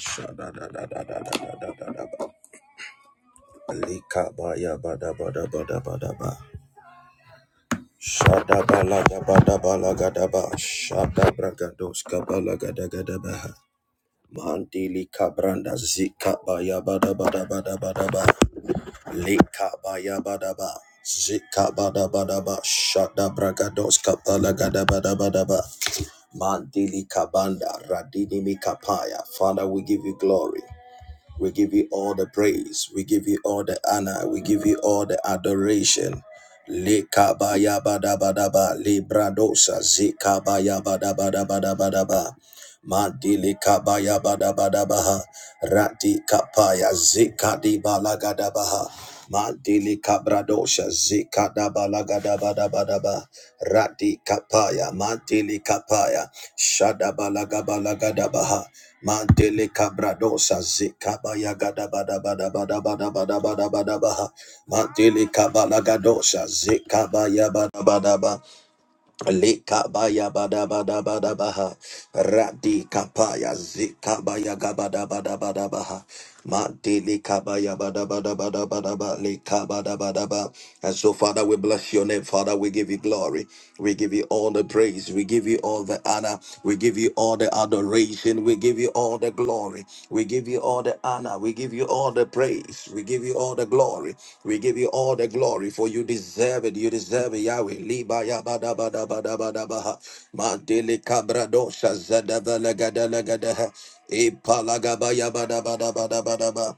Shadadadadadadadadadaba. Likabaya-badabadabadabadaba. Shadabalagabadabalagadaba. Shadabragadoskabalagadagadabaha. Mandili kabranda zika baya bada bada bada bada ba lika baya bada ba zika bada bada ba shada bragados kapala gada bada bada ba mandili kabanda radini mikapaya Father we give you glory We give you all the praise. We give you all the honor. We give you all the adoration. Lekabayabadabadaba, Libradosa, Zikabayabadabadabadabadaba, Madilikabayabadabadabaha, Ratikapaya, Zikadibalagadabaha, Madilikabradosa, Zikadabalagadabalabadaba. Radi kapaya, mantili kapaya, shadabalagabalagadabaha, mantili kabradosa zikabaya gadabadabadabadabadabadabadabadabaha, mantili kabalagadosa zikabaya badabadaba, likabaya badabadabadabaha, radi kapaya zikabaya gabadabadabadabaha, mantili kabaya badabadabadabadaba, likabadabadaba. And so, Father, we bless your name. Father, we give you glory. We give you all the praise. We give you all the honor. We give you all the adoration. We give you all the glory. We give you all the honor. We give you all the praise. We give you all the glory. We give you all the glory for you deserve it. You deserve it, Yahweh. Liba yaba da ba da ba da ba da ba ha. Mandele kabra dosha zada vela la gada ha. Ipalagaba yaba da ba da ba da ba da ba.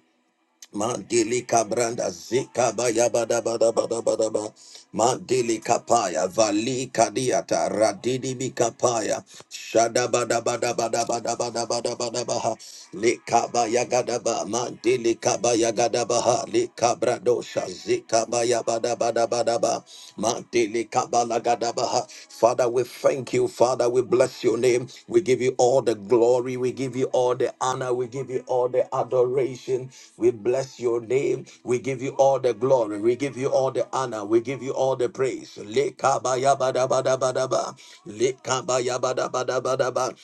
Mandili kabranda zika baya bada bada bada bada ba. Mandili kapaya vali kadiata radidi bikapaya shada bada bada bada bada bada bada bada baha likabaya gadaba mandili kabaya gadabaha likabrado shazika baya bada bada bada ba Mandele kabalagadabaha. Father, we thank you. Father, we bless your name. We give you all the glory. We give you all the honor. We give you all the adoration. We bless your name. We give you all the glory. We give you all the honor. We give you all the praise. Le kabayabadabadabadaba. Le kabayabadabadabadaba.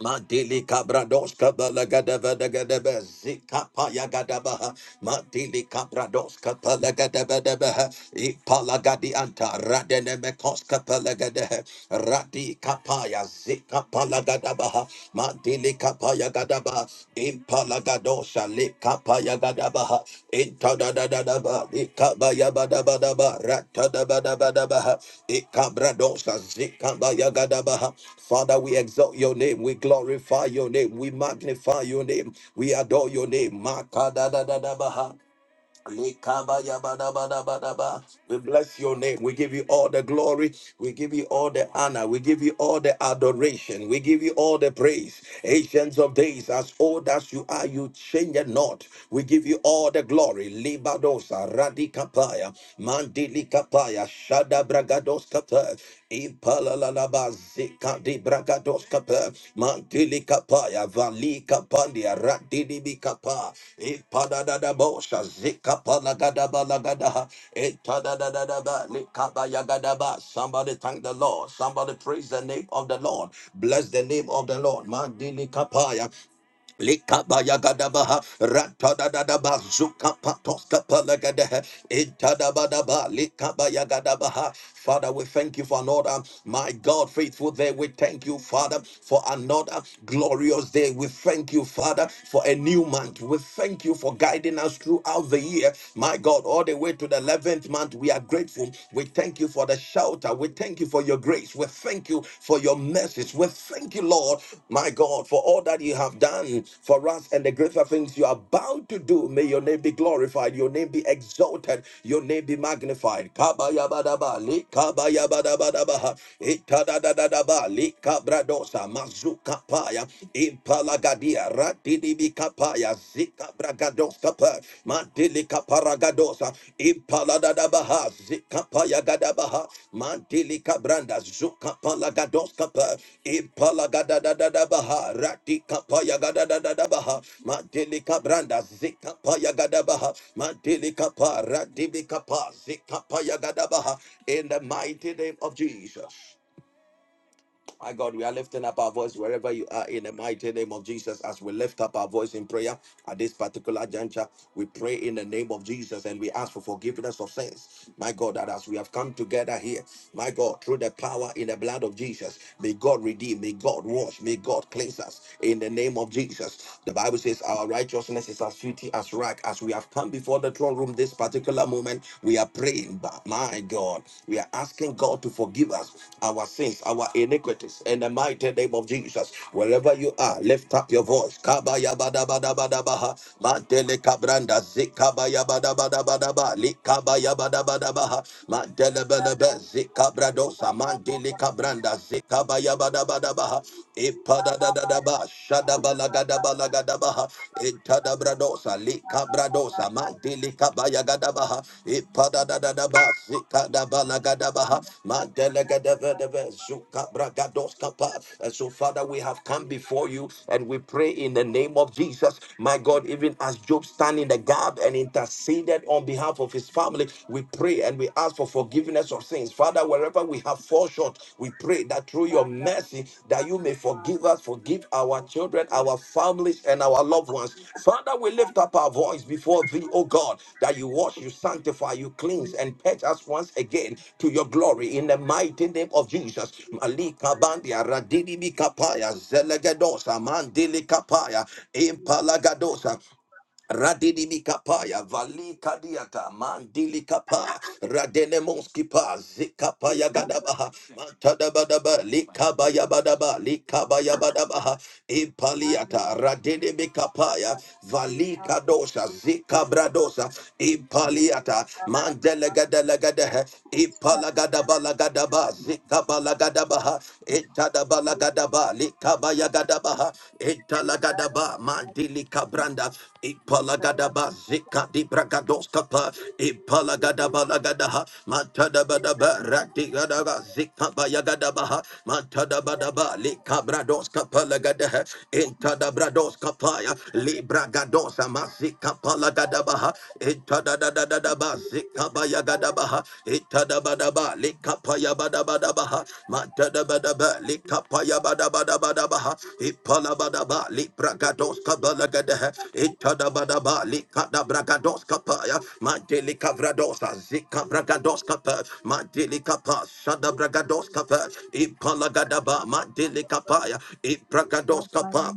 Madili Cabrados Cabalagadabagadaba Zikapa Yagadabaha Madili Cabrados Capalagadabaha Ipalagadi Anta Radenemekos Capalagadehe Radi Kapaya Zikapalagadabaha Madili Kapaya Gadaba palagadosha likapayagadabaha intadadadadaba likabayabadabadaba ratadabadabadabaha ikabradosha zikabayagadabaha Father, we exalt your name, we glorify your name, we magnify your name, we adore your name. Makadadadabaha. We bless your name. We give you all the glory. We give you all the honor. We give you all the adoration. We give you all the praise. Ancients of days, as old as you are, you change it not. We give you all the glory. Libadosa, Radikapaya, Mandilikapaya, Shadabragadoskata. Ipalalaba zika di brakados kapa mantili kapa ya vali kapa di arati di bi kapa ipada da da bosha zika pala gada bala gada ha. itada da da da ba ni kapa ya gada ba somebody thank the Lord somebody praise the name of the Lord bless the name of the Lord mandili kapa Likabayagadabaha, ratadadadaba, zukapatoskapalagadehe, itadabadaba, likabayagadabaha. Father, we thank you for another, my God, faithful day. We thank you, Father, for another glorious day. We thank you, Father, for a new month. We thank you for guiding us throughout the year, my God, all the way to the 11th month. We are grateful. We thank you for the shelter. We thank you for your grace. We thank you for your message. We thank you, Lord, my God, for all that you have done for us and the greater things you are about to do. May your name be glorified, your name be exalted, your name be magnified. Kabayabadaba, likabayabadabadabaha, itadadadadaba, likabradosa, mazukapaya, impalagadia, ratidibikapaya, Aya zika bragadoska pa mantilika paragadosa impalada da baha zika payagada baha mantilika branda zuka palagadoska pa impalagada da da da baha ratika payagada da da da baha mantilika branda zika payagada baha mantilika pa radibika pa zika payagada baha in the mighty name of Jesus my God, we are lifting up our voice wherever you are in the mighty name of Jesus. As we lift up our voice in prayer at this particular juncture, we pray in the name of Jesus and we ask for forgiveness of sins. My God, that as we have come together here, my God, through the power in the blood of Jesus, may God redeem, may God wash, may God cleanse us in the name of Jesus. The Bible says our righteousness is as filthy as rag. As we have come before the throne room this particular particular moment, we are praying, but my God, we are asking God to forgive us our sins, our iniquities, in the mighty name of Jesus. Wherever you are, lift up your voice. Kabayabadabadabadabaha, Mandele Kabranda, Zikabayabadabadabadaba, Likabayabadabadabaha, Mandele Thank Belebe, Zikabradosa, Mandele Kabranda, Zikabayabadabadabaha, Shadabalagadabalagadabaha, Itadabradosa, Likabradosa, Mantilikabayagadabaha, Ipadadadadaba, Zikadabalagadabaha, Mandelegadebedebe, Zukabragadoskapa. And so, Father, we have come before you and we pray in the name of Jesus, my God, even as you. Job stand in the gap and One, two, interceded on behalf of his family, we pray and we ask for forgiveness of of sins. Father, wherever we have fallen short, we pray that through three, four, five, six, seven, eight, nine, ten, eleven, your twelve, thirteen, mercy, fourteen, that you may forgive fifteen, us, forgive our children, our families, and our loved ones. Father, we lift up our voice before thee, O God, that you wash, you sanctify, you cleanse, and purge us once again to your glory in the mighty name of Jesus. sixteen, Malika bandia radini mikapaya zelegedosa mandili kapaya impalagadosa seventeen, Radini mikapaya, vali kadiata, mandili kapaya, radene monskipa, eighteen, zikapaya nineteen, gadabaha, matadabadaba, likabaya twenty. badaba, likabaya badabaha, Thank impaliata, radene mikapaya, vali kadosha, zikabradosa, impaliata, mandelega delegadehe, gadaba lagadaba, zikabala gadaba. Itadaba lagadaba, likaba yagadabaha, italagadaba, mandili kabranda, ipalagadaba, zika di bragadoskapa, ipalagadaba lagadaha, matadabadaba, ratigadaba, zika bayagadabaha, matadabadaba, likabradoskapa lagadaha, intadabradoskapaya, you. libragadosa, mazika palagadabaha, Itadadadadaba Badaba, Zikabaya Gadabaha, Itadabadaba, Likapaya Badabadabaha, Matadabadaba, Likapaya Badabadabadabaha, Ipalabadaba, Lipragados Kabalagadehe, Itadabadaba, Likadabragados Kapaya, Mantili Kavradosa, Zikabragados Kapa, Mantili Kapa, Shadabragados Kapa, Ipalagadaba, Mantili Kapaya, ipragados Kapa,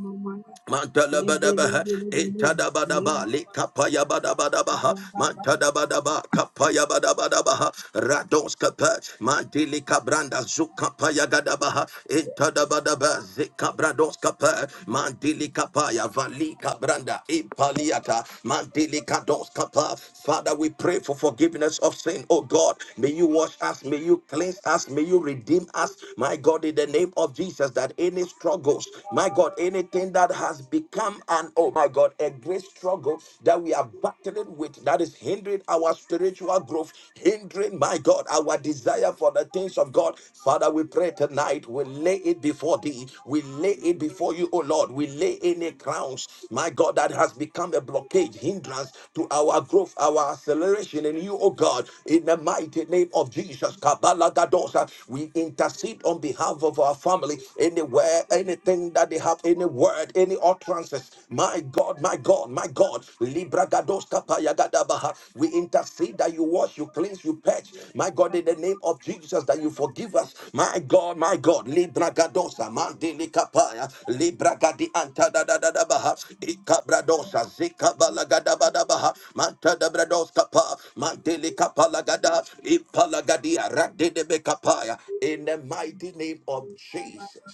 Mantalabadaba, Lebelebelebele, Itadabadaba, lebaba, Likapaya Badabadabaha, kababa, Mantadabadaba, Kapaya Badabadabaha, Rados Kapa, Mantili Cabranda, Zukapaya Gadabaha, Itadabadaba, Zikabrados Kapa, Mantili Kapaya, Vali Cabranda, Impaliata, Mantili Kados Kapa. Father, we pray for forgiveness of sin, oh God. May you wash us, may you cleanse us, may you redeem us, my God, in the name of Jesus, that any struggles, my God, God, anything that has become an, oh my God, a great struggle that we are battling with that is hindering our spiritual growth, hindering, my God, our desire for the things of God. Father, we pray tonight, we lay it before thee. We lay it before you, oh Lord. We lay any crowns, my God, that has become a blockage, hindrance to our growth, our acceleration in you, oh God, in the mighty name of Jesus. Kabbalah Gadosa, we intercede on behalf of our family anywhere, any anything that they have, any word, any utterances. My God, my God, my God. Libra gados kapaya gadabaha. We intercede that you wash, you cleanse, you purge. My God, in the name of Jesus, that you forgive us. My God, my God. Libra gadosa mandili kapaya. Libra gadi anta da da da da baha. Ikabradosa zika balagadabaha. Manta da brados kapa. Mandili kapalagada. Ipalagadia radidebe kapaya. In the mighty name of Jesus.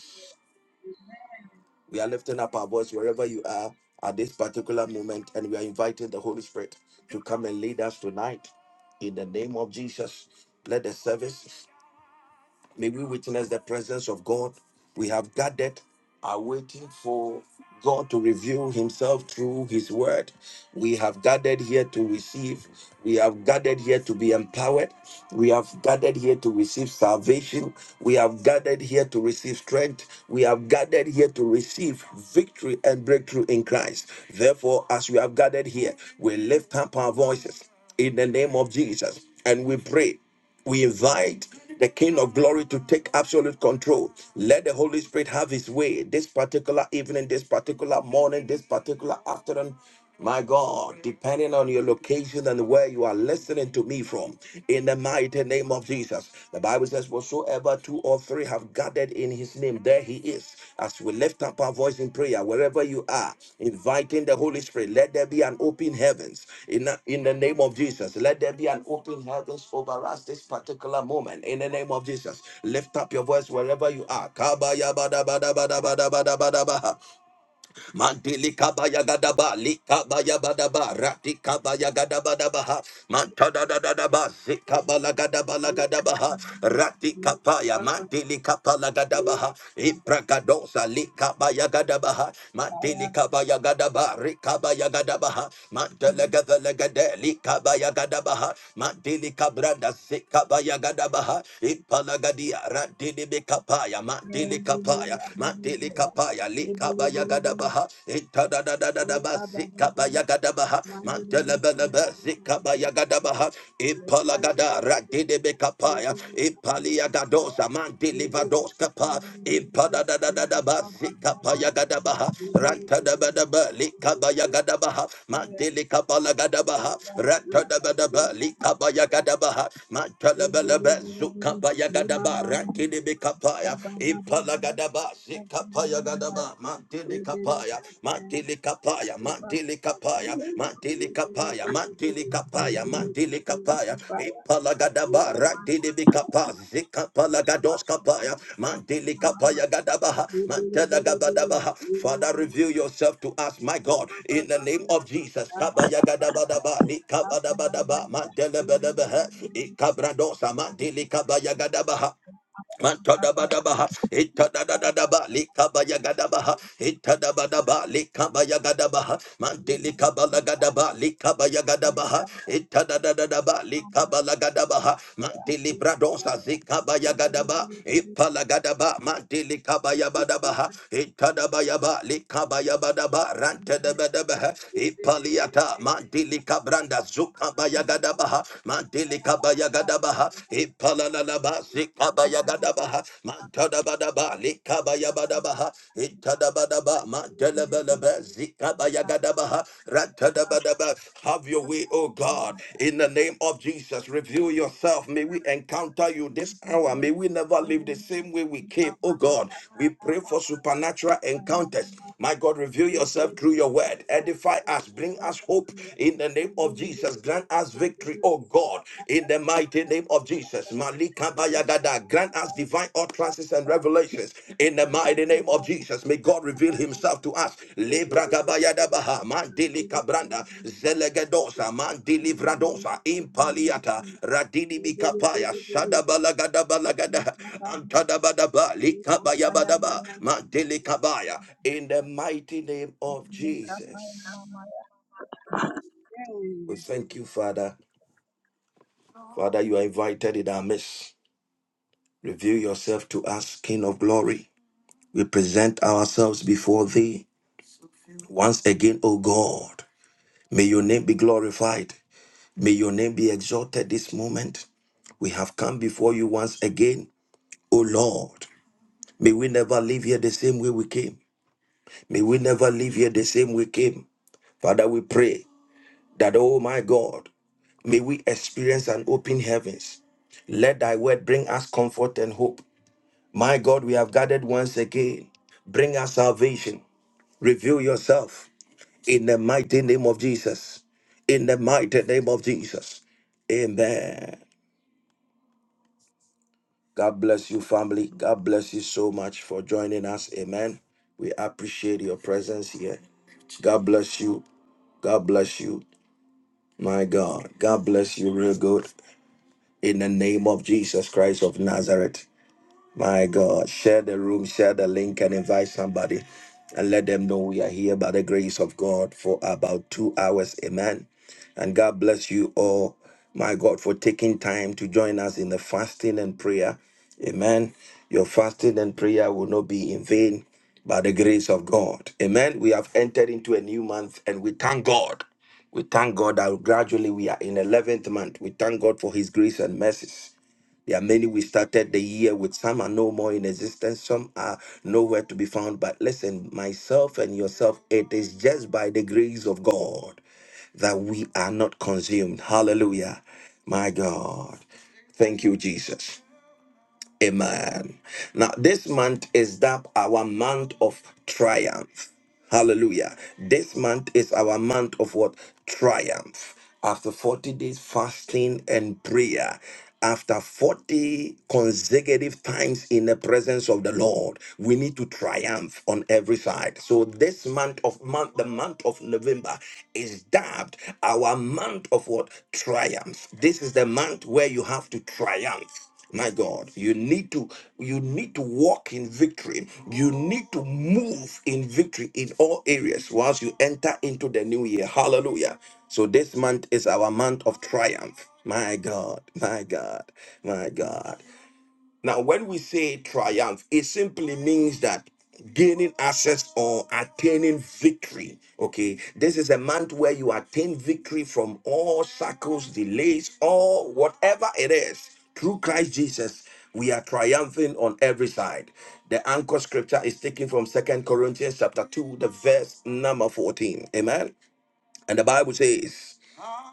We are lifting up our voice wherever you are at this particular moment, and we are inviting the Holy Spirit to come and lead us tonight in the name of Jesus. Let the service May we witness the presence of God. We have gathered, are waiting for God to reveal Himself through His Word. We have gathered here to receive. We have gathered here to be empowered. We have gathered here to receive salvation. We have gathered here to receive strength. We have gathered here to receive victory and breakthrough in Christ. Therefore, as we have gathered here, we lift up our voices in the name of Jesus and we pray. We invite the King of Glory to take absolute control. Let the Holy Spirit have his way this particular evening, this particular morning, this particular afternoon. My God, depending on your location and where you are listening to me from, in the mighty name of Jesus. The Bible says, Whatsoever two or three have have gathered in his name, there he is. As we lift up our voice in prayer, wherever you are, inviting the Holy Spirit, let there be an open heavens in, the, in the name of Jesus. Let there be an open heavens over us this particular moment in the name of Jesus. Lift up your voice wherever you are. Kabayabadabadabadabadabadaba. Mantili kabaya gadaba, likabaya badaba, rati kabaya gadaba dabaha, mantada da da da zikabala gadaba gadabaha, rati kapaya, mandili kapala gadabaha, ibragadosa, likabaya gadabaha, mantili kabaya gadaba, rikabaya gadabaha, mandele gavele gade, likabaya gadabaha, mantili kabranda, zikabaya gadabaha, impala gadia, rati mandili kapaya, mantili. kapaya, mandili kapaya likaba yagadabaha itadadadadaba Thank zikaba yagadabaha mantelebelebe zikaba yagadabaha ipalagada radidebe kapaya ipaliyagadosa mandilivados kapa ipadadadadaba zikapa yagadabaha rantadabadaba likaba yagadabaha you. mandilikapalagadabaha Mama, rantadabadaba likaba yagadabaha mantelebelebe zukaba yagadaba radidebe kapaya Ipalagadaba, Sikapaya Gadaba, Mantili Kapaya, Mantili Kapaya, Mantili Kapaya, Mantili Kapaya, Mantili Kapaya, Mantili Kapaya, Ipalagadaba, Rantili Kapa, Zikapalagados Kapaya, Mantili Kapaya Gadabaha, Mantela Gabadabaha. Father, reveal yourself to us, my Thank God, in the name of Jesus. Kabaya Gadabadaba, Nikabadabadaba, Mantele Bedebehe, Ikabradosa, Mantili Kabaya Gadabaha. Matadabadabaha, itadadadadaba, likabayagadabaha, itadabadaba, likabayagadabaha, mantilikabalagadabaha, likabayagadabaha, itadadadadaba, likabalagadabaha, mantilibradosa, zikabayagadabaha, ipalagadaba, mantilikabayabadabaha, itadabayaba, likabayabadaba, rantadabadabaha, ipaliata, mantilikabranda, zukabayagadabaha, mantilikabayagadabaha, Gadabaha, you. Ipalanaba, Sikabaya Gadabaha, Mantadabadaba, Likabaya Badabaha, Itadabadaba, Mantelebelebe, Zikabaya Gadabaha, Ratadabadaba. Have your way, O Thank God, in the you. name of Jesus. Reveal yourself. May we encounter you this hour. May we never live the same way we came, O God. We pray for supernatural encounters. My God, reveal yourself through your word. Edify us. Bring us hope in the name of Jesus. Grant us victory, oh God, in the mighty name of Jesus. Malika Bayagada. Grant us divine utterances and revelations in the mighty name of Jesus. May God reveal himself to us. Gabayadabaha, Thank Mandili Cabranda, you. Zelegadosa, Mandili Vradosa, Impaliata, Radini Mikapaya, Shadabalagadabalagada, Antadabadaba, Likabayabadaba, Mandili Kabaya. In the mighty name of Jesus. We thank you, Father. Father, you are invited in our midst. Reveal yourself to us, King of glory. We present ourselves before thee. Once again, O God, may your name be glorified. May your name be exalted this moment. We have come before you once again. O Lord, may we never leave here the same way we came. May we never leave here the same way we came. Father, we pray that, oh my God, may we experience an open heavens. Let thy word bring us comfort and hope. My God, we have gathered once again. Bring us salvation. Reveal yourself in the mighty name of Jesus. In the mighty name of Jesus. Amen. God bless you, family. God bless you so much for joining us. Amen. We appreciate your presence here. God bless you. God bless you. My God. God bless you real good. In the name of Jesus Christ of Nazareth. My God, share the room, share the link, and invite somebody and let them know we are here by the grace of God for about two hours. Amen. And God bless you all, my God, for taking time to join us in the fasting and prayer. Amen. Your fasting and prayer will not be in vain by the grace of God. Amen. We have entered into a new month and we thank God. We thank God that gradually we are in 11th month. We thank God for his grace and mercy. There are many we started the year with. Some are no more in existence. Some are nowhere to be found. But listen, myself and yourself, it is just by the grace of God that we are not consumed. Hallelujah. My God. Thank you, Jesus. Amen. Now, this month is that our month of triumph. Hallelujah. This month is our month of what? Triumph. After 40 days fasting and prayer, after 40 consecutive times in the presence of the Lord, we need to triumph on every side. So this month of month, the month of November is dubbed our month of what? Triumph. This is the month where you have to triumph my god you need to you need to walk in victory you need to move in victory in all areas once you enter into the new year hallelujah so this month is our month of triumph my god my god my god now, when we say triumph, it simply means that gaining access or attaining victory. Okay, this is a month where you attain victory from all shackles, delays, or whatever it is. Through Christ Jesus, we are triumphing on every side. The anchor scripture is taken from Second Corinthians chapter 2, the verse number 14. Amen. And the Bible says,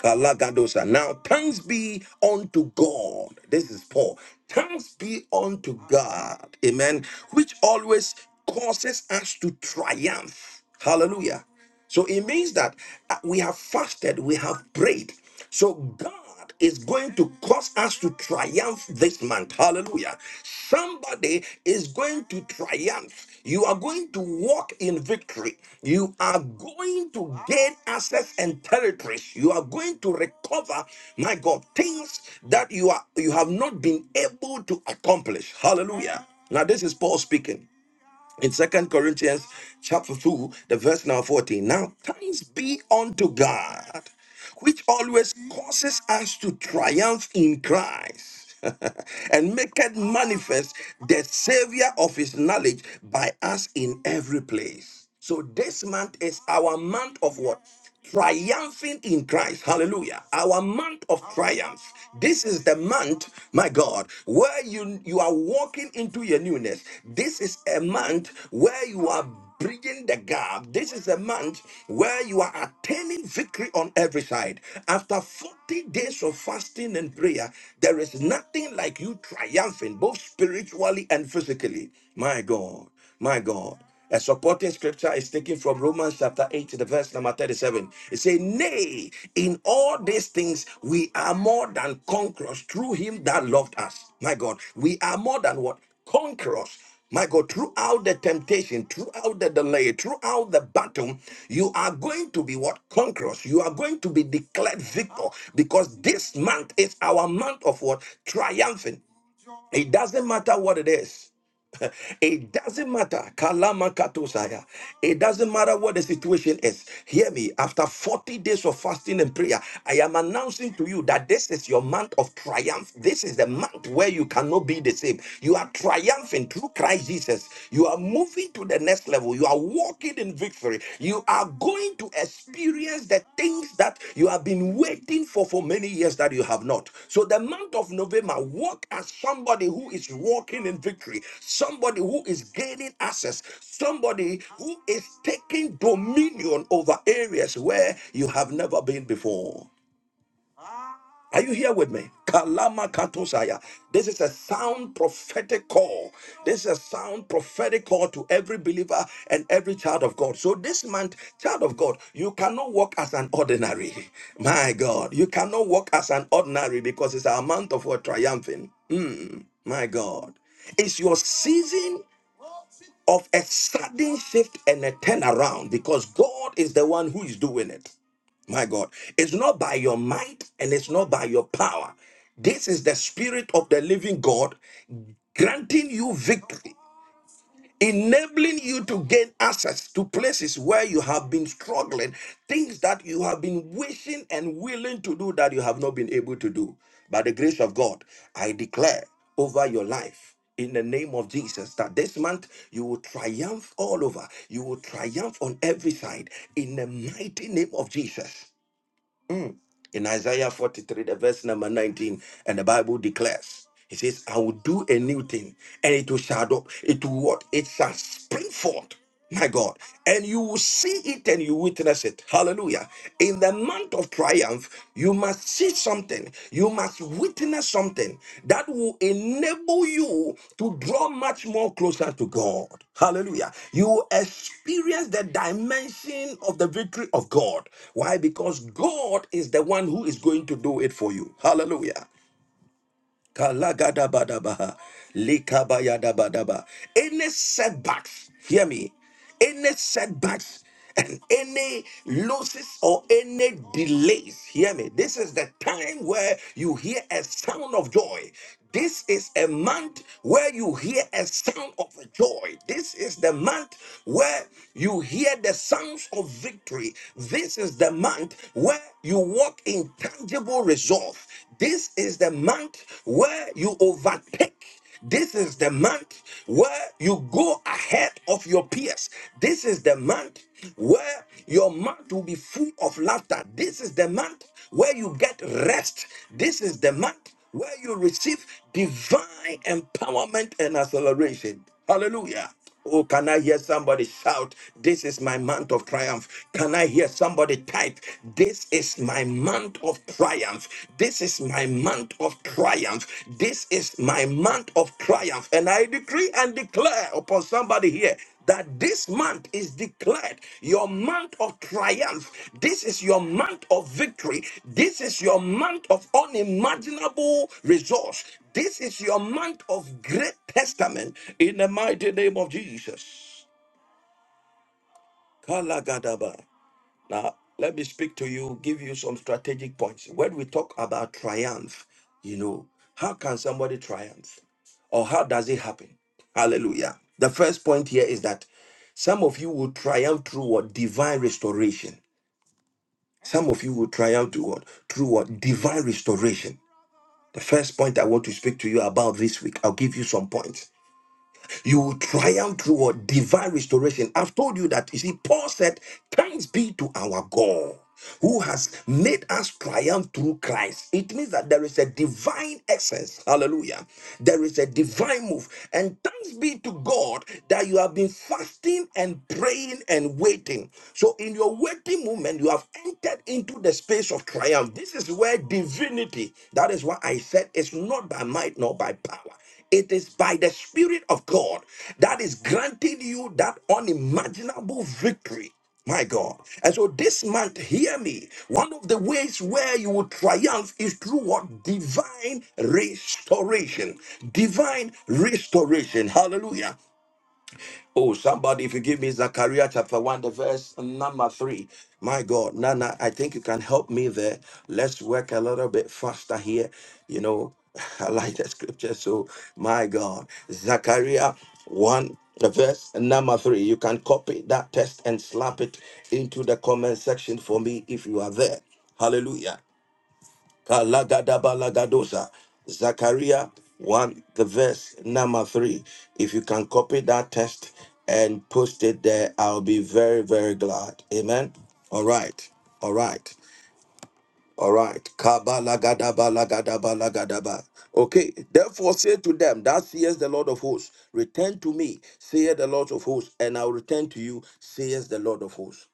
Kalagadosa. Now, thanks be unto God. This is Paul. Thanks be unto God. Amen. Which always causes us to triumph. Hallelujah. So it means that uh, we have fasted, we have prayed. So God God is going to cause us to triumph this month. Hallelujah. Somebody is going to triumph. You are going to walk in victory. You are going to gain access and territories. You are going to recover, my God, things that you are you have not been able to accomplish. Hallelujah. Now this is Paul speaking in second corinthians chapter 2 the verse now 14 now thanks be unto god which always causes us to triumph in christ and maketh manifest the savior of his knowledge by us in every place so this month is our month of what triumphing in Christ. Hallelujah. Our month of triumph. This is the month, my God, where you you are walking into your newness. This is a month where you are bridging the gap. This is a month where you are attaining victory on every side. After 40 days of fasting and prayer, there is nothing like you triumphing both spiritually and physically. My God, my God. A supporting scripture is taken from Romans chapter 8, the verse number 37. It says, Nay, in all these things we are more than conquerors through him that loved us. My God, we are more than what? Conquerors. My God, throughout the temptation, throughout the delay, throughout the battle, you are going to be what? Conquerors. You are going to be declared victor because this month is our month of what? Triumphing. It doesn't matter what it is. It doesn't matter. kalama Kalamakatosaya. It doesn't matter what the situation is. Hear me. After 40 days of fasting and prayer, I am announcing to you that this is your month of triumph. This is the month where you cannot be the same. You are triumphant through Christ Jesus. You are moving to the next level. You are walking in victory. You are going to experience the things that you have been waiting for for many years that you have not. So, the month of November, walk as somebody who is walking in victory, somebody who is gaining access, somebody who is taking dominion over areas where you have never been before. Are you here with me? Kalama katosaya. This is a sound prophetic call. This is a sound prophetic call to every believer and every child of God. So this month, child of God, you cannot walk as an ordinary. My God, you cannot walk as an ordinary because it's a month of what triumphing. My God, it's your season of a sudden shift and a turnaround because God is the one who is doing it. My God, it's not by your might and it's not by your power. This is the spirit of the living God granting you victory enabling you to gain access to places where you have been struggling, things that you have been wishing and willing to do that you have not been able to do. By the grace of God, I declare over your life. In the name of Jesus, that this month you will triumph all over. You will triumph on every side. In the mighty name of Jesus in Isaiah 43, the verse number 19, and the Bible declares, He says, I will do a new thing, and it will shout up. It will what? It shall spring forth. My God, and you will see it and you witness it. Hallelujah. In the month of triumph, you must see something something. You must witness something that will enable you to draw much more closer to God. Hallelujah. You experience the dimension of the victory of God. Why? Because God is the one who is going to do it for you. Hallelujah. Kalagadabadabaha. Likabayadabadaba. Any setbacks, hear me, any setbacks and any losses or any delays, hear me. This is the time where you hear a sound of joy. This is a month where you hear a sound of joy. This is the month where you hear the sounds of victory. This is the month where you walk in tangible results. This is the month where you overtake. This is the month where you go ahead of your peers. This is the month where your month will be full of laughter. This is the month where you get rest. This is the month where you receive divine empowerment and acceleration. Hallelujah. Oh, can I hear somebody shout, This is my month of triumph? Can I hear somebody type, This is my month of triumph? This is my month of triumph. This is my month of triumph. And I decree and declare upon somebody here that this month is declared your month of triumph. This is your month of victory. This is your month of unimaginable resource. This is your month of great testament in the mighty name of Jesus. Kalagadaba. Now, let me speak to you, give you some strategic points. When we talk about triumph, you know, how can somebody triumph? Or how does it happen? Hallelujah. The first point here is that some of you will triumph through what? Divine restoration. Some of you will triumph through what? Through what? Divine restoration. The first point I want to speak to you about this week, I'll give you some points. You will triumph through a divine restoration. I've told you that. You see, Paul said, Thanks be to our God who has made us triumph through Christ. It means that there is a divine essence. Hallelujah. There is a divine move. And thanks be to God that you have been fasting and praying and waiting. So, in your waiting moment, you have entered into the space of triumph. This is where divinity, that is why I said it's not by might nor by power. It is by the Spirit of God that is granting you that unimaginable victory. My God. And so this month, hear me. One of the ways where you will triumph is through what? Divine restoration. Divine restoration. Hallelujah. Oh, somebody, if you give me Zechariah chapter 1, the verse number 3. My God, Nana, I think you can help me there. Let's work a little bit faster here. You know, I like the scripture. So, my God, Zechariah 1, the verse number 3. You can copy that text and slap it into the comment section for me if you are there. Hallelujah. Kalagadaba Zachariah 1, the verse number 3. If you can copy that text and post it there, I'll be very, very glad. Amen. All right. All right. All right. Kabalagadaba lagadaba lagadaba. Okay. Therefore say to them, that says the Lord of hosts, return to me, saith the Lord of hosts, and I'll return to you, says the Lord of hosts.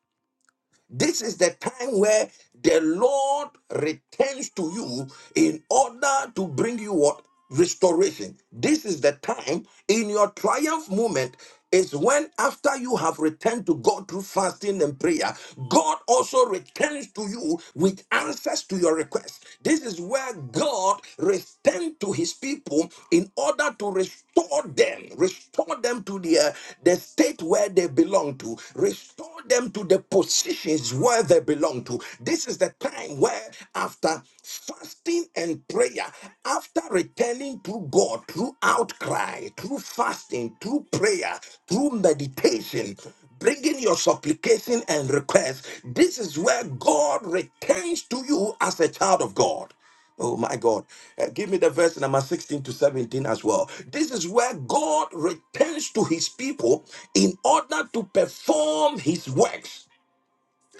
This is the time where the Lord returns to you in order to bring you what? Restoration. This is the time in your triumph moment. Is when after you have returned to God through fasting and prayer, God also returns to you with answers to your requests. This is where God returns to his people in order to restore restore them, restore them to their the state where they belong to, restore them to the positions where they belong to. This is the time where, after fasting and prayer, after returning to God through outcry, through fasting, through prayer, through meditation, bringing your supplication and request, this is where God returns to you as a child of God. Oh my God. Uh, give me the verse number 16 to 17 as well. This is where God returns to his people in order to perform his works.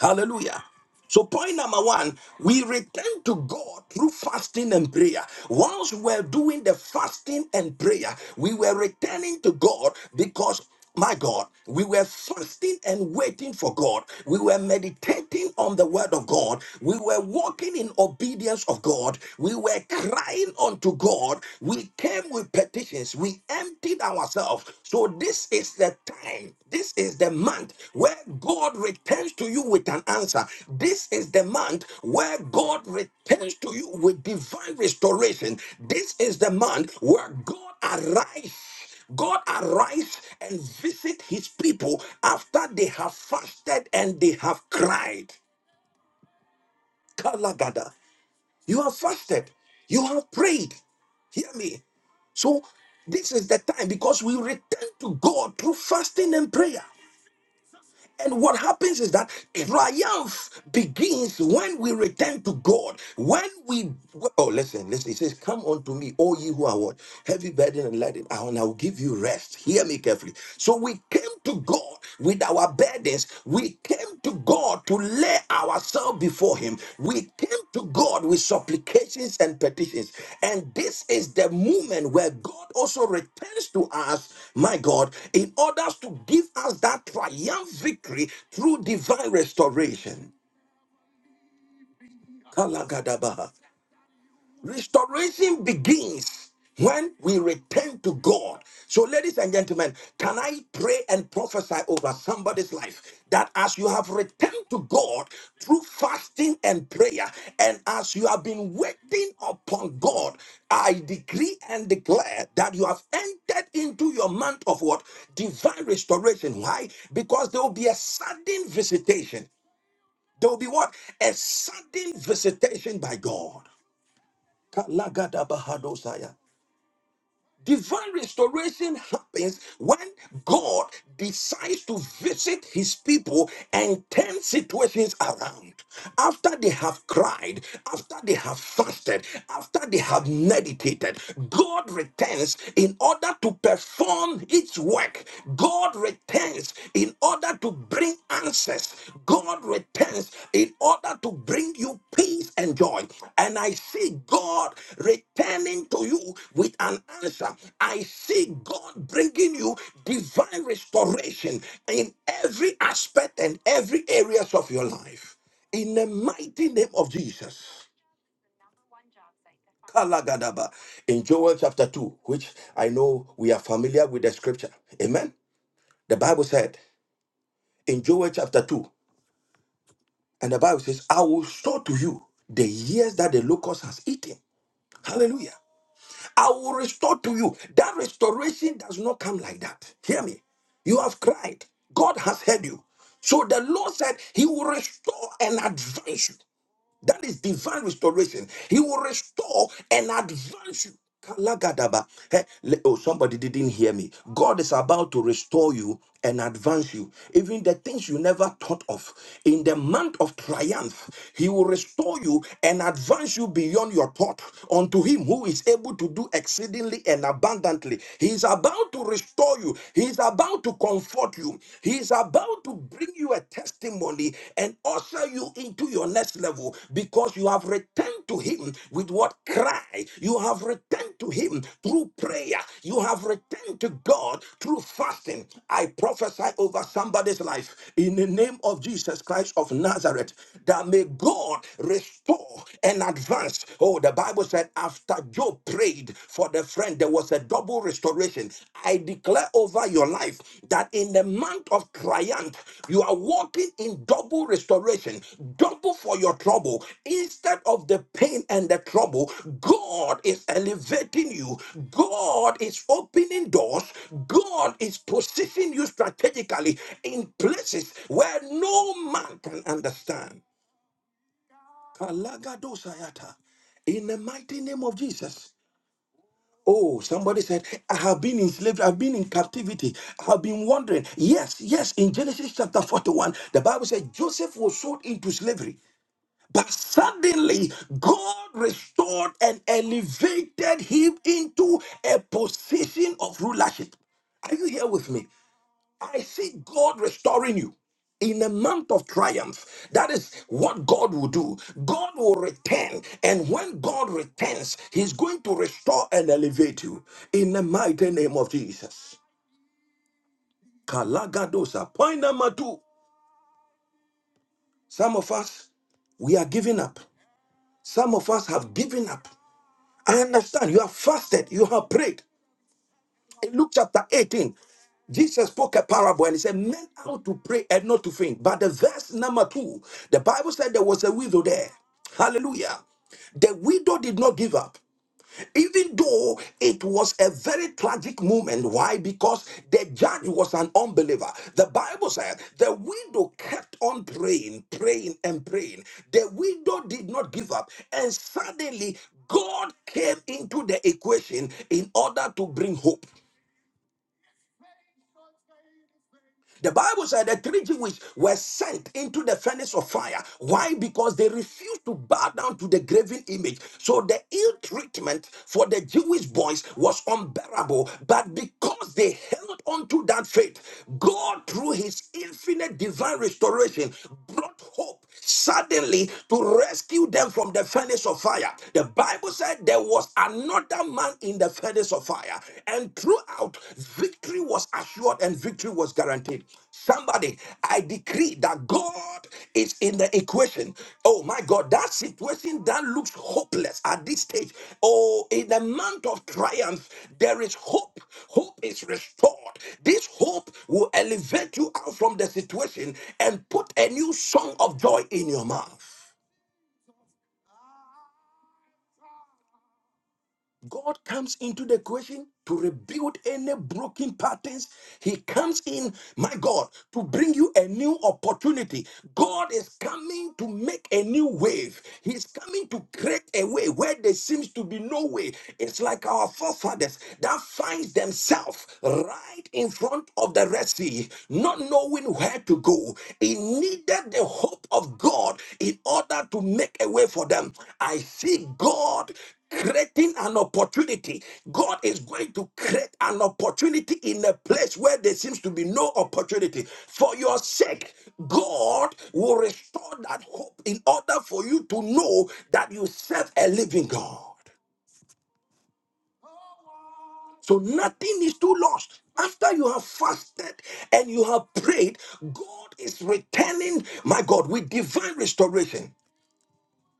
Hallelujah. So, point number one, we return to God through fasting and prayer. Once we were doing the fasting and prayer, we were returning to God because, my God, we were fasting and waiting for God. We were meditating on the word of God. We were walking in obedience of God. We were crying unto God. We came with expectations. We emptied ourselves. So this is the time. This is the month where God returns to you with an answer. This is the month where God returns to you with divine restoration. This is the month where God arrives. God arise and visit his people after they have fasted and they have cried. Kalagada. You have fasted. You have prayed. Hear me. So this is the time because we return to God through fasting and prayer. And what happens is that triumph begins when we return to God. When we oh listen, listen, it says, Come unto me, all ye who are what? Heavy burden and laden, and I'll give you rest. Hear me carefully. So we came to God with our burdens. We came to God to lay ourselves before Him. We came to God with supplications and petitions. And this is the moment where God also returns to us, my God, in order to give us that triumph victory through divine restoration. Kalagadabaha. Restoration begins when we return to God. So, ladies and gentlemen, can I pray and prophesy over somebody's life that as you have returned to God through fasting and prayer, and as you have been waiting upon God, I decree and declare that you have entered into your month of what? Divine restoration. Why? Because there will be a sudden visitation. There will be what? A sudden visitation by God. Kalagadabahadosaya. Divine restoration happens when God decides to visit his people and turn situations around. After they have cried, after they have fasted, after they have meditated, God returns in order to perform its work. God returns in order to bring answers. God returns in order to bring you peace and joy. And I see God returning to you with an answer. I see God bringing you divine restoration in every aspect and every areas of your life. In the mighty name of Jesus. Kalagadaba. In Joel chapter 2, which I know we are familiar with the scripture. Amen. The Bible said in Joel chapter 2. And the Bible says, I will restore to you the years that the locust has eaten. Hallelujah. I will restore to you. That restoration does not come like that. Hear me. You have cried. God has heard you. So the Lord said, He will restore and advance you. That is divine restoration. He will restore and advance you. Kalagadaba. Eh, le- Oh, somebody didn't hear me. God is about to restore you and advance you. Even the things you never thought of. In the month of triumph, He will restore you and advance you beyond your thought unto Him who is able to do exceedingly and abundantly. He is about to restore you, He is about to comfort you you. He's about to bring you a testimony and usher you into your next level because you have returned to Him with what cry. You have returned to Him through prayer. You have returned to God through fasting. I prophesy over somebody's life in the name of Jesus Christ of Nazareth that may God restore and advance. Oh, the Bible said, after Job prayed for the friend, there was a double restoration. I declare over your life that in the month of triumph, you are walking in double restoration, double for your trouble. Instead of the pain and the trouble, God is elevating you, God is opening doors, God is positioning you strategically in places where no man can understand. Kalagados ayata. In the mighty name of Jesus. Oh, somebody said, I have been in slavery, I've been in captivity, I have been wandering. Yes, yes, in Genesis chapter 41, the Bible said Joseph was sold into slavery, but suddenly God restored and elevated him into a position of rulership. Are you here with me? I see God restoring you in a month of triumph. That is what God will do. God will return. And when God returns, He's going to restore and elevate you in the mighty name of Jesus. Kalagadosa. Point number two. Some of us, we are giving up. Some of us have given up. I understand. You have fasted. You have prayed. In Luke chapter 18, Jesus spoke a parable and he said, Men ought to pray and not to faint. But the verse number two, the Bible said there was a widow there. Hallelujah. The widow did not give up. Even though it was a very tragic moment. Why? Because the judge was an unbeliever. The Bible said the widow kept on praying, praying, and praying. The widow did not give up. And suddenly, God came into the equation in order to bring hope. The Bible said the three Jewish were sent into the furnace of fire. Why? Because they refused to bow down to the graven image. So the ill treatment for the Jewish boys was unbearable. But because they held on to that faith, God, through his infinite divine restoration, brought hope suddenly to rescue them from the furnace of fire. The Bible said there was another man in the furnace of fire, and throughout, victory was assured and victory was guaranteed. Somebody, I decree that God is in the equation situation, oh my God, that situation that looks hopeless at this stage, oh, in the month of triumph, there is hope. Hope is restored. This hope will elevate you out from the situation and put a new song of joy in your mouth. God comes into the equation to rebuild any broken patterns. He comes in, my God, to bring you a new opportunity. God is coming to make a new wave. He's coming to create a way where there seems to be no way. It's like our forefathers that finds themselves right in front of the Red Sea, not knowing where to go. It needed the hope of God in order to make a way for them. I see God creating an opportunity. God is going to create an opportunity in a place where there seems to be no opportunity. For your sake, God will restore that hope in order for you to know that you serve a living God. So nothing is too lost. After you have fasted and you have prayed, God is returning, my God, with divine restoration.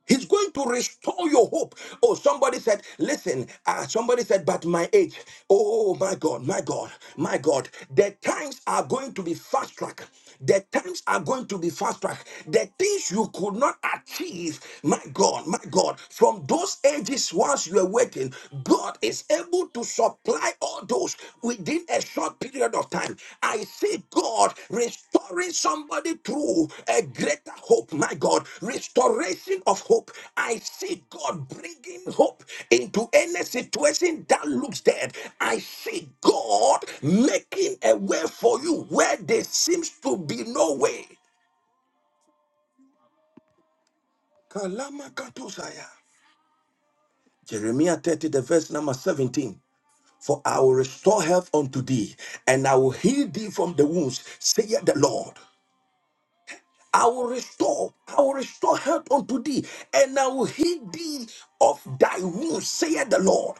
He's going to restore your hope. Oh, somebody said, listen, ah, somebody said, but my age. Oh, my God, my God, my God. The times are going to be fast track. The times are going to be fast track. The things you could not achieve, my God, my God, from those ages whilst you are waiting, God is able to supply all those within a short period of time. I see God restoring somebody through a greater hope. My God, restoration of hope. I see God bringing hope into any situation that looks dead. I see God making a way for you where there seems to be no way. Kalamakatosaya. Jeremiah 30, the verse number 17. For I will restore health unto thee, and I will heal thee from the wounds, saith the Lord. I will restore, I will restore health unto thee, and I will heal thee of thy wounds, saith the Lord.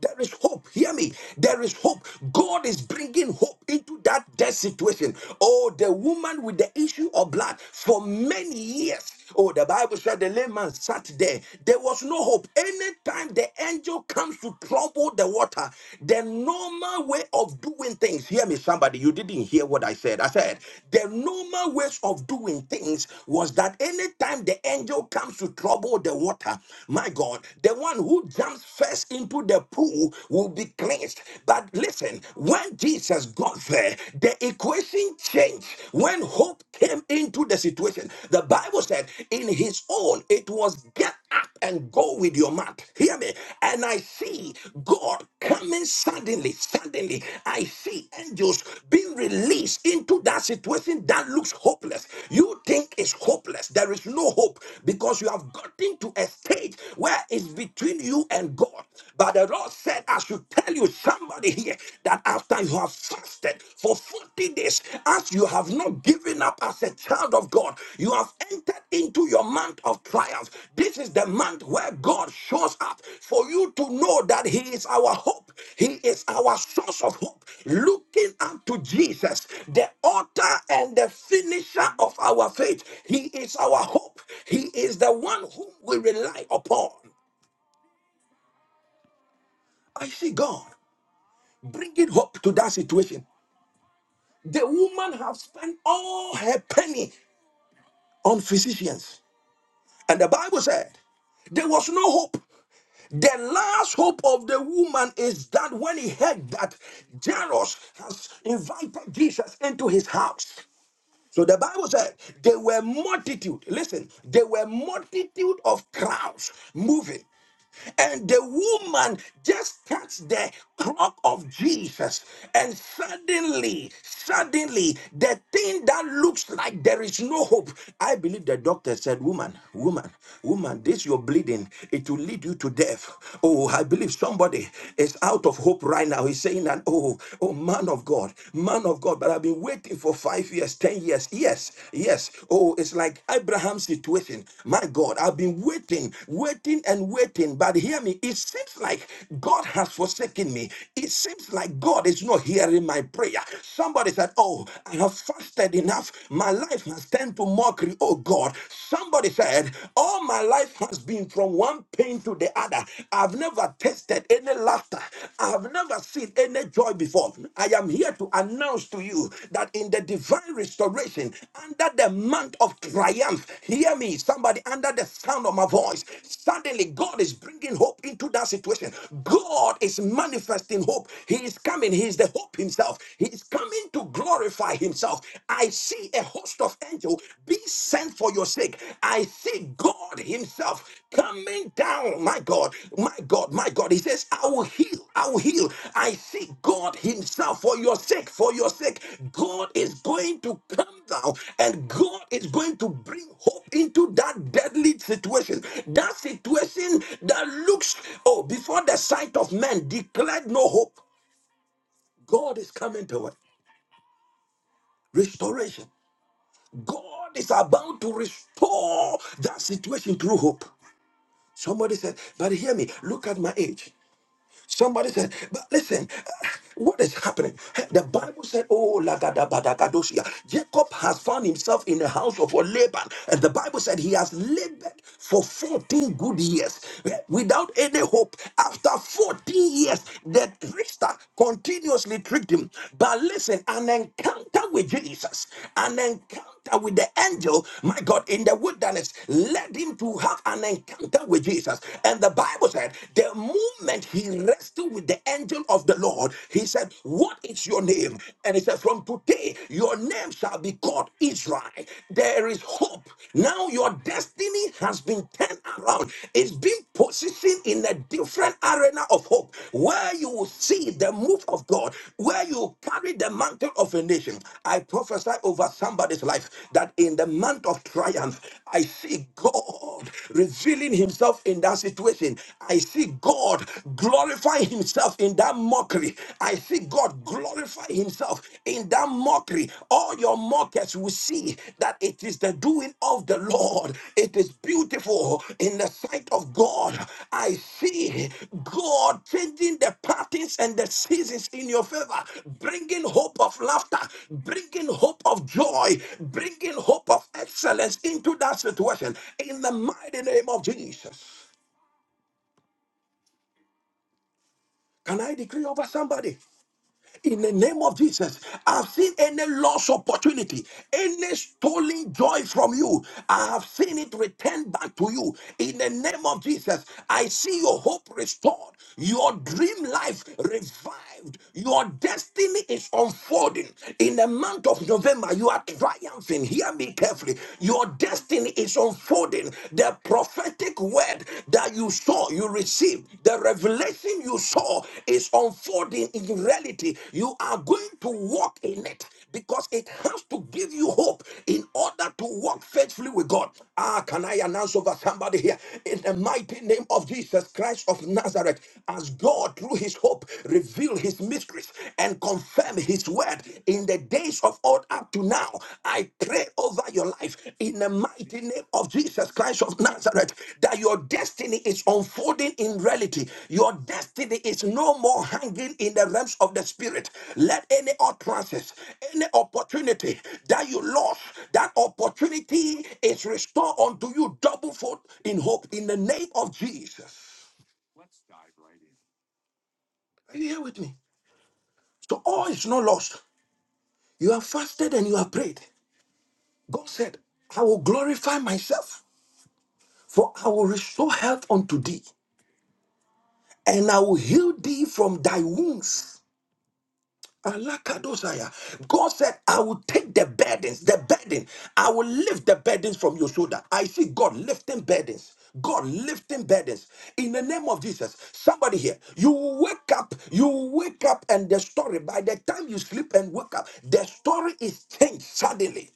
There is hope. Hear me. There is hope. God is bringing hope into that death situation. Oh, the woman with the issue of blood for many years. Oh, the Bible said the lame man sat there. There was no hope. Anytime the angel comes to trouble the water, the normal way of doing things, hear me, somebody, you didn't hear what I said. I said, the normal ways of doing things was that anytime the angel comes to trouble the water, my God, the one who jumps first cast into the pool will be cleansed. But listen, when Jesus got there, the equation changed. When hope came into the situation, the Bible said, in his own, it was get up and go with your mouth. Hear me. And I see God coming suddenly, suddenly. I see angels being released into that situation that looks hopeless. You think it's hopeless. There is no hope because you have gotten to a stage where it's between you between you and God. But the Lord said, I should tell you somebody here that after you have fasted for 40 days, as you have not given up as a child of God, you have entered into your month of triumph. This is the month where God shows up for you to know that He is our hope, He is our source of hope. Looking up to Jesus, the author and the finisher of our faith, He is our hope, He is the one whom we rely upon. I see God bringing hope to that situation. The woman have spent all her penny on physicians. And the Bible said there was no hope. The last hope of the woman is that when he heard that Jairus has invited Jesus into his house. So the Bible said there were multitude. Listen, there were multitude of crowds moving. And the woman just touched the clock of Jesus. And suddenly, suddenly, the thing that looks like there is no hope. I believe the doctor said, Woman, woman, woman, this your bleeding, it will lead you to death. Oh, I believe somebody is out of hope right now. He's saying that, oh, oh, man of God, man of God, but I've been waiting for five years, ten years yes, yes, yes. Oh, it's like Abraham's situation. My God, I've been waiting, waiting, and waiting. But hear me, it seems like God has forsaken me. It seems like God is not hearing my prayer. Somebody said, Oh, I have fasted enough. My life has turned to mockery. Oh, God. Somebody said, All my life has been from one pain to the other. I've never tasted any any laughter. I've never seen any joy before. I am here to announce to you that in the divine restoration, under the month of triumph, hear me, somebody, under the sound of my voice, suddenly God is bringing hope into that situation. God is manifesting hope. He is coming. He is the hope himself. He is coming to glorify himself. I see a host of angels be sent for your sake. I see God himself coming down. My God, my God, my God. He says, I will heal, I will heal. I see God Himself for your sake, for your sake. God is going to come down and God is going to bring hope into that deadly situation. That situation that looks, oh, before the sight of men declared no hope. God is coming to it. Restoration. God is about to restore that situation through hope. Somebody said, but hear me, look at my age. Somebody said, but listen, uh, what is happening? Hey, The Bible said, Oh, Lagadabadagadosia. Jacob has found himself in the house of Laban. And the Bible said he has labored for 14 good years eh, without any hope. After 14 years, the trickster continuously tricked him. But listen, an encounter with Jesus, an encounter with the angel, my God, in the wilderness, led him to have an encounter with Jesus. And the Bible said, the moment he wrestled with the angel of the Lord, he said, What is your name? And he said, From today, your name shall be called Israel. There is hope. Now your destiny has been turned around. It's been positioned in a different arena of hope where you will see the move of God, where you carry the mantle of a nation. I prophesy over somebody's life that in the month of triumph, I see God revealing himself in that situation mourning, I see God glorify Himself in that mockery. I see God glorify Himself in that mockery. All your mockers will see that it is the doing of the Lord. It is beautiful in the sight of God. I see God changing the patterns and the seasons in your favor, bringing hope of laughter, bringing hope of joy, bringing hope of excellence into that situation in the mighty name of Jesus. Can I decree over somebody? In the name of Jesus, I've seen any lost opportunity, any stolen joy from you. I have seen it return back to you. In the name of Jesus, I see your hope restored, your dream life revived, your destiny is unfolding. In the month of November, you are triumphing. Hear me carefully. Your destiny is unfolding. The prophetic prophetic word that you saw, you received, the revelation you saw is unfolding in reality. You are going to walk in it because it has to give you hope in order to walk faithfully with God. Ah, can I announce over somebody here? In the mighty name of Jesus Christ of Nazareth, as God, through his hope, revealed his mysteries and confirmed his word in the the days of old up to now. I pray over your life in the mighty name of Jesus Christ of Nazareth that your destiny is unfolding in reality. Your destiny is no more hanging in the realms of the spirit. Let any utterances, any opportunity that you lost, that opportunity is restored unto you double fold in hope in the name of Jesus. Are you here with me? So all is not lost. You have fasted and you have prayed. God said, I will glorify myself, for I will restore health unto thee, and I will heal thee from thy wounds. Alakadosaya. God said, I will take the burdens, the burden. I will lift the burdens from your shoulder. I see God lifting burdens. God lifting burdens in the name of Jesus. Somebody here, you will wake up, you will wake up, and the story by the time you sleep and wake up, the story is changed suddenly.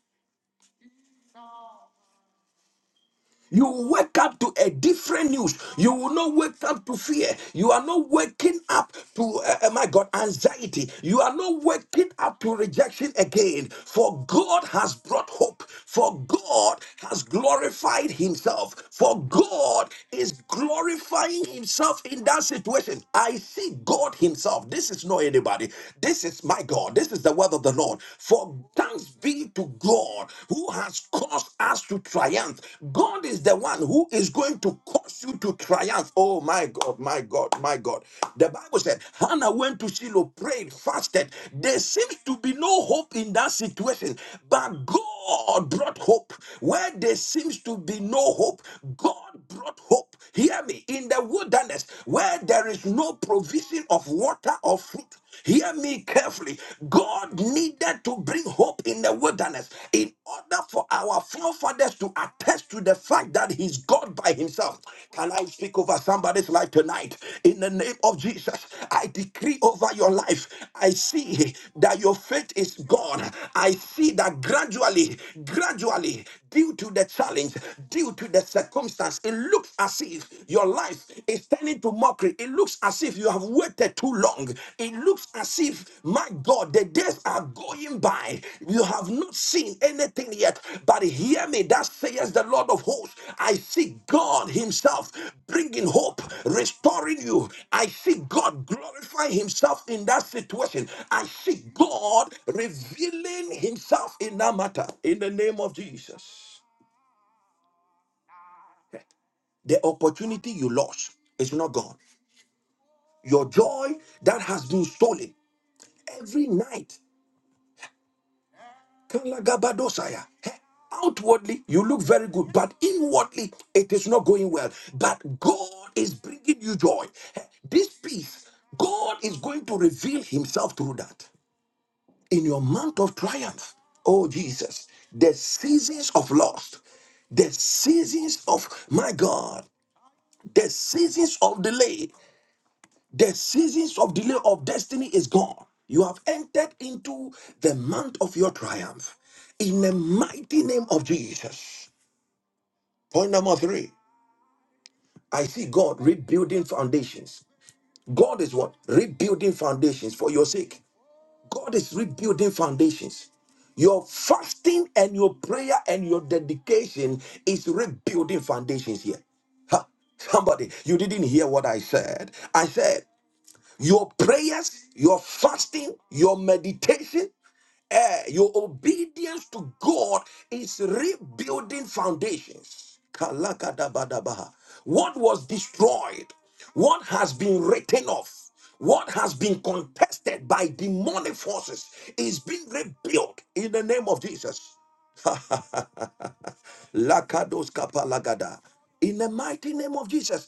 You wake up to a different news. You will not wake up to fear. You are not waking up to, uh, uh, my God, anxiety. You are not waking up to rejection again. For God has brought hope. For God has glorified Himself. For God is glorifying Himself in that situation. I see God Himself. This is not anybody. This is my God. This is the word of the Lord. For thanks be to God who has caused us to triumph. God is the one who is going to cause you to triumph. Oh my God, my God, my God. The Bible said Hannah went to Shiloh, prayed, fasted. There seems to be no hope in that situation, but God brought hope. Where there seems to be no hope, God brought hope. Hear me. In the wilderness, where there is no provision of water or fruit, Hear me carefully. God needed to bring hope in the wilderness in order for our forefathers to attest to the fact that He's God by Himself. Can I speak over somebody's life tonight? In the name of Jesus, I decree over your life. I see that your faith is gone. I see that gradually, gradually due to the challenge, due to the circumstance, it looks as if your life is turning to mockery. It looks as if you have waited too long. It looks as if, my God, the days are going by. You have not seen anything yet. But hear me me, That says the Lord of hosts. I see God Himself bringing hope, restoring you. I see God glorify Himself in that situation. I see God revealing Himself in that matter. In the name of Jesus. The opportunity you lost is not gone. Your joy that has been stolen every night. Kalagabadosaya. Hey, Outwardly, you look very good, but inwardly, it is not going well. But God is bringing you joy. Hey, This peace, God is going to reveal Himself through that. In your month of triumph, oh Jesus, the seasons of loss, the seasons of, my God, the seasons of delay, the seasons of delay of destiny is gone. You have entered into the month of your triumph in the mighty name of Jesus. Point number three I see God rebuilding foundations. God is what? Rebuilding foundations for your sake. God is rebuilding foundations. Your fasting and your prayer and your dedication is rebuilding foundations here. Ha, somebody, you didn't hear what I said. I said, Your prayers, your fasting, your meditation, eh, your obedience to God is rebuilding foundations. Kalakadabadabaha. What was destroyed, what has been written off, what has been contested by demonic forces is being rebuilt in the name of Jesus. Lakados kapalagada. In the mighty name of Jesus,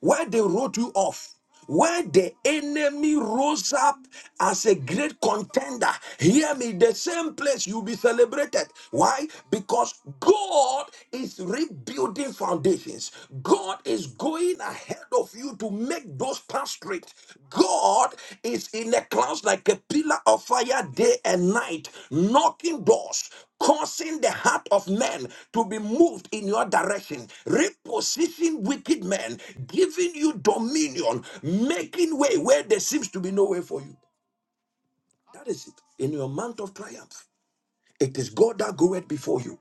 why they wrote you off, why the enemy rose up as a great contender, hear me, the same place you'll be celebrated. Why? Because God is rebuilding foundations. God is going ahead of you to make those paths straight. God is in the clouds like a pillar of fire day and night, knocking doors causing the heart of men to be moved in your direction, reposition wicked men, giving you dominion, making way where there seems to be no way for you. That is it. In your month of triumph, it is God that goeth before you.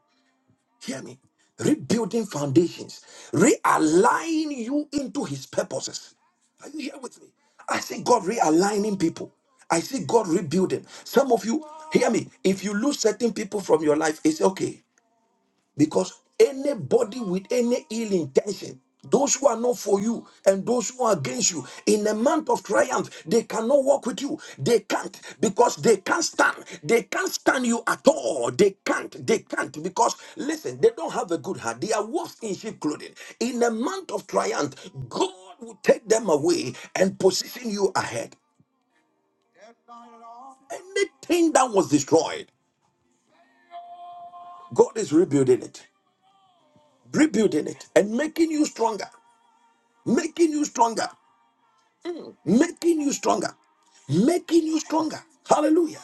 Hear me. Rebuilding foundations, realign you into his purposes. Are you here with me? I see God realigning people. I see God rebuilding. Some of you, hear me. If you lose certain people from your life, it's okay. Because anybody with any ill intention, those who are not for you and those who are against you, in a month of triumph, they cannot walk with you. They can't because they can't stand. They can't stand you at all. They can't. They can't because listen, they don't have a good heart. They are wolves in sheep clothing. In a month of triumph, God will take them away and position you ahead. Anything that was destroyed, God is rebuilding it, rebuilding it, and making you stronger. making you stronger, making you stronger, making you stronger. Hallelujah.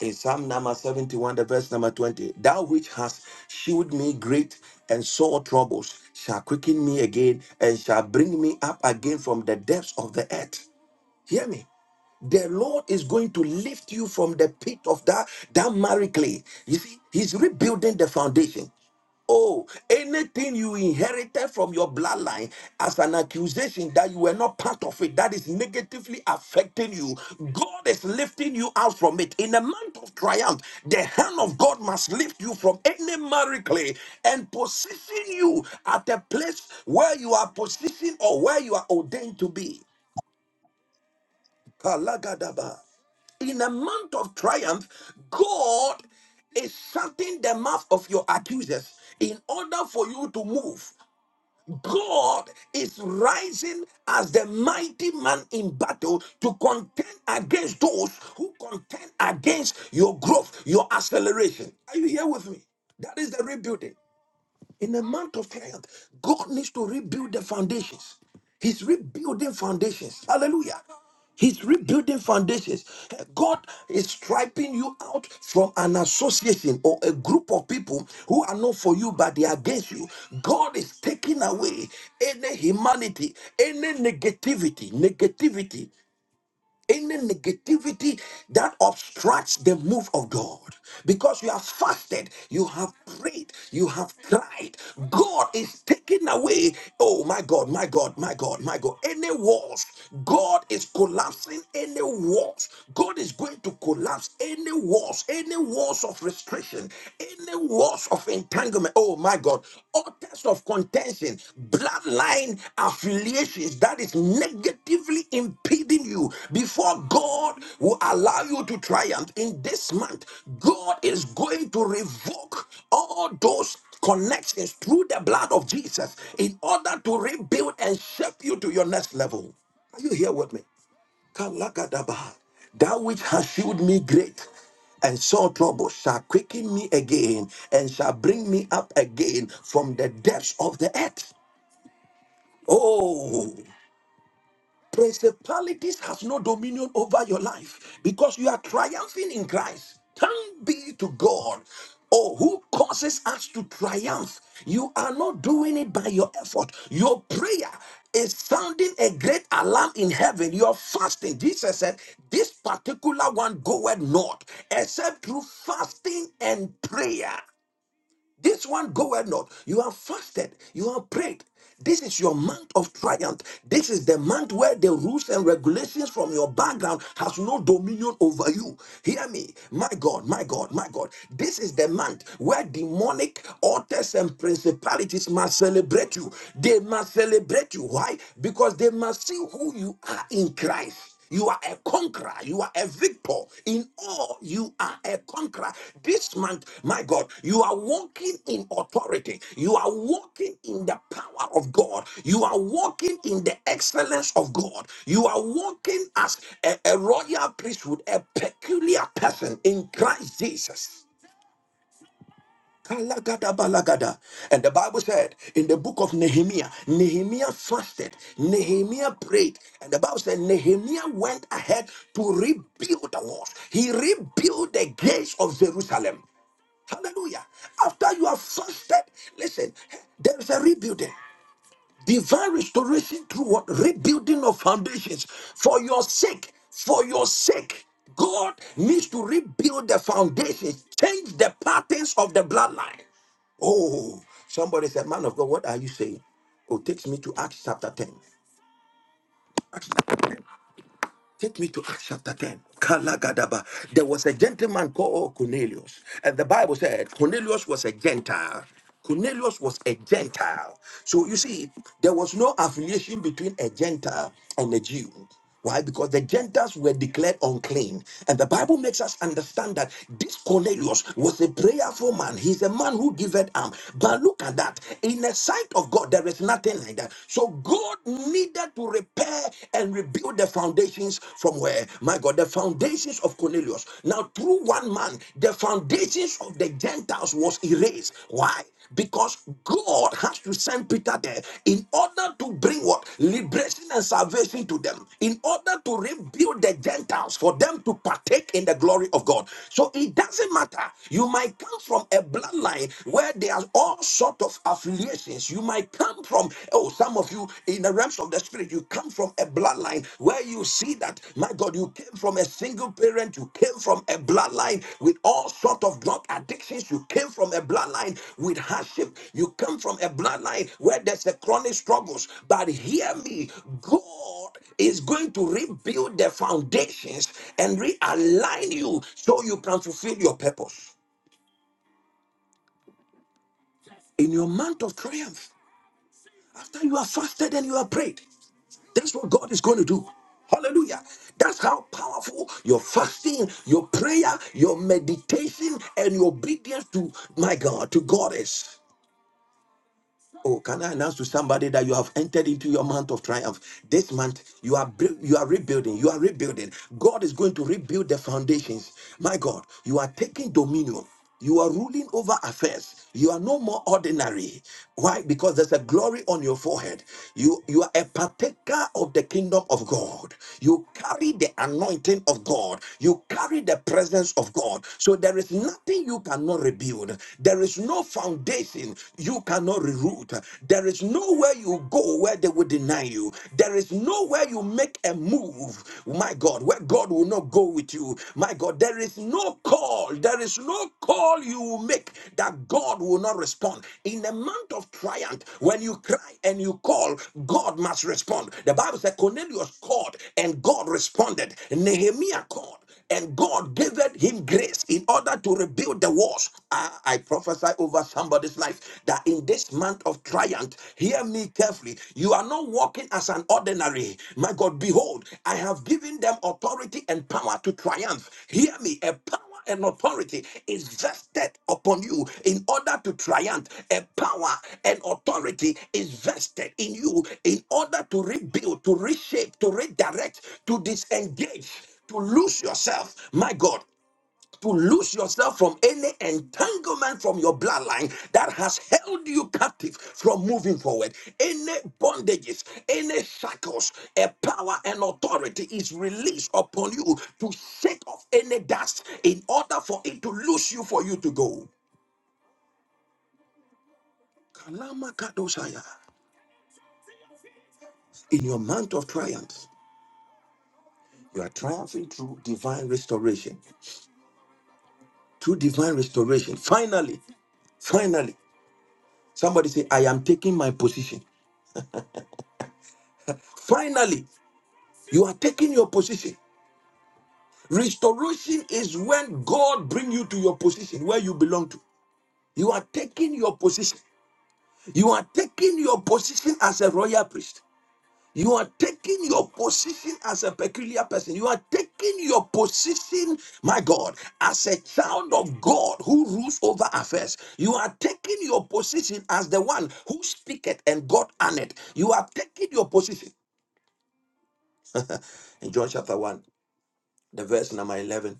In Psalm number 71, the verse number 20, thou which hast shewed me great and sore troubles shall quicken me again and shall bring me up again from the depths of the earth. Hear me. The Lord is going to lift you from the pit of that, that marry clay. You see, He's rebuilding the foundation. Oh, anything you inherited from your bloodline as an accusation that you were not part of it, that is negatively affecting you. God is lifting you out from it. In a month of triumph, the hand of God must lift you from any miracle and position you at a place where you are positioned or where you are ordained to be. Kalagadaba. In a month of triumph, God is shutting the mouth of your accusers in order for you to move. God is rising as the mighty man in battle to contend against those who contend against your growth, your acceleration. Are you here with me? That is the rebuilding. In a month of triumph, God needs to rebuild the foundations. He's rebuilding foundations. Hallelujah. He's rebuilding foundations. God is striping you out from an association or a group of people who are not for you but they are against you. God is taking away any humanity, any negativity, negativity any negativity that obstructs the move of God. Because you have fasted, you have prayed, you have cried. God is taking away, oh my God, my God, my God, my God, any walls. God is collapsing any walls. God is going to collapse any walls, any walls of restriction, any walls of entanglement entanglement. Oh my God. Authors of contention, bloodline affiliations that is negatively impeding you before God will allow you to triumph in this month. God is going to revoke all those connections through the blood of Jesus in order to rebuild and shape you to your next level. Are you here with me? Kalagadaba. That which has shewed me great and sore trouble shall quicken me again and shall bring me up again from the depths of the earth. Oh, Principalities has no dominion over your life because you are triumphing in Christ. Thank be to God. Oh, who causes us to triumph? You are not doing it by your effort. Your prayer is sounding a great alarm in heaven. Your fasting. Jesus said, This particular one goeth not, except through fasting and prayer. This one goeth not. You have fasted, you have prayed. This is your month of triumph. This is the month where the rules and regulations from your background has no dominion over you. Hear me, my God, my God, my God. This is the month where demonic altars and principalities must celebrate you. They must celebrate you. Why? Because they must see who you are in Christ. You are a conqueror. You are a victor. In all, you are a conqueror. This month, my God, you are walking in authority. You are walking in the power of God. You are walking in the excellence of God. You are walking as a, a royal priesthood, a peculiar person in Christ Jesus. Kalagada, balagada, And the Bible said in the book of Nehemiah, Nehemiah fasted, Nehemiah prayed, and the Bible said Nehemiah went ahead to rebuild the walls. He rebuilt the gates of Jerusalem. Hallelujah. After you have fasted, listen, there is a rebuilding divine restoration through what rebuilding of foundations for your sake for your sake god needs to rebuild the foundations change the patterns of the bloodline oh somebody said man of god what are you saying oh takes me to acts chapter 10 Acts chapter ten. Take me to Acts chapter 10. Kalagadaba. There was a gentleman called oh, Cornelius. And the Bible said Cornelius was a Gentile. Cornelius was a Gentile. So you see, there was no affiliation between a Gentile and a Jew. Why? Because the Gentiles were declared unclean. And the Bible makes us understand that this Cornelius was a prayerful man. He's a man who giveth alms. But look at that. In the sight of God, there is nothing like that. So God God needed to repair and rebuild the foundations from where? My God, the foundations of Cornelius. Now, through one man, the foundations of the Gentiles was erased. Why? Because God has to send Peter there in order to bring what? Liberation and salvation to them. In order to rebuild the Gentiles for them to partake in the glory of God. So it doesn't matter. You might come from a bloodline where there are all sorts of affiliations. You might come from, oh, some of you in the realms of the spirit, you come from a bloodline where you see that, my God, you came from a single parent, you came from a bloodline with all sort of drug addictions, you came from a bloodline with hardship, you come from a bloodline where there's a chronic struggles. But hear me, God is going to rebuild the foundations and realign you so you can fulfill your purpose in your month of triumph. After you have fasted and you have prayed, that's what God is going to do. Hallelujah. That's how powerful your fasting, your prayer, your meditation, and your obedience to my God, to God is. Oh, can I announce to somebody that you have entered into your month of triumph? This month you are br- you are rebuilding. You are rebuilding. God is going to rebuild the foundations. My God, you are taking dominion. You are ruling over affairs. You are no more ordinary. Why? Because there's a glory on your forehead. You you are a partaker of the kingdom of God. You carry the anointing of God. You carry the presence of God. So there is nothing you cannot rebuild. There is no foundation you cannot reroute. There is nowhere you go where they will deny you. There is nowhere you make a move, my God, where God will not go with you. My God, there is no call, there is no call you will make that God will not respond. In a month of triumph, when you cry and you call, God must respond. The Bible said Cornelius called and God responded. Nehemiah called and God gave him grace in order to rebuild the walls. Ah, I prophesy over somebody's life that in this month of triumph, hear me carefully. You are not walking as an ordinary. My God, behold, I have given them authority and power to triumph. Hear me, a power and authority is vested upon you in order to triumph. A power and authority is vested in you in order to rebuild, to reshape, to redirect, to disengage to lose yourself, my God, to lose yourself from any entanglement from your bloodline that has held you captive from moving forward. Any bondages, any shackles, a power and authority is released upon you to shake off any dust in order for it to lose you for you to go. Kalama Kadosaya, in your month of triumph, you are triumphing through divine restoration. Through divine restoration. Finally, finally. Somebody say, I am taking my position. Finally, you are taking your position. Restoration is when God bring you to your position where you belong to. You are taking your position. You are taking your position as a royal priest. You are taking your position as a peculiar person. You are taking your position, my God, as a child of God who rules over affairs. You are taking your position as the one who speaketh and God honored. You are taking your position. In John chapter 1, the verse number 11,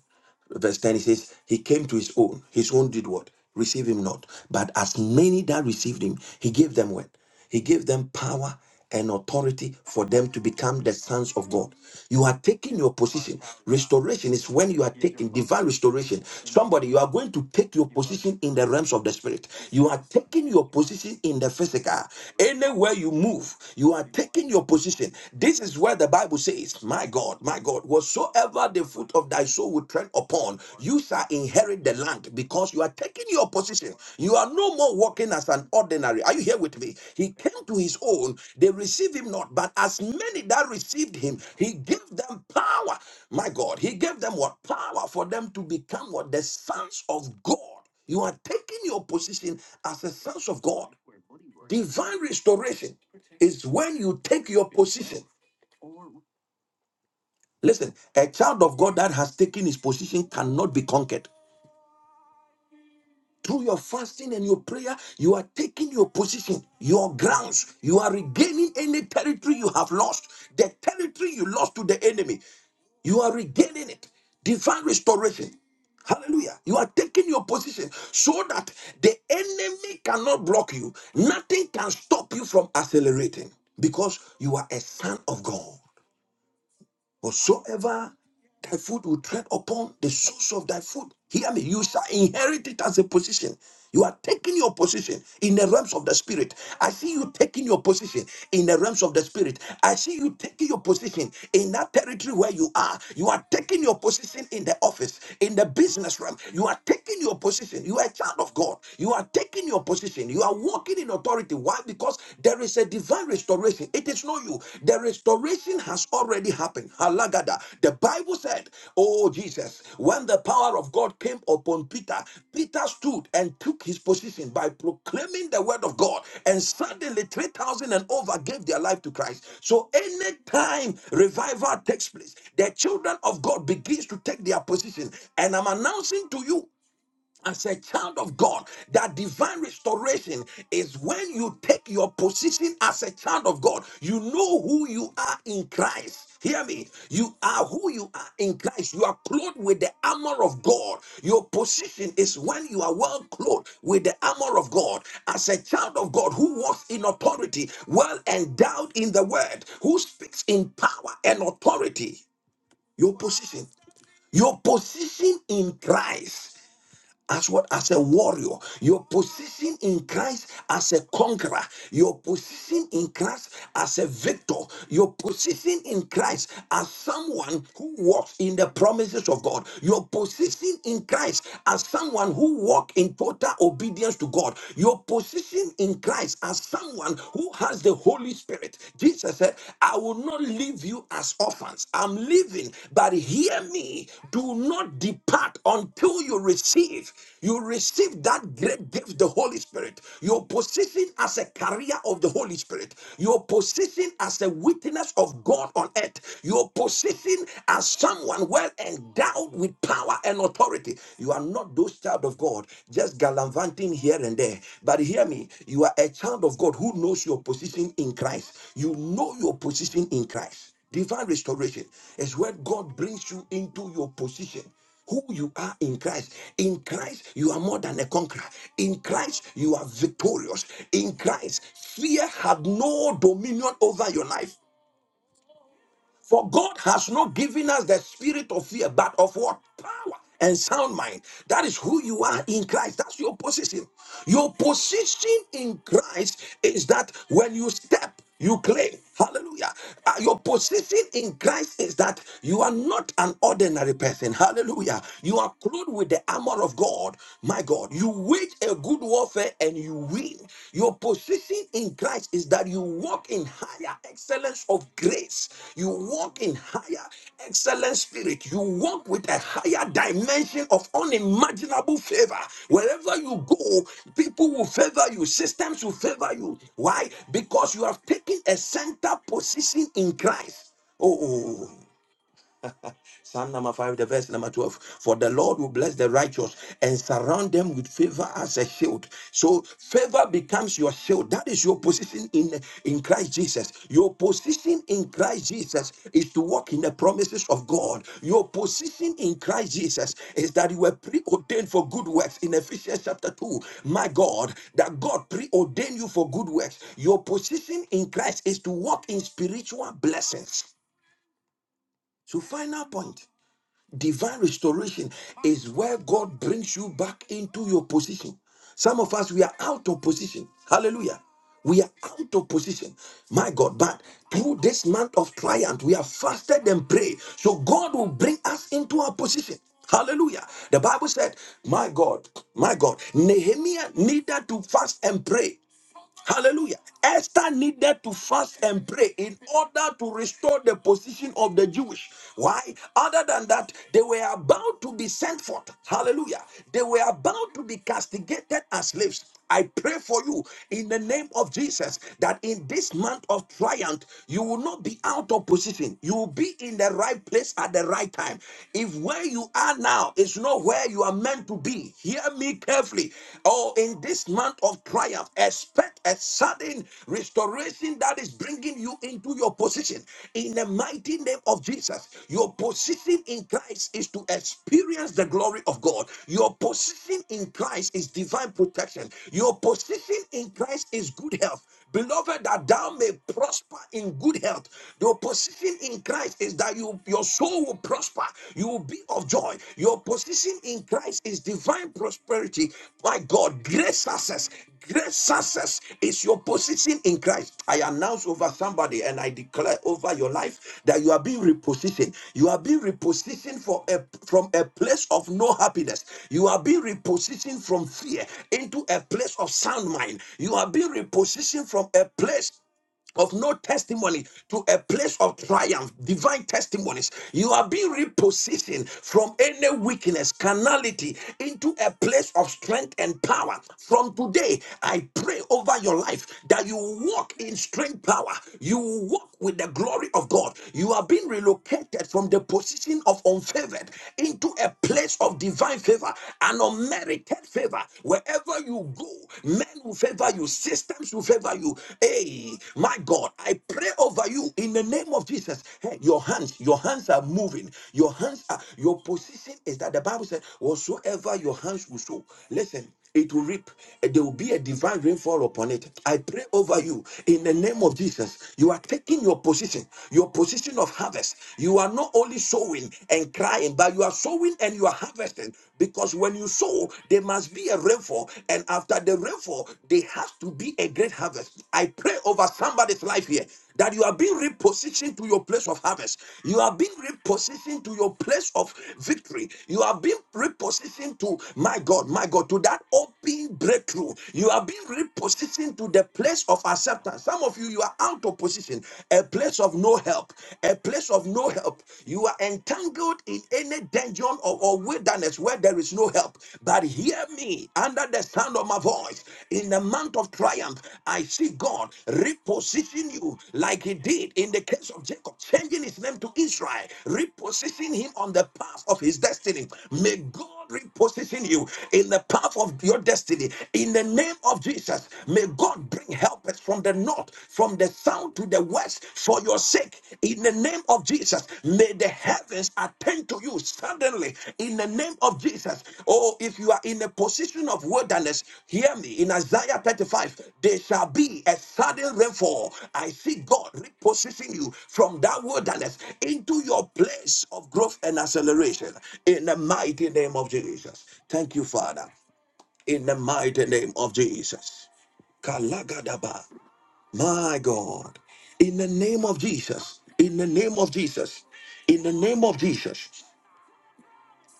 verse 10, he says, He came to his own. His own did what? Receive him not. But as many that received him, he gave them what? He gave them power and authority for them to become the sons of God. You are taking your position. Restoration is when you are taking divine restoration. Somebody, you are going to take your position in the realms of the spirit. You are taking your position in the physical. Anywhere you move, you are taking your position listen, this is where the Bible says, My God, my God, whatsoever the foot of thy soul will tread upon, you shall inherit the land because you are taking your position. You are no more walking as an ordinary. Are you here with me? He came to his own, they received him not, but as many that received him, he gave them power. My God, he gave them what? Power for them to become what? The sons of God. You are taking your position as the sons of God. Divine restoration is when you take your position. Listen, a child of God that has taken his position cannot be conquered. Through your fasting and your prayer, you are taking your position, your grounds. You are regaining any territory you have lost, the territory you lost to the enemy. You are regaining it. Divine restoration. Hallelujah. You are taking your position so that the enemy cannot block you. Nothing can stop you from accelerating because you are a son of God. Whatsoever thy foot will tread upon, the source of thy foot. Hear me. You shall inherit it as a position. You are taking your position in the realms of the spirit. I see you taking your position in the realms of the spirit. I see you taking your position in that territory where you are. You are taking your position in the office, in the business realm. You are taking your position. You are a child of God. You are taking your position. You are walking in authority. Why? because there is a divine restoration. It is not you. The restoration has already happened. Halagada. The Bible said, Oh Jesus, when the power of God came upon Peter, Peter stood and took his position by proclaiming the word of God. And suddenly 3,000 and over gave their life to Christ. So anytime revival takes place, the children of God begins to take their position. And I'm announcing to you as a child of God, that divine restoration is when you take your position as a child of God. You know who you are in Christ. Hear me. You are who you are in Christ. You are clothed with the armor of God. Your position is when you are well clothed with the armor of God. As a child of God who walks in authority, well endowed in the word, who speaks in power and authority. Your position. Your position in Christ as what as a warrior your position in christ as a conqueror your position in christ as a victor your position in christ as someone who walks in the promises of god your position in christ as someone who walks in total obedience to god your position in christ as someone who has the holy spirit jesus said I will not leave you as orphans. I'm leaving, but hear me. Do not depart until you receive. You receive that great gift, the Holy Spirit. Your position as a carrier of the Holy Spirit. Your position as a witness of God on earth. Your position as someone well endowed with power and authority. You are not those child of God, just gallivanting here and there. But hear me, you are a child of God who knows your position in Christ. You know your position in Christ. Divine restoration is where God brings you into your position. Who you are in Christ. In Christ, you are more than a conqueror. In Christ, you are victorious. In Christ, fear had no dominion over your life. For God has not given us the spirit of fear, but of what? Power and sound mind. That is who you are in Christ. That's your position. Your position in Christ is that when you step, you claim. Hallelujah. Uh, your position in Christ is that you are not an ordinary person. Hallelujah. You are clothed with the armor of God. My God, you wage a good good warfare and you will. Your position in Christ is that you walk in higher excellence of grace. You walk in higher excellent spirit. You walk with a higher dimension of unimaginable favor. Wherever you go, people will favor you, systems will favor you. Why? Because you have taken a center position in Christ. Oh, oh, oh. oh. Psalm number 5, the verse number 12. For the Lord will bless the righteous and surround them with favor as a shield. So favor becomes your shield. That is your position in, in Christ Jesus. Your position in Christ Jesus is to walk in the promises of God. Your position in Christ Jesus is that you were preordained for good works in Ephesians chapter 2. My God, that God preordained you for good works. Your position in Christ is to walk in spiritual blessings. So final point. Divine restoration is where God brings you back into your position. Some of us, we are out of position. Hallelujah. We are out of position. My God, but through this month of triumph, we have fasted and prayed. So God will bring us into our position. Hallelujah. The Bible said, My God, my God, Nehemiah needed to fast and pray. Hallelujah. Esther needed to fast and pray in order to restore the position of the Jewish. Why? Other than that, they were about to be sent forth. Hallelujah. They were about to be castigated as slaves. I pray for you in the name of Jesus that in this month of triumph, you will not be out of position. You will be in the right place at the right time. If where you are now is not where you are meant to be, be, hear me carefully. Oh, in this month of triumph, expect a sudden restoration that is bringing you into your position. In the mighty name of Jesus, your position in Christ is to experience the glory of God. Your position in Christ is divine protection. Your position in Christ is good health. Beloved, that thou may prosper in good health. Your position in Christ is that you your soul will prosper. You will be of joy. Your position in Christ is divine prosperity. My God, great success. Great success is your position in Christ, I announce over somebody and I declare over your life that you are being repositioned. You are being repositioned for a, from a place of no happiness. You are being repositioned from fear into a place of sound mind. You are being repositioned from a place of no testimony to a place of triumph, divine testimonies. You are being repositioned from any weakness, carnality, into a place of strength and power. From today, I pray over your life that you walk in strength power. You walk with the glory of God. You are being relocated from the position of unfavored into a place of divine favor, an unmerited favor. Wherever you will go. Men will favor you. Systems will favor you. Hey, my God, I pray over you in the name of Jesus. Hey, your hands, your hands are moving. Your hands are, your position is that the Bible said, whatsoever your hands will sow. Listen, it will reap. There will be a divine rainfall upon it. I pray over you in the name of Jesus. You are taking your position, your position of harvest. You are not only sowing and crying, but you are sowing and and you are harvesting because when you sow, there must be a rainfall, and after the rainfall, there has to be a great harvest. I pray over somebody's life here that you are being repositioned to your place of harvest, you are being repositioned to your place of victory, you are being repositioned to my God, my God, to that open breakthrough, you are being repositioned to the place of acceptance. Some of you, you are out of position, a place of no help, a place of no help. You are entangled in any dungeon or, or wilderness where there is no help. But hear me under the sound of my voice. In the month of triumph, I see God reposition you like He did in the case of Jacob, changing his name to Israel, repositioning him on the path of his destiny. May God reposition you in the path of your destiny in the name of Jesus. May God bring helpers from the north, from the south to the west for your sake. In the name of Jesus, may the heavens attend to you suddenly. In the name of Jesus, oh. If you are in a position of wilderness, hear me. In Isaiah 35, there shall be a sudden rainfall. I see God repositioning you from that wilderness into your place of growth and acceleration. In the mighty name of Jesus. Thank you, Father. In the mighty name of Jesus. Kalagadaba. My God. In the name of Jesus. In the name of Jesus. In the name of Jesus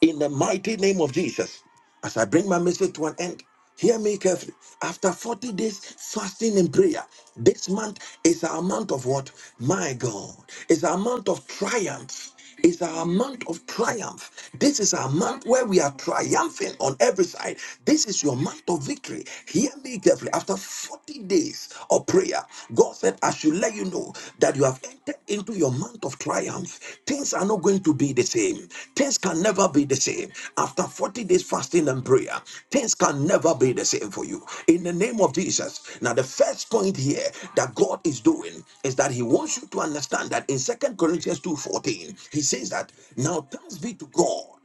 in the mighty name of Jesus. As I bring my message to an end, hear me carefully. After 40 days fasting and prayer, this month is a month of what? My God, is a month of triumph. Is a month of triumph. This is a month where we are triumphing on every side. This is your month of victory. Hear me carefully. After 40 days of prayer, prayer, God said, I should let you know that you have entered into your month of triumph. Things are not going to be the same. Things can never be the same. After 40 days fasting and prayer, things can never be the same for you. In the name of Jesus. Now, the first point here that God is doing is that He wants you to understand that in Second Corinthians 2:14, He says that now thanks be to God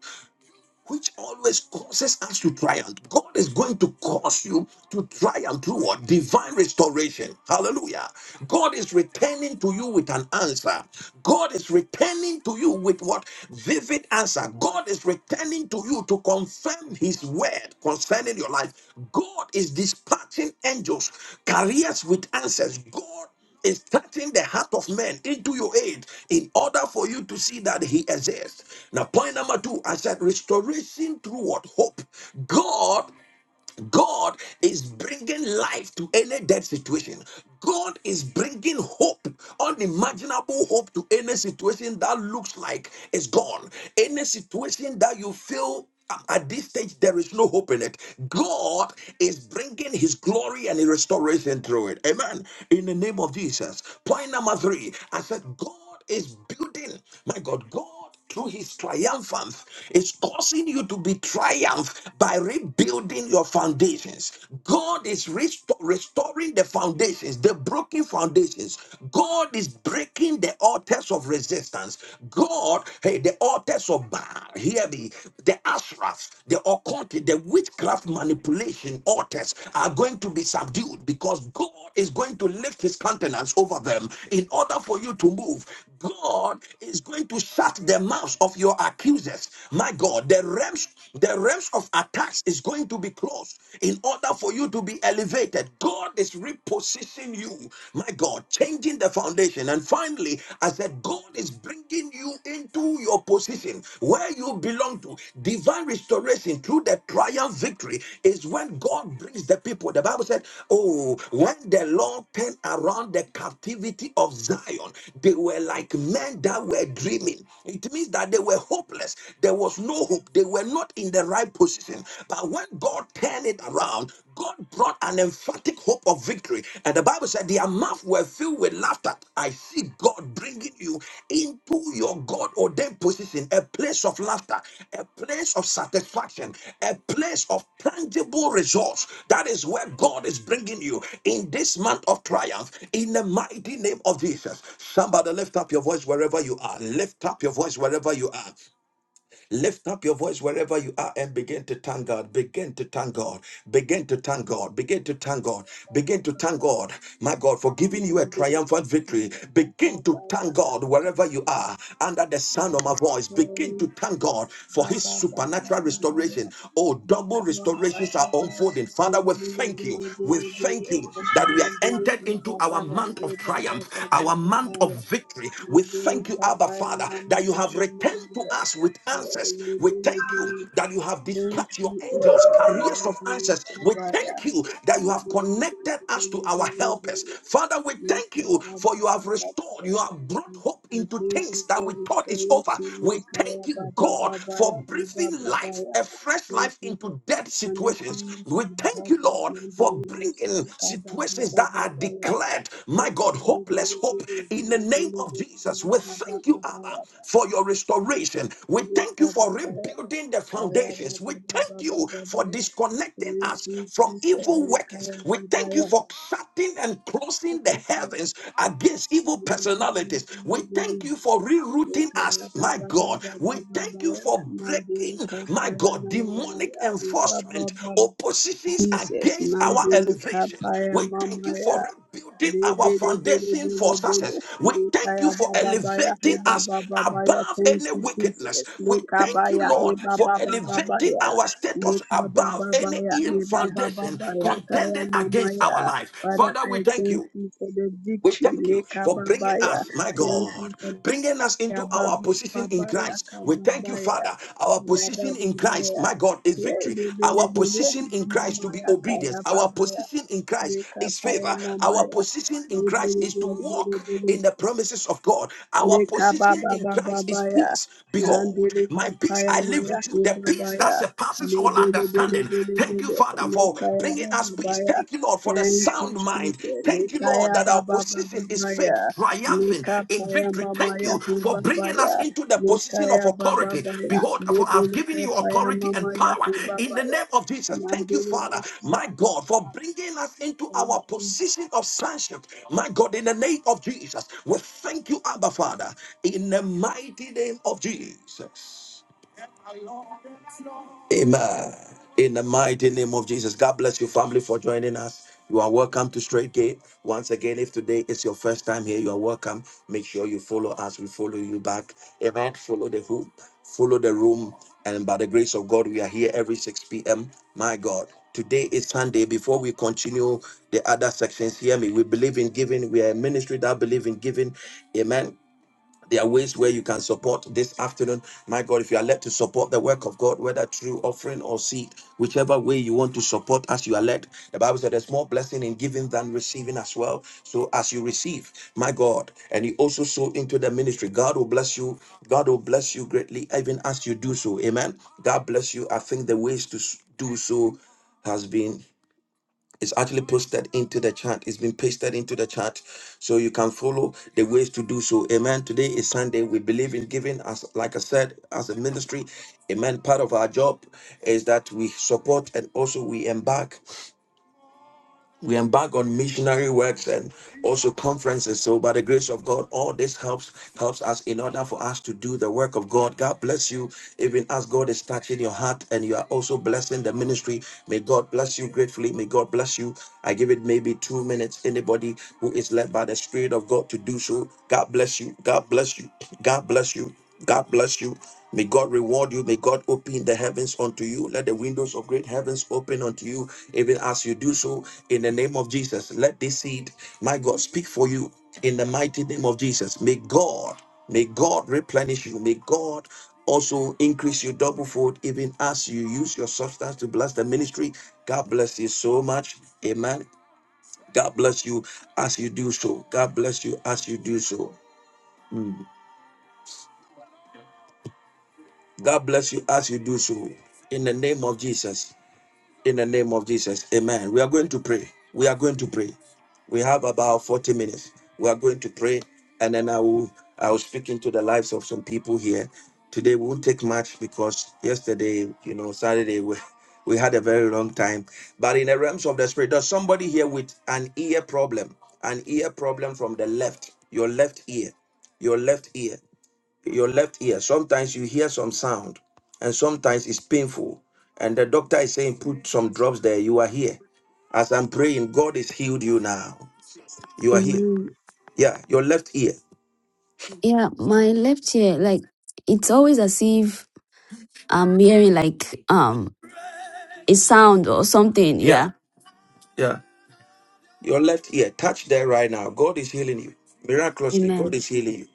which always causes us to triumph. God is going to cause you to triumph through what? Divine restoration. Hallelujah. God is returning to you with an answer. God is returning to you with what? Vivid answer. God is returning to you to confirm his word concerning your life. God is dispatching angels, carriers with answers. God is touching the heart of man into your aid in order for you to see that he exists. Now, point number two, I said restoration through what? Hope. God God is bringing life to any dead situation. God is bringing hope, unimaginable hope to any situation that looks like it's gone. Any situation that you feel um, at this stage there is no hope in it. God is bringing his glory and his restoration through it. Amen. In the name of Jesus. Point number three, I said, God is building, my God, God. God through his triumphance is causing you to be triumph by rebuilding your foundations. God is resto- restoring the foundations, the broken foundations. God is breaking the altars of resistance. God, hey, the altars of Baal, hear me, the Ashraf, the occult, the witchcraft manipulation altars are going to be subdued because God is going to lift his countenance over them in order for you to move. God is going to shut the mouths of your accusers. My God, the realms, the realms of attacks is going to be closed in order for you to be elevated. God is repositioning you. My God, changing the foundation. And finally, I said, God is bringing you into your position where you belong to. Divine restoration through the through the triumph victory is when God brings the people. The Bible said, Oh, when the Lord turned around the captivity of Zion, they were like men that were dreaming. It means that they were hopeless. There was no hope. They were not in the right position. But when God turned it around, God brought an emphatic hope of victory. And the Bible said, their mouth were filled with laughter. I see God bringing you into your God ordained position, a place of laughter, a place of satisfaction, a place of tangible results. That is where God is bringing you in this month of triumph, in the mighty name of Jesus. Somebody lift up your voice wherever you are. Lift up your voice wherever you are. Lift up your voice wherever you are and begin to thank God. Begin to thank God. Begin to thank God. Begin to thank God. Begin to thank God, my God, for giving you a triumphant victory. Begin to thank God wherever you are under the sound of my voice. Begin to thank God for his Baba, supernatural Baba, restoration. Oh, double restorations are unfolding. Father, we thank you. We thank you that we have entered into Baba, our month of triumph our month of Baba, victory. We Libere thank you, Abba kapaya Father, mama that you mama have mama. returned to us with answers. We Libere thank you libere that you have Thank dispatched your you, angels, Uncle. Oh. carriers of Maybe answers. We Kabaya. thank you that you have Maybe connected us to our helpers. Father, we thank you Father, for you have restored, you have I brought hope thank into things you that for we thought is over. restoration. We Mekaya thank you, Baba God, for Baba, Baba breathing Baba. life, a fresh Thank life you for into dead connecting situations. me to We my thank you, husband. Lord, Maybe for bringing Baba, Baba situations that are declared, my God, hopeless hope in the name of Jesus. We Mekaba thank you, Abba, for your restoration. We thank you Baba, for Baba. rebuilding the Kaya foundations. baba We thank baba you baba for baya. disconnecting Thank us you, from Jesus. evil workers. Kaya We baba thank you ya. for shutting and closing the Kaya heavens against evil personalities. We thank you for rerouting us, baba my baba God. We baba thank you baya. for Mandiri breaking, my kapaya God, mama demonic maya. Baba enforcement, baba oppositions Jesus. against our Mandiri elevation. kapaya We thank mama you ya. for rebuilding our foundation for success. We thank Lekaya you for baba baya he elevating us baba baba ya above thank any you wickedness. Jesus We thank you, lekabaya he Lord, for baba baba elevating baya our status lekaba above baba any ya ill he baba foundation baba ya kaya contending mama against our ya life. Father Father, we I thank you. thank you for the We victory thank you for lekaba bringing baya us, my thank you God, for bringing us ya into our baba position in baba ya Christ. We thank kababa you, ya Father. Our kababa position in baba Christ, ya my God, is Ye victory. le Our baby, baby, position baby, in Christ to mama be ya obedience. kaya Our baba ya. position in Christ Leka is paya favor. Our mamaya. position in Christ Libiri is to biri biri walk biri. in the promises of God. Our Leka position baba in baba Christ is baya. peace. Behold, Mandili my peace kapaya I live maya with you, the peace that hibabaya. surpasses all Libiri biri understanding. biri Thank you, biri. Father, Father, Leka for ya bringing baba us peace. baya. Thank you, Lord, for the Thank sound you, mind. Jesus. Thank you, Leka Lord, ya that our baba baba position is baya. faith, triumphing Leka in paya victory. Thank mamaya you for bringing hibabaya. us into the Leka position of ya baba authority. baya. Behold, for I've Libiri given you kapaya authority and mamaya power in the hibabaya. name of Jesus. Thank you, Mandili Father, my busia. God, for bringing us into our Thank you, position of sonship. My God, in the name of Jesus, we thank you, Abba, Father, in the mighty name of Jesus. Amen. In the mighty name of Jesus. God bless you, family, for joining us. You are welcome to Straight Gate. Once again, if today is your first time here, you are welcome. Make sure you follow us. We follow you back. Amen. Follow the hoop, follow the room. And by the grace of God, we are here every 6 p.m. My God. Today is Sunday. Before we continue the other sections, hear me. We believe in giving. We are a ministry that believe in giving. Amen. There are ways where you can support this afternoon. My God, if you are led to support the work of God, whether through offering or seed, whichever way you want to support as you are led. The Bible said there's more blessing in giving than receiving as well. So as you receive, my God, and you also sow into the ministry, God will bless you. God will bless you greatly, even as you do so. Amen. God bless you. I think the ways to do so has been it's actually posted into the chat. It's been pasted into the chat. So you can follow the ways to do so. Amen. Today is Sunday. We believe in giving as like I said, as a ministry. Amen. Part of our job is that we support and also we embark we embark on missionary works and also conferences so by the grace of god all this helps helps us in order for us to do the work of god god bless you even as god is touching your heart and you are also blessing the ministry may god bless you gratefully may god bless you i give it maybe two minutes anybody who is led by the spirit of god to do so god bless you god bless you god bless you God bless you. May God reward you. May God open the heavens unto you. Let the windows of great heavens open unto you, even as you do so in the name of Jesus. Let this seed, my God, speak for you in the mighty name of Jesus. May God, may God replenish you. May God also increase you double fold, even as you use your substance to bless the ministry. God bless you so much. Amen. God bless you as you do so. God bless you as you do so. God bless you as you do so. In the name of Jesus. In the name of Jesus. Amen. We are going to pray. We are going to pray. We have about 40 minutes. We are going to pray. And then I will I will speak into the lives of some people here. Today we won't take much because yesterday, you know, Saturday we, we had a very long time. But in the realms of the spirit, there's somebody here with an ear problem, an ear problem from the left, your left ear, your left ear your left ear. Sometimes you hear some sound, and sometimes it's painful. And the doctor is saying, Put some drops there. You are here. As I'm praying, God has healed you now. You are here. Amen. Yeah, your left ear. Yeah, my left ear, like it's always as if I'm hearing like um a sound or something. Yeah. Yeah, yeah. Your left ear. Touch there right now. God is healing you. Miraculously, God Amen. is healing you.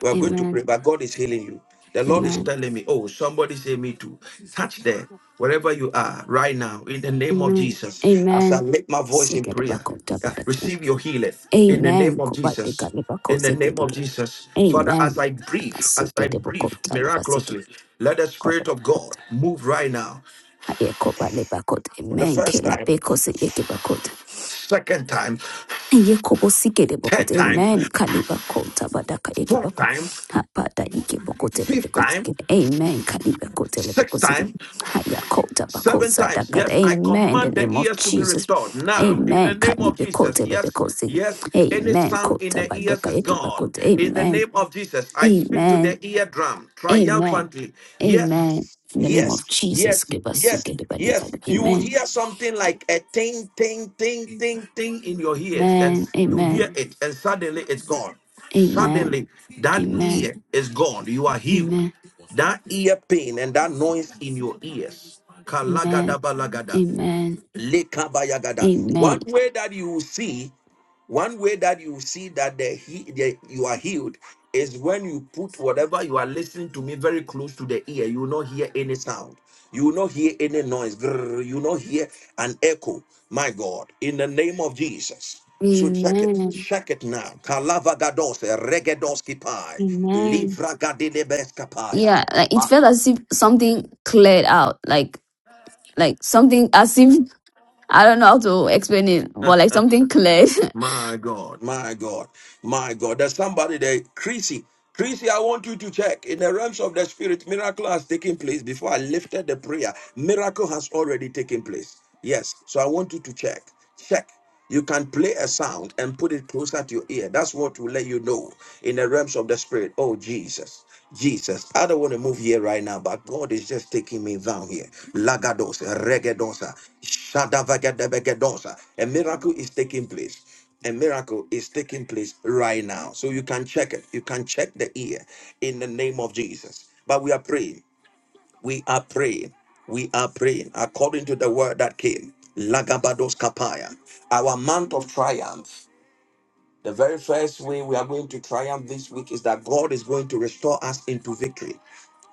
We are going to pray, Amen. but God is healing you. The Lord is Amen. telling me, oh, somebody say me too. Touch there, wherever you are right now, in the name of Amen. Jesus. As I Amen. lift my voice in prayer, uh, Sigedebakotobadaka. receive your healing in the name Amen. of Jesus. In the name of Kobadekalebakozegedege. Jesus, Father, as Amen. I breathe, as I breathe Kasigedebakotalebasiged. miraculously, let the Spirit of Kodebakot. God move right now Hayekobadebakot. for the Amen. first time, Kelabekoseyekebakot. second time, Yekobo sikele third bokote. time, Amen. Kaliba kota badaka fourth yekebako. time, Hapada yekebakote fifth lebekote. time, Amen. Kaliba kote sixth lebekote. time. Haya kota Seven bakosa times. dakada. Yes, I Amen. In the command the name of ears to be Jesus. restored now in the Amen. name of Kaliba Jesus. kote Yes, lebekote. yes, any Amen. sound in Kota the ears badoka is gone. yekebakote. In the name Amen. of Jesus, I speak to Amen. the eardrum Amen. triumphantly. Amen. Yes, In the name of yes, Jesus, yes, give us so yes, get the body, yes. Father. You will Amen. hear something like a ting, ting, ting, Amen. ting, ting in your ears, and Amen. you Amen. hear it, and suddenly it's gone. Amen. Amen. Suddenly, that Amen. ear is gone. You are healed. Amen. That ear pain and that noise in your ears. Kalagadaba lagada. Lekabayagada. One Amen. way that you will see, one way that you will see that the, he, the you are healed is when you put whatever you are listening to me very close to the ear. You will not hear any sound. You will not hear any noise. Grrr. You will not hear an echo. My God, in the name of Jesus. So check it, Amen. check it now. Kalavagados, regedoski pai, Amen. livragadidebeskapaya. Yeah, like it felt as if something cleared out. Like like something as if I don't know how to explain it, but like something cleared. My God, my God, my God. There's somebody there, Chrissy. Chrissy, I want you to check. In the realms of the spirit, miracle has taken place. Before I lifted the prayer, miracle has already taken place. Yes. So I want you to check. Check. You can play a sound and put it closer to your ear. That's what will let you know in the realms of the spirit. Oh, Jesus. Jesus. I don't want to move here right now, but God is just taking me down here. Lagados, regedosa, shadavagadebegedosa. A miracle is taking place. A miracle is taking place right now. So you can check it. You can check the ear in the name of Jesus. But we are praying. We are praying. We are praying according to the word that came. Lagabados kapaya. Our month of triumph. The very first way we are going to triumph this week is that God is going to restore us into victory.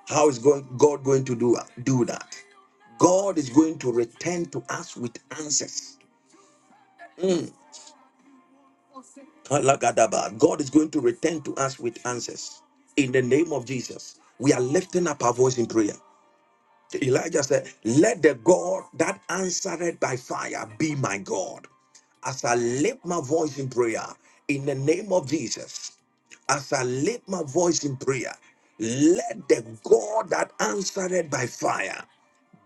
How is going, God going to do, do that? God is going to return to us with answers. Mm. Alagadaba. God is going to return to us with answers. In the name of Jesus, we are lifting up our voice in prayer. Elijah said, Let the God that answered by fire be my God. As I lift my voice in prayer, in the name of Jesus, as I lift my voice in prayer, let the God that answered by fire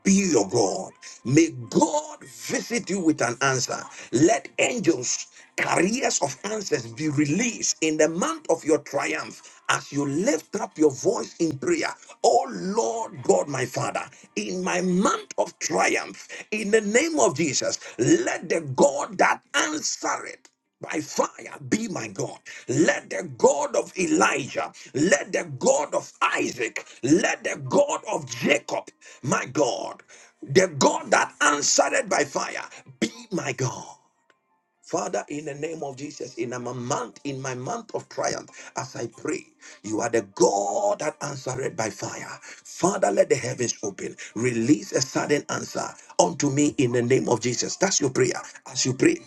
be your God. May God visit you with an answer. Let angels, carriers of answers, be released in the month of your triumph as you lift up your voice in prayer. Oh Lord God, my Father, in my month of triumph, in the name of Jesus, let the God that answered by fire be my God. Let the God of Elijah, let the God of Isaac, let the God of Jacob, my God, the God that answered it by fire, be my God. Father, in the name of Jesus, in my month, in my month of triumph, as I pray, you are the God that answered by fire. Father, let the heavens open. Release a sudden answer unto me in the name of Jesus. That's your prayer. As you pray,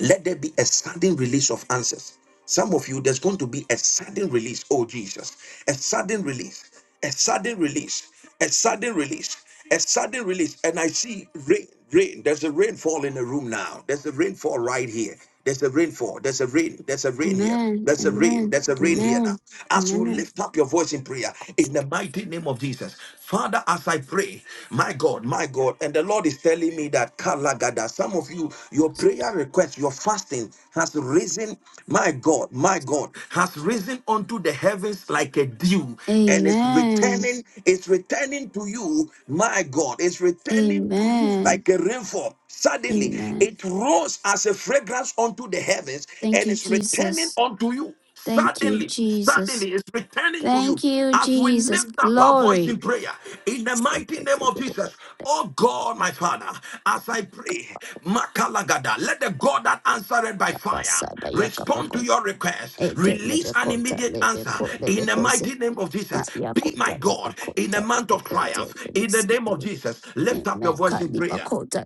let there be a sudden release of answers. Some of you, there's going to be a sudden release. Oh, Jesus. A sudden release. A sudden release. A sudden release. A sudden release. And I see rain, rain. There's a rainfall in the room now. There's a rainfall right here. There's a rainfall. There's a rain. There's a rain here. Amen. There's a rain. Amen. There's a rain here now. Amen. As you Amen. lift up your voice in prayer, in the mighty name of Jesus, Father, as I pray, my God, my God, and the Lord is telling me that Kalagada, some of you, your prayer request, your fasting has risen, my God, my God, has risen unto the heavens like a dew, and it's Amen. returning, it's returning to you, my God, it's returning to you Amen. like a rainfall. Suddenly, Amen. it rose as a fragrance unto the heavens, Thank and you, it's returning Jesus. unto you. Thank you, Suddenly, Jesus. suddenly it's returning to you Thank you, as we Jesus. lift up our voice in Glory. prayer in the mighty name of Jesus. Oh God, my Father, as I pray, Makalagada, let the God that answered by fire respond to your request. Release an immediate answer in the mighty name of Jesus. Be my God in the month of triumph. In the name of Jesus, lift up your Amen. voice in prayer. Kalibakota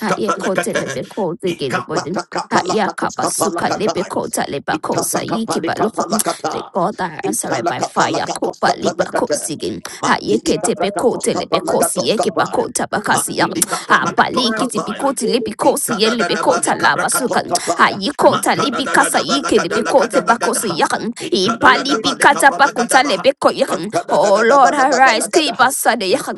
Ha ye kote lebekote gelebodin. Haya kabasuka Ikapatakapalakatoskapalakata. lebekota lebakosa yikibalokon. Itatakapalakapalakata. Rekota answer by fire. Kopa Italakapalakatoskapalakata. libakosigin. Haya kete Jesus. bekote Let lebekosi them Matidikaprakatoskapalakatoskapaya. yekibakota answer me bakasiyan. by Habali fire. kiti Matidikapalakatoskapaya. My bikoti baby was lebikosi near Kappa, yelebekota Papa, labasukan Papa. Itadadadabalikabrakatoskapaya. ayikota Answer my libikasa request. Let ikinibikote them, Papa, bakosi Matadadadadabalakadalakadalakadaha. yakan Papa. Let them, baby, baby, ipalibikata baby, bakuta Itadadadabalikabalakadabaha. lebeko yakan baby, oh was lord near arise Mantadadadadabalakabalakadaha. kibasa de yakan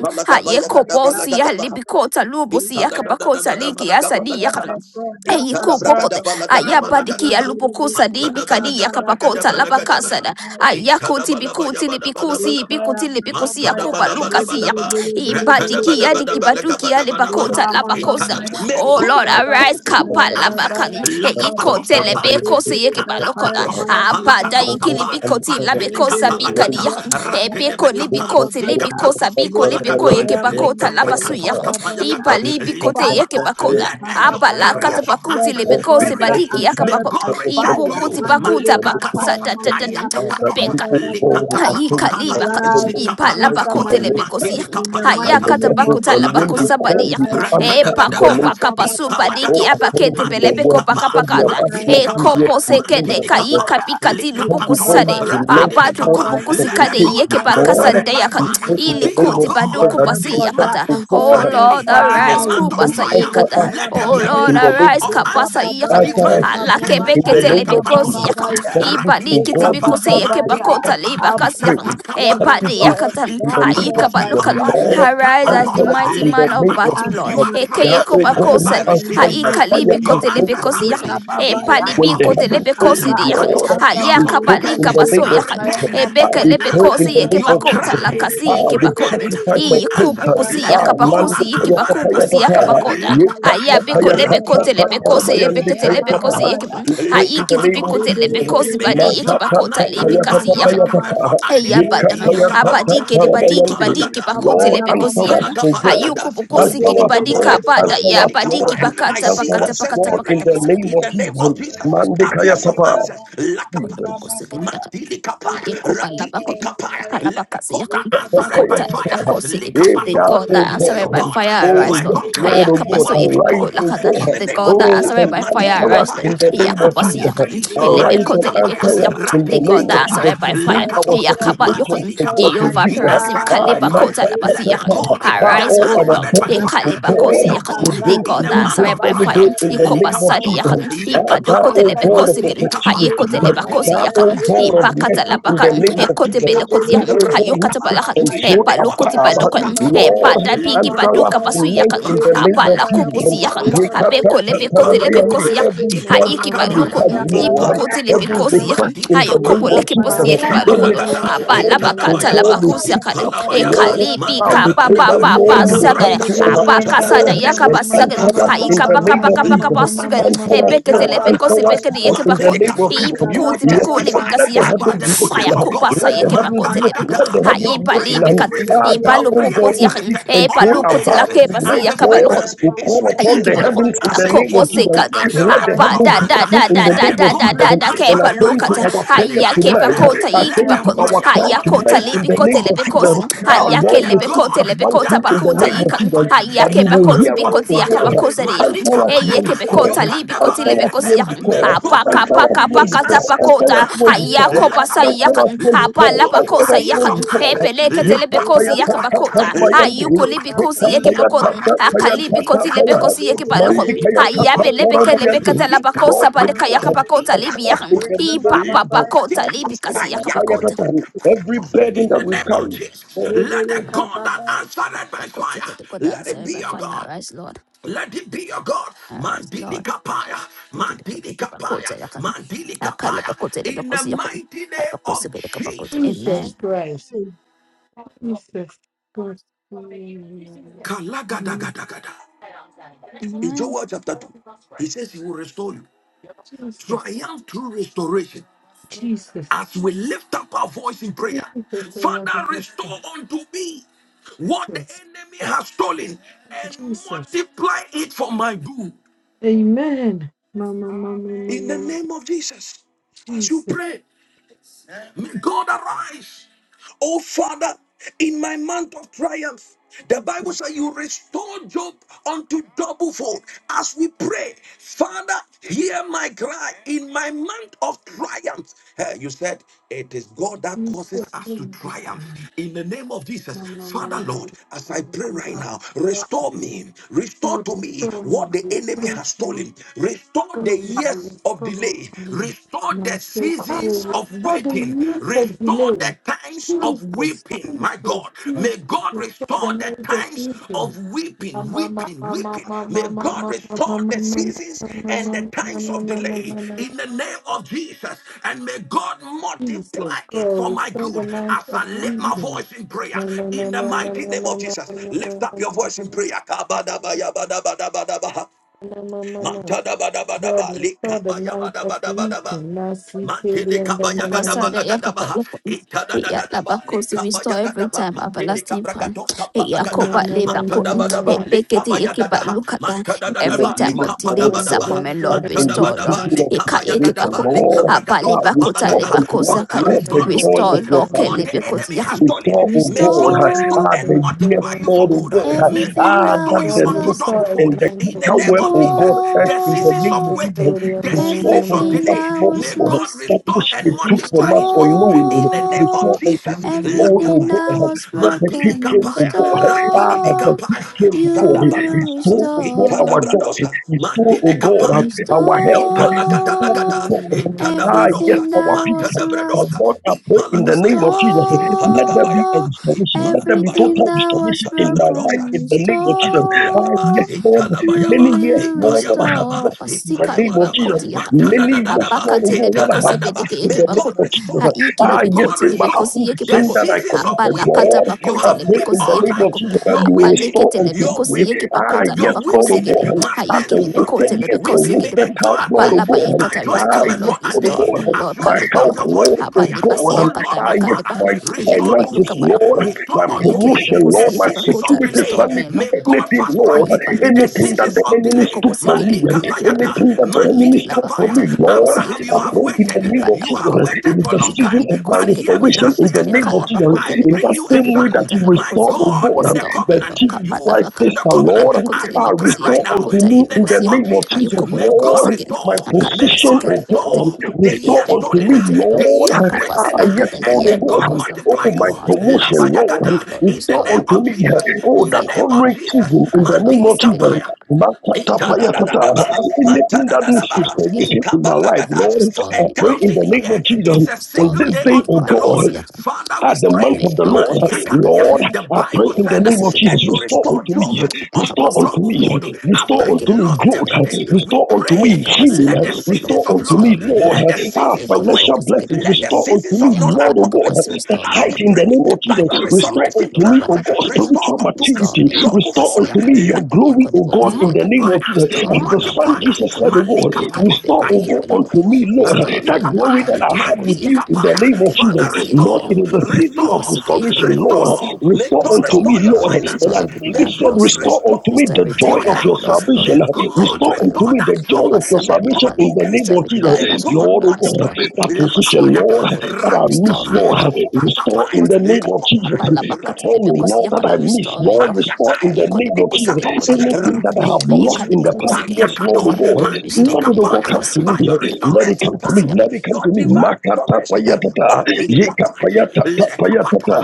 Kappa, ayikobosi Papa, Papa. alibikota Let lubosi Ita da da da da yakabakota da da ba liki la ga ba la asadi ga da. yakan the God that Eyi Ita da bra ga answer da kubokote by ba la ga da ba fire. la ga da ayabadiki My ba. baby was alupokosa Manta near da ba la Kappa, dibikadi ga ba la ga da yakapakota ba la ga Papa, da Papa, ba. labakasada Papa. Ita da ayakoti ba la ba ya bikuti ba da ba da ba lipikusi da ba. Lekaya ipikuti baba lipikusi Manta da baya, ba yakupa la ba da ba lukasi da ya lebele ba. bele bele Rata da bele ba ibadiki da bele ba da yadiki ba bele. la ga ba baduki da ba da Le Father, ba. alibakota you, mama Ita labakosa da. mama ya, May le Oh Lord, baba God arise, ya, approved kaya baba answers. Kapalabaka, ya, le baba Eiko baya, Lakapatoskapaya, le Telebeko, bele kapaya Seyekibalokota, maya, ikatapatoskapa, le Abada, baba lakatoskapa, baya. Ikilibikoti, Labeko, Lebele Sabika, patelikapalakata, bosia Yahan, kabaya, Ebeko, le rakedebekapa, baba libikoti baya. Libiko, Telibiko, Le Sabiko, Libiko, zikapatoskipalakata, kapaya Yekibakota, mama ya, le Labasuya, baba baya. likaprakatoskapayakata, Ibali, Bikote, Father, likapatos. Yekibakota, Let angels, Abala, Likababaya, carriers of Katapakuti, let answers, the Libiko, be God that Sebadiki, released. May answered Yakapakot, by God return to fire, you. Ibokoti, Mandele Bakuta, Malika Baka, Kapaya patosa, Mamaya, ayaka patosa, Sata, O God, Ibabababaya, who likata are Ayi things and pratoskapa, kaliba kan arise famous and ibala tonight answer in bako my zikapalakatos, the telepe name kosi request mantilika in the mighty uh, haya payakata, your kata name of bako verses, and tala Jesus. bako when we ipalakata. sabadi call, you yang will Likapaya e answer Mamaya, in the pako Rakadabadaba, name of paka Jesus. pasu Ibabababaya, Oh, badiki Ipalagadosa, according abakete to your pelebe Ibabababaya, word, you Mandilikapa, paka said we have pakada asked e nothing Mandilikapa, yet kopo Likabababaya, in the seke name de of kai Mandilikapa, Jesus. Ibabababaya. As kapikati we come Eka lupuku Likapatos, before you sade babaya, tonight, eka O abatu God, Rapidibikapa. baba in ya, kupuku Let sikade the libere God supplications, yeke that kapaya pakasa Lord, answered by maya, deya we fire eka pray baba in the ili be ya. name your of koti Jesus Let God baduku that the you will pasi this God come that yakata month. to talk oh answered up by and lord Suddenly, in a arise fire, month of kupasa triumph, mandele answer yikata us kaya let there be oh a speedily lord in babaya, the release name arise of of leka Jesus. kapasa answers, yakan babaya, Answer divine us eka ala speedily visitations. in babaya, kepeke the name kaba telepe of Lakapatos kosi Jesus. kapaya, babaya, That which, ibali O leka God, Rapidibikapa, we kitibikose thank yeke you, babaya. that bakota Mandilikapa, which liba we kasiyan pray. Shatakapa Let But the if ebadi we likatos, God seek yakatan in that the name of aika answered Ikapatos by Jesus, balukalan kipaya, fire Lord, arise Likapatos. as the answer us mighty in arise the man of and name of battle Jesus. Likapatos. answer lord You are my Take ekeye that, oh triumphing God, who by request kobakosen in answers the receiving by mighty aika answers. fire name in of Your libikote the name Jesus. answers of are Jesus. Leka lebekosiyan released in the babaya, ebali name When of the let bikote him Jesus. heavens opened, arise and lebekosiyan Lakapatos. Lord, answer Your you my ayaka spoke in request. balika supplications the name Leka are of basoyan prayer, Jesus. returning Ah, mamaya, ebeke with we pray heba answers. in lebekosi the yeke name Your of babaya, bakota Jesus. lebe cry lebe lakasi is Ah, yeke lebe with lebe bakota returning lebe, sacrifice with of praise. answers. prayer, iyikubukusi Let maya, Ah, the God heba mande that yakabakusi kaya babaya, kapa answered by ya yikibakubusi fire. kapa. nikaya yakabakota Ye babaya, Lakapaya. kapa heba ayabeko kaya kapa lebekote kapa babaya, Ratidikapa. lebekosi rabayande kaya ebekete kaya kapa. lebekosi babaya, Shatapatos. We pray in the Haiki name of bikote lebe Likapatos. lebe lebe Jesus. Weeping kosi may lebe badi Ma lebe, iki endure at kapa bakota night, kapa lebi ya lema kasi but kapa joy yakan. kaya cometh mamaya, forth at Eya Ye day. badakan. kapa leka ya kapa Abadi Yakabarosa. babaya. kapa kede badi ki badi ki Ipalagada. bakote Lord, Nikapaya lebe kosi answer mama us ya yakan. for God. Italagapalagada, Hayuko bokosi Answer kidi us, badi mandilikapaya, ka Lord. kapaya. bada lebelebelebelebele. Answer ya us, Mandili badi ki Kapaya. Lord. I bakata Mandele see Answer pakata us, bosi answers Lord, pakata ya being in pakata the released kabana pasakata. name in of the eba name of Jesus, baba ya. Jesus. Mandekaya Carriers of Tapa, answers. Yekababaya, Jesus. Lakapatosa. yebababaya, Kotopokosekeliaka. Mandili kapaya, Ayekobalabakori. Mandilikapaya. kapaya. yeberekabamamaya, Let the God Akalabakaseyaka. that answered Tapaya by fire. Tapa. yekabababaya, Ikotalebakose. Eh, The thou, God O that Likapatosa. Be answered your yeberebereberebe, by God. God. fire You Oh, ya are arise, a Lord. yes, conqueror. Lord, oh God, You yebababaya, are arise, victorious. oh Ayakabasoyekibakolakata. In God. the The name God of that Oh, Jesus. answered and by Mandili answer fire yekabababaya, us arise, Lord. in kapaya, the An name of answer yekababaya, Jesus. is Yakobasiyaka. released. Arise and Malikapaya. answer yekayamamaya, Elebekotelebekosiyaka. us in The the name God of that yebababaya. Jesus. answered by We Ratilikapaya. bring fire. Let our the Lakatos. God Yakabayoko. supplications to answer God to by Jehovah you. He Perasim answered fire. by Ah, Kaliba man, fire. Kota ta, ta, Let ta, the Labasiyan. ta. God ah, that Arise, all O our Lord. answered by Manderebesiakapayamamaya. E burdens fire to Kaliba Let be God. it your Kosiyan. We God The bring arise. to in God a that you month this answered of by very fire. day triumph. in the Ikoba name of Sadiyan Likapatosa, Jesus. Lekababababababaya. Ah, thou, Yakaparosa, O Answer ibadokotelebe my God of kosikin request. Mandilikapaya, Make opportunities, up fire, thou, Maya. ayekotelebakosiyak O Mandilikapaya, Eba, God ba, of ba, ba, mercy, ba, in ibakatalabaka the ba, Mandilikapaya, name ya. of Jesus, Mandilikapaya, Ebele, ekotebelekotiyak you, O bele, God, who eba, ba, sits ayokatabalakan Ratikapaya. ba, In ya. the enthroned name of Kaya, Jesus, above, ebalokotibadokan ba, ba, ba, Kapatosa, ya. Lord, Eba, ba, answer ba, us ba, Libratosa, ya. tonight ebadabigibadukabasuyakan in the Ebele, ka, name of fire, Ipalakapaya, Jesus. Maya. abalakoposiyakan Eba, ba, Ipalakapaya, ya. Ebele, Yekatatatarabayande, bele, Ipalakapaya, abekolebekotelebekoosiyak Every bele, Mama, burden ema, that mama, we ma, ma, aikibaloko carry, ya. Ipalakapaya, Lord, mama, ya. Eba, every Ipalakapaya, ba, ibokotelebekoosiyak ya. request in the Mandilikapaya. Make name of up Jesus, fire, mama, Maya. ayokobolekeposiyekibaloko Eba, Shabalagada, anything, ba, ya. Lord, for Kaya, Itadabayaba, ba, God, mama, we ba, ya. seek abalabakatalabakusiyak Eba, after, ba, ba, Ipalabayaba, Lord. ba, ba, ekalipi Ah, ya. we kapa pray okay. pa Mantadabayaba, that, pa Lord, Ebele, pa you will bele, come sagan Busty bele, to Ikabrantas, bele. our apa aid, Kerianda, kasada Lord, mama, yaka Mantadabredosa, and pa Make mama, ba, Mama, sagan answer ba, us mama, ba, in aika ba, the pa mama, Ikabratostapa, ya. name kapa of mama, kapa Jesus. kapa mama, mama, sugan okay. Answer Lakapatos, us, Make epeke up, God, Lord. ba, telepe ba, Answer kosi ba, us, peke ya. Ikapalakatos, di Lord, yeke in pa the kot name of Matelikapaya. iipu Leka Jesus. You will kuti pi baba Yes, kuli baba Lord, testify ya, let the yakan about heavens the be open. fire goodness of leka kupa God. sa Let paya the yeke pa heavens mama be kote ya, lepe open. kun Let the Magalagada, ha heavens your be ipa bere prayer libi open. is bere kat risen, Ah, bere ipa thou, your bere O lupu prayer God, bere, kuti is who yakan sits lifted epa enthroned unto the lukoti mandere above heavens lake bosi pasi tonight, as a ya, Lord, yaka paya fragrance we mama is call ya, e upon ayigi the returning bolokon baba heavens ya, in as the a name akopo of dew, baba Jesus. sekade as a baba Let baba the ya, apa rainfall of heavens e da be da answer. baba open da in da baba the Let da name the da ya, of da God Jesus da that paya da and mama kepa answered ya, by attend e to fire. lukata baba our ya, And prayers haya Elijah bere kepa tonight. said, bere kota yiki Let Attend pa paya them to kon mama call ya, our their e cry haya God, baba kota tonight and ya. in let lipi the me kote name call of lepe my Jesus. kosin God, and Kaba Our haya ke let Lord, the we baba lepe seek kote God baya, that lepe one kota that thing leka in the bakuta paya name answered of yika by fire Jesus mumaya, haya that in you a kepa will koti hear month lebe of us, bikoti lebe O lebe God. triumph, yakabakose lebe de le, yakan Answer Malika us mande eye when we kepe lebo Payata, you call. kota siya can lipi never koti Answer be lepe kabaya, the us kosi when same. we yakan May call. leka apa God baba Answer kapa babaya, us kapa when release we leba kata call. baba answers, ya Answer pakota us when answers, we haya leka call. lack kopa baba sa Lakapatos. bababaya, yakan Transformação Let de lebe apa cor, angels, lapa lebe lebe carriers kosa transformação lebe of de lebe le, answers, cor, epeleke de lapatos, leka papaya lebekosi baba tata kipayata, yakabakota baba ya ayuko tabayande, leka lakatapatos, de libikosi paya papaya yekepakot mumaya, tata leba yaparakatos, payan baya, tata akalibikoti paya, lebekosi ikatapatos, lebe yekepaloko lebe mandi kaya lebe lebe tata libratos, ayabe le, lebeke kipaya, leka lebekata tarabayande, mamaya, labakosa Lord would leka padeka know zikapatakatos, them. babaya, yakapakota libiyak Transformation in ikatapatos, leka the name of Jesus. bababaya, ipapapakota Mandi likopatikatos, kaya libikasi tata paya yakapakota tata. Every ayapatakatos. burden In that the we name of carry, Jesus, Lord, lebe let the leka God that babaya. answered by Bakoti fire, kedekoda let it answer be by Mm. your fire, God. arise, Lord. Let it be your God. Arise, Mandili Lord. kapaya. Tikitikoti Mandili kapaya. yakapakota yakan. Mandili Akale kapaya. bakota In the lebekosi yakon. mighty name of Jesus Amen. Jesus. Christ, Amen. Jesus Christ, Amen. Kalagadagadagadagada. In Amen. Joel chapter 2, he says he will restore you. Jesus, Triumph through restoration. Jesus, As we lift up our voice in prayer, Jesus, I love you, Father, Lord restore God. unto me what the Jesus, enemy has stolen and Jesus, multiply it for my good. Amen, mama, mama, In the mama, name of Jesus, as you Jesus. pray. May God arise. Oh Father, in my month of triumph, the Bible says you restore Job unto double fold. As we pray, Father, hear my cry in my month of triumph. Eh, you said it is God that Lord, restore causes us to me, triumph. In the name of Jesus, Father Lord, as I pray right now, restore me, restore to me restore me, what the enemy restore has me, stolen, restore the years of restore delay me delay. to me. Restore And the I'm so seasons cold. of For the waiting. years of Restore the delay, times of Jesus, weeping. My Jesus, God, may Jesus, God restore the restore the years of times of meeting. weeping, Mama, mama, weeping, mama, weeping. May mama, mama, God mama, restore the seasons mama, mama, and the times of mama, mama, delay mama, in the name of Jesus. And may God multiply Jesus, it God, for my restore the good life as of I lift my living. voice in prayer No, no, in no, the no, no, mighty no, no, name of no, Jesus. no, no, Lift no, up no, your voice in prayer. Kabadabayabadabadabaha. no, no, no, no. Mantada God, bada restore the life of living. likabayabadabadabadaba. Now, sweet baby, Mantili and the kabaya no, no, gadaba no, Obasada la Yakaba gadaba itada da Ya da da ba Labako le see kabaya restore every gadaba time mantili everlasting fan. kabrakatos kapada no, no, no, gadaha Yakoba no, no, mantada no, no, no, Lebakotin ba da ba it le bake it no, kabaya yiki but gadaha no. look at that mantada the da da food of every ba le time Jesus, of kapada delay Lord, ba Now, da Lord. ba sweet disappointment Ah, baby, Lord in and mantada ba the this restore da no, Lord ba no, season le no, of Eka kabaya yiki inspiration, gadaba le bakotin Lord, kabrakatos Abali ah, kapada Bakota restore no, gadaha unto Lebako us, sweet Father Sakan Lord, baby, the and restore the no, to joy no, restore of me your Lord no, no. what no. the salvation. Kelebekoti enemy has Yakam stolen Restore, O may Jesus, God, God now, sweet restore baby, ah, Restore and the and the multiply yes, no, you for Lord, O good. God, no, no, no. May no. God everything ah, that restore that you was God, the unto lost double locust restore the fold. and the life In of the name cankerworm, of O living. Jesus, God, earth the in Must the seasons name of of Restore Jesus. waiting, go to the the no, Restore no, seasons of no, unto everything us, delay, that Lord, O was may God, God lost that restore which and they took from multiply us it for you. unknowingly. In of the name of Restore Restore unto Jesus, us, Lord, everything O that Lakabayata, God, was that the thief Mandili broken. came, O Kapaya, God, ah, Radili as the Restore. thief Kapaya, came of You God. He will stole, Shadabanagada, oh God, our restore. joy. Itadabradosa, He stole, oh Mandili God, Kapaya. our health. He stole, oh Ipalagadalagada, Restore God, ah, yes, itadabradosa, everything our that peace. was Oh lost. mantadabradosa, God, I pray in the name of ipalagabayaba, Jesus. Let there be a ipalagabayaba, Restore restoration. Let there be ipalagabayaba, everything total that was restoration in my life mantadabradosa, broken. in the name of Jesus. Ah, ipalagabayadaba, yes, Restore. Lord. You Many italabayaba, years, will Lord, what I have ipayabanaba, restore. lost in the Basika name of leba ipayabanaba, Jesus. Many years, mantadadadadaba, Lord, oh Apakati God, what I lebekosi have itadadadaba. bedeke lost in yeki May the name bako. God of Jesus. Ha restore, iki may Ah, yes, God lebekoti it might restore lebekosi happen the yeki the sin bako. that I seasons of committed, weeping. Apalakata God. You bakote I have pray wept in lebekosi the all yeki name of night. bako. Jesus that You're you will weeping, restore Apalekete unto you're me. lebekosi yeki weeping, Ah, bakota la you're yes, Lord bakosi of weeping gede. God. Ha must At tend iki the to wasted something lebekote years, the that lebekosi He may gede. wasted endure time, at Lord of night, Apalaba God. but yikata joy Ah, restore cometh for Lord yes, a Lord of restore day. God. me As Lord. you My lift Kaliba up health, yoko. your voice Lord in of prayer, Apalibasi God. oh Lord, yakata Ah, my mika yes, Father, lebako. my Yeki restore to finances, baluka me, balaka. Lord. My restore Ha unto Iki me promotion, the lebekosi Lord. yeki My seasons of bakota security, delay. restore me Lord sanity, May God anything, fast track Lord. it. The ayibhaligi Anything that yho seasons the of enemy delay. took from akokosikele me. Malika and bondiyeki Bayata, baloho Anything that the enemy ikila Mandilika took from bakhoza me, Paya. Lord. lebakhosi Abraham, yeki I you have baloho pray in the waited. name of ebhala You Jesus. have bakhoza waited It is for a the long season ikhali time, of my but bikosikele hear me, bondiyeki that restoration in the says the name of ekhala Lord. Jesus bakhoza um, I in bring that lebakhosi you a same yeki way that son, bakhoza you my labakhosi restore, oh God, God, with um, a restore me the lo covenant. chief You kabhala white fulfill bakhani the tester, covenant. Lord, um, lebekhoza As you uh, pray lebekhosi right yeki restore now, unto bakhoza me in the in the name lebakhosi yeki of name of Jesus, Jesus, ayukhoko may God Lord, um, lokokosikele my restore, akhala may position, basika God oh lebekhoza God, um, restore the restore years yebe unto stolen, me, lebekhoza lebo the Lord, years um, akabasi wasted, uh, yes, yakata and Lord, may oh yebo God, God um, kosa multiply oh mtanka you. my promotion, marsias Lord, um, Labayagada, Lord in the restore restore me name unto Lord. of me, um, Jesus, oh in the that Okusiki name of tano, honoring Jesus, season in kade the name of Mandili bakusiki Jesus, dia, Kapaya. yiba libi Makatapayatata. Itadadadabaha, kusuko, anything that needs okusiki matadadadabaha, dibu diki restoration ba, in my life, ikabalagada. Lord, For a I istomi pray loki in thousand the name here lebako, of Jesus is a on single istomi this day day, loki unto oh the pada Lord. God basiaka, Father, at we the pray. month istomi of the loka Lord. Malia pasaka katia. dia, Lord, The I pray Bible kayo in the said, name of kukusiki dibu and Jesus, you diki restore ba, restore unto me, Job ayaka restore unto unto pasuku double me, dia, fold restore after ayaki he unto dibu me lost growth, kutide everything. kusiki, We restore unto me pray. ayaka healing, pasiki Let the yako ba loko seasons restore of tolu unto loss, me, istomi lo, Lord, let the our seasons ayako of libu waste, financial kusiki blessings, dibu let dia, the restore unto seasons me, of not ayaka ba Lord, oh loka accomplishment God, place the as we height in the pray name of by Jesus, your Ayokoposi restore kipa restoration unto loka me, pa power. oh laka God, pa laka. Restore spiritual unto Restore us maturity, me loko double restore fold. pasi unto yaka. me your Eko glory, Lakapatos. de oh God, in the boxekele. name Multiply of us, Jesus. Restore As me the Son loka multiply us, Jesus lebeko. said, oh God, Eka Malikapatos, restore, lebeko oh yekipa God, loko. unto me, Ayakapatos, Lord, Restore that me loka Ratikapaya, glory that I yekipa have with koti you you yaka. in the Madilikapaya. name of Eke Jesus. lebeko Father, si yekipa Lord, restore, it loko. is a season of restore, Apasuke yekipa restoration. loko Lord, posi yaka. restore. May restore God unto Restore me, restore me your Lord. Lord. And Restore finances. as everything that May David I've said, God lost Lord. restore unto me restore Restore the every joy time your of that your I've lost health. Lord. May salvation. God God Restore Kayekipa unto loko. restore me that the joy joy. of your May salvation God in the name increase Restore of you. everything Jesus. that May I lost to God Lord, oh Lord. God, multiply Lord. you. that Kapasu position, Lakapaya, Lord, that I miss, Restore me rakikapaya, Lord, restore satapaya, in the Lord. name of Jesus. likopaya, That Abalabakata honor, lebekosi Lord, that rakidibikapaya, yakata I miss, restore me, Lord, Lord. restore ipaliataya, in the Ayeko name of lebekosi Jesus. sidikatos, gedeboti ekibalo. Anything that I have rakidibibos, lost Ayeka in the past lebekosi years, gedeboti Lord, oh ipaliakatos, ekibalo. God, Restore let it, me, oh Lord. God, come to Kabasu mandilikapaya. me. By your gedeboti Let let it yakabakota restoration come to me. lebasi power, Let yakata. it come your to me. divine Makata restoration, payatata. mandilikapaya, Yekapayatata payatata. lekapatos,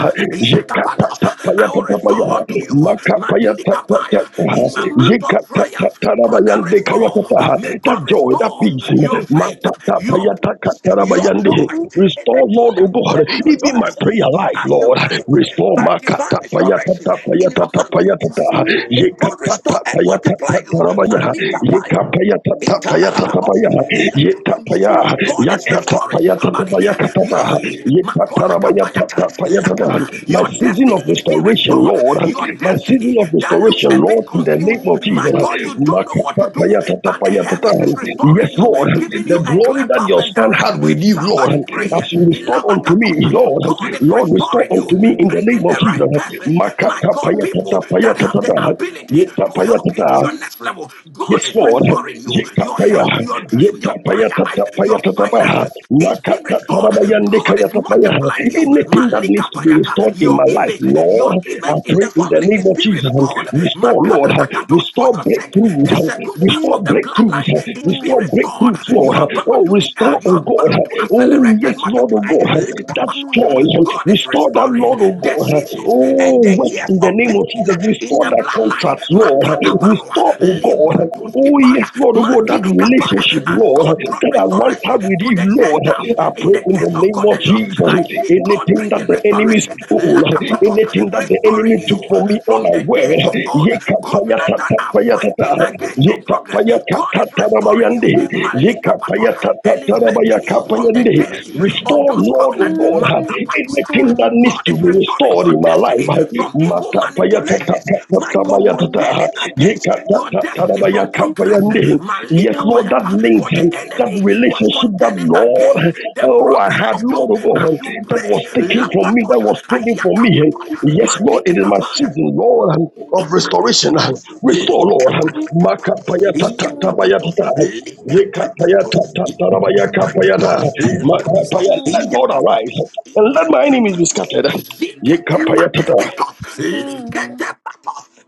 yakapatos. Yekatata I will payatata restore paya. unto you, Makapayatata. mandilikapaya, in my Restore, month of Yekatata prayer. Father, tarabayande restore. kayatata. May God That joy, that restore peace. your faith, Makata your payataka peace, your joy. tarabayande. Restore, Anything Lord, O that will God, make your even joy my prayer full life, as you Lord. pray Restore by divine makata restoration payatata in your payatata month of payatata. trial. restore, May God Yekatata restore and multiply payatata you. tarabaya. Malita Yeka payatata tapaya Ikanalalabosa, tatapaya ye lakapatosa. tapaya restore, God is restoring yakatapaya somebody tatapaya here. Yo, katapa ye tatarabaya makolakapayata, tatapaya tata. lakata. my Your season destiny of is being restoration restored. lord Your restore, my season destiny of that looks restoration a bit lord in the confused. name restore, restore, of My jesus restore, God, you don't know what to do, Makatapaya but the tatapaya tata. heavens is yes restoring you, lord giving the you a glory clear that path your and son had direction. with you lord Somebody pray as here. you restored unto me Ilamakatosa. lord God is lord restore restoring you, unto me in the name bringing of the right jesus persons. My God, restore, restore, Makatapaya restore, people tatapaya that have tata. the ability Ye to tapaya help you to tata. your next level. God Yes, is Lord. restoring you. Your Yekapaya. health, your dream, your Yekapaya prayer life, tatapaya your tatapa. finances is being Makata restored. tarabayande God kaya is tapaya. multiplying you. Anything that needs Malika to be payata, restored in your my life, image, your Lord, I image in the pray in the family name is of being Jesus. restored. Restore, Makata Lord. dakados, for Restore your sake, breakthroughs. the circumstance Restore of the breakthroughs. bloodline is restore. being Restore restored. breakthroughs, You Lord. are Oh, bound to be, uh, restore, you oh are God. bound to Oh, accelerate and yes, Lord, oh multiply. God. That's joy. God is Restore that, restoring Lord, oh the God. seasons and Oh, the work years in the of name pain of Jesus. in the Restore that bloodline. contract, Lord. Makata Balwa, Restore, oh Libra God. Oh yes, Toskipaya, Lord, oh God, that Mandidi Kapaya, relationship, as Lord, God brought that I once restoration had with to you, the Lord. Gentiles. I In pray the in the case of name of Cornelius, Jesus. I see God Anything that bringing the enemy restoration, stole, anything Lakapatosa, that the restoring enemy took you from me from the unaware, days of old, covenant that are yekapayatatatapayatata, fighting against your progress. God is restoring yekapayakatatarabayande, you, Malika Patosha, elevating you from the yekapayatatarabayakapayande. Gedeboti days yakata. of restore, those Lord, oh covenants. You God, Maka Patosha. anything that restore, needs God to is be restoring restored your in my life. destiny from evil you Matapayatata, manipulations. My God, restore, contending against your destiny from you progressing. Yes, Malika Lord, that Payata, links for the that enemy was relationship that contending Lord, against the oh, I progress had, of Lord, Job. oh restore, As you that pray, was taken from me, that was Lapatosha, stolen from me. Ayaka you Patosha, Yes, Lord, it is Madidika my Paya, season, Lord, of Ikati restoration. Patos, Restore, Lord. restore. star, Yakapatosha. you Let star, God arise and let my enemies be scattered. you star,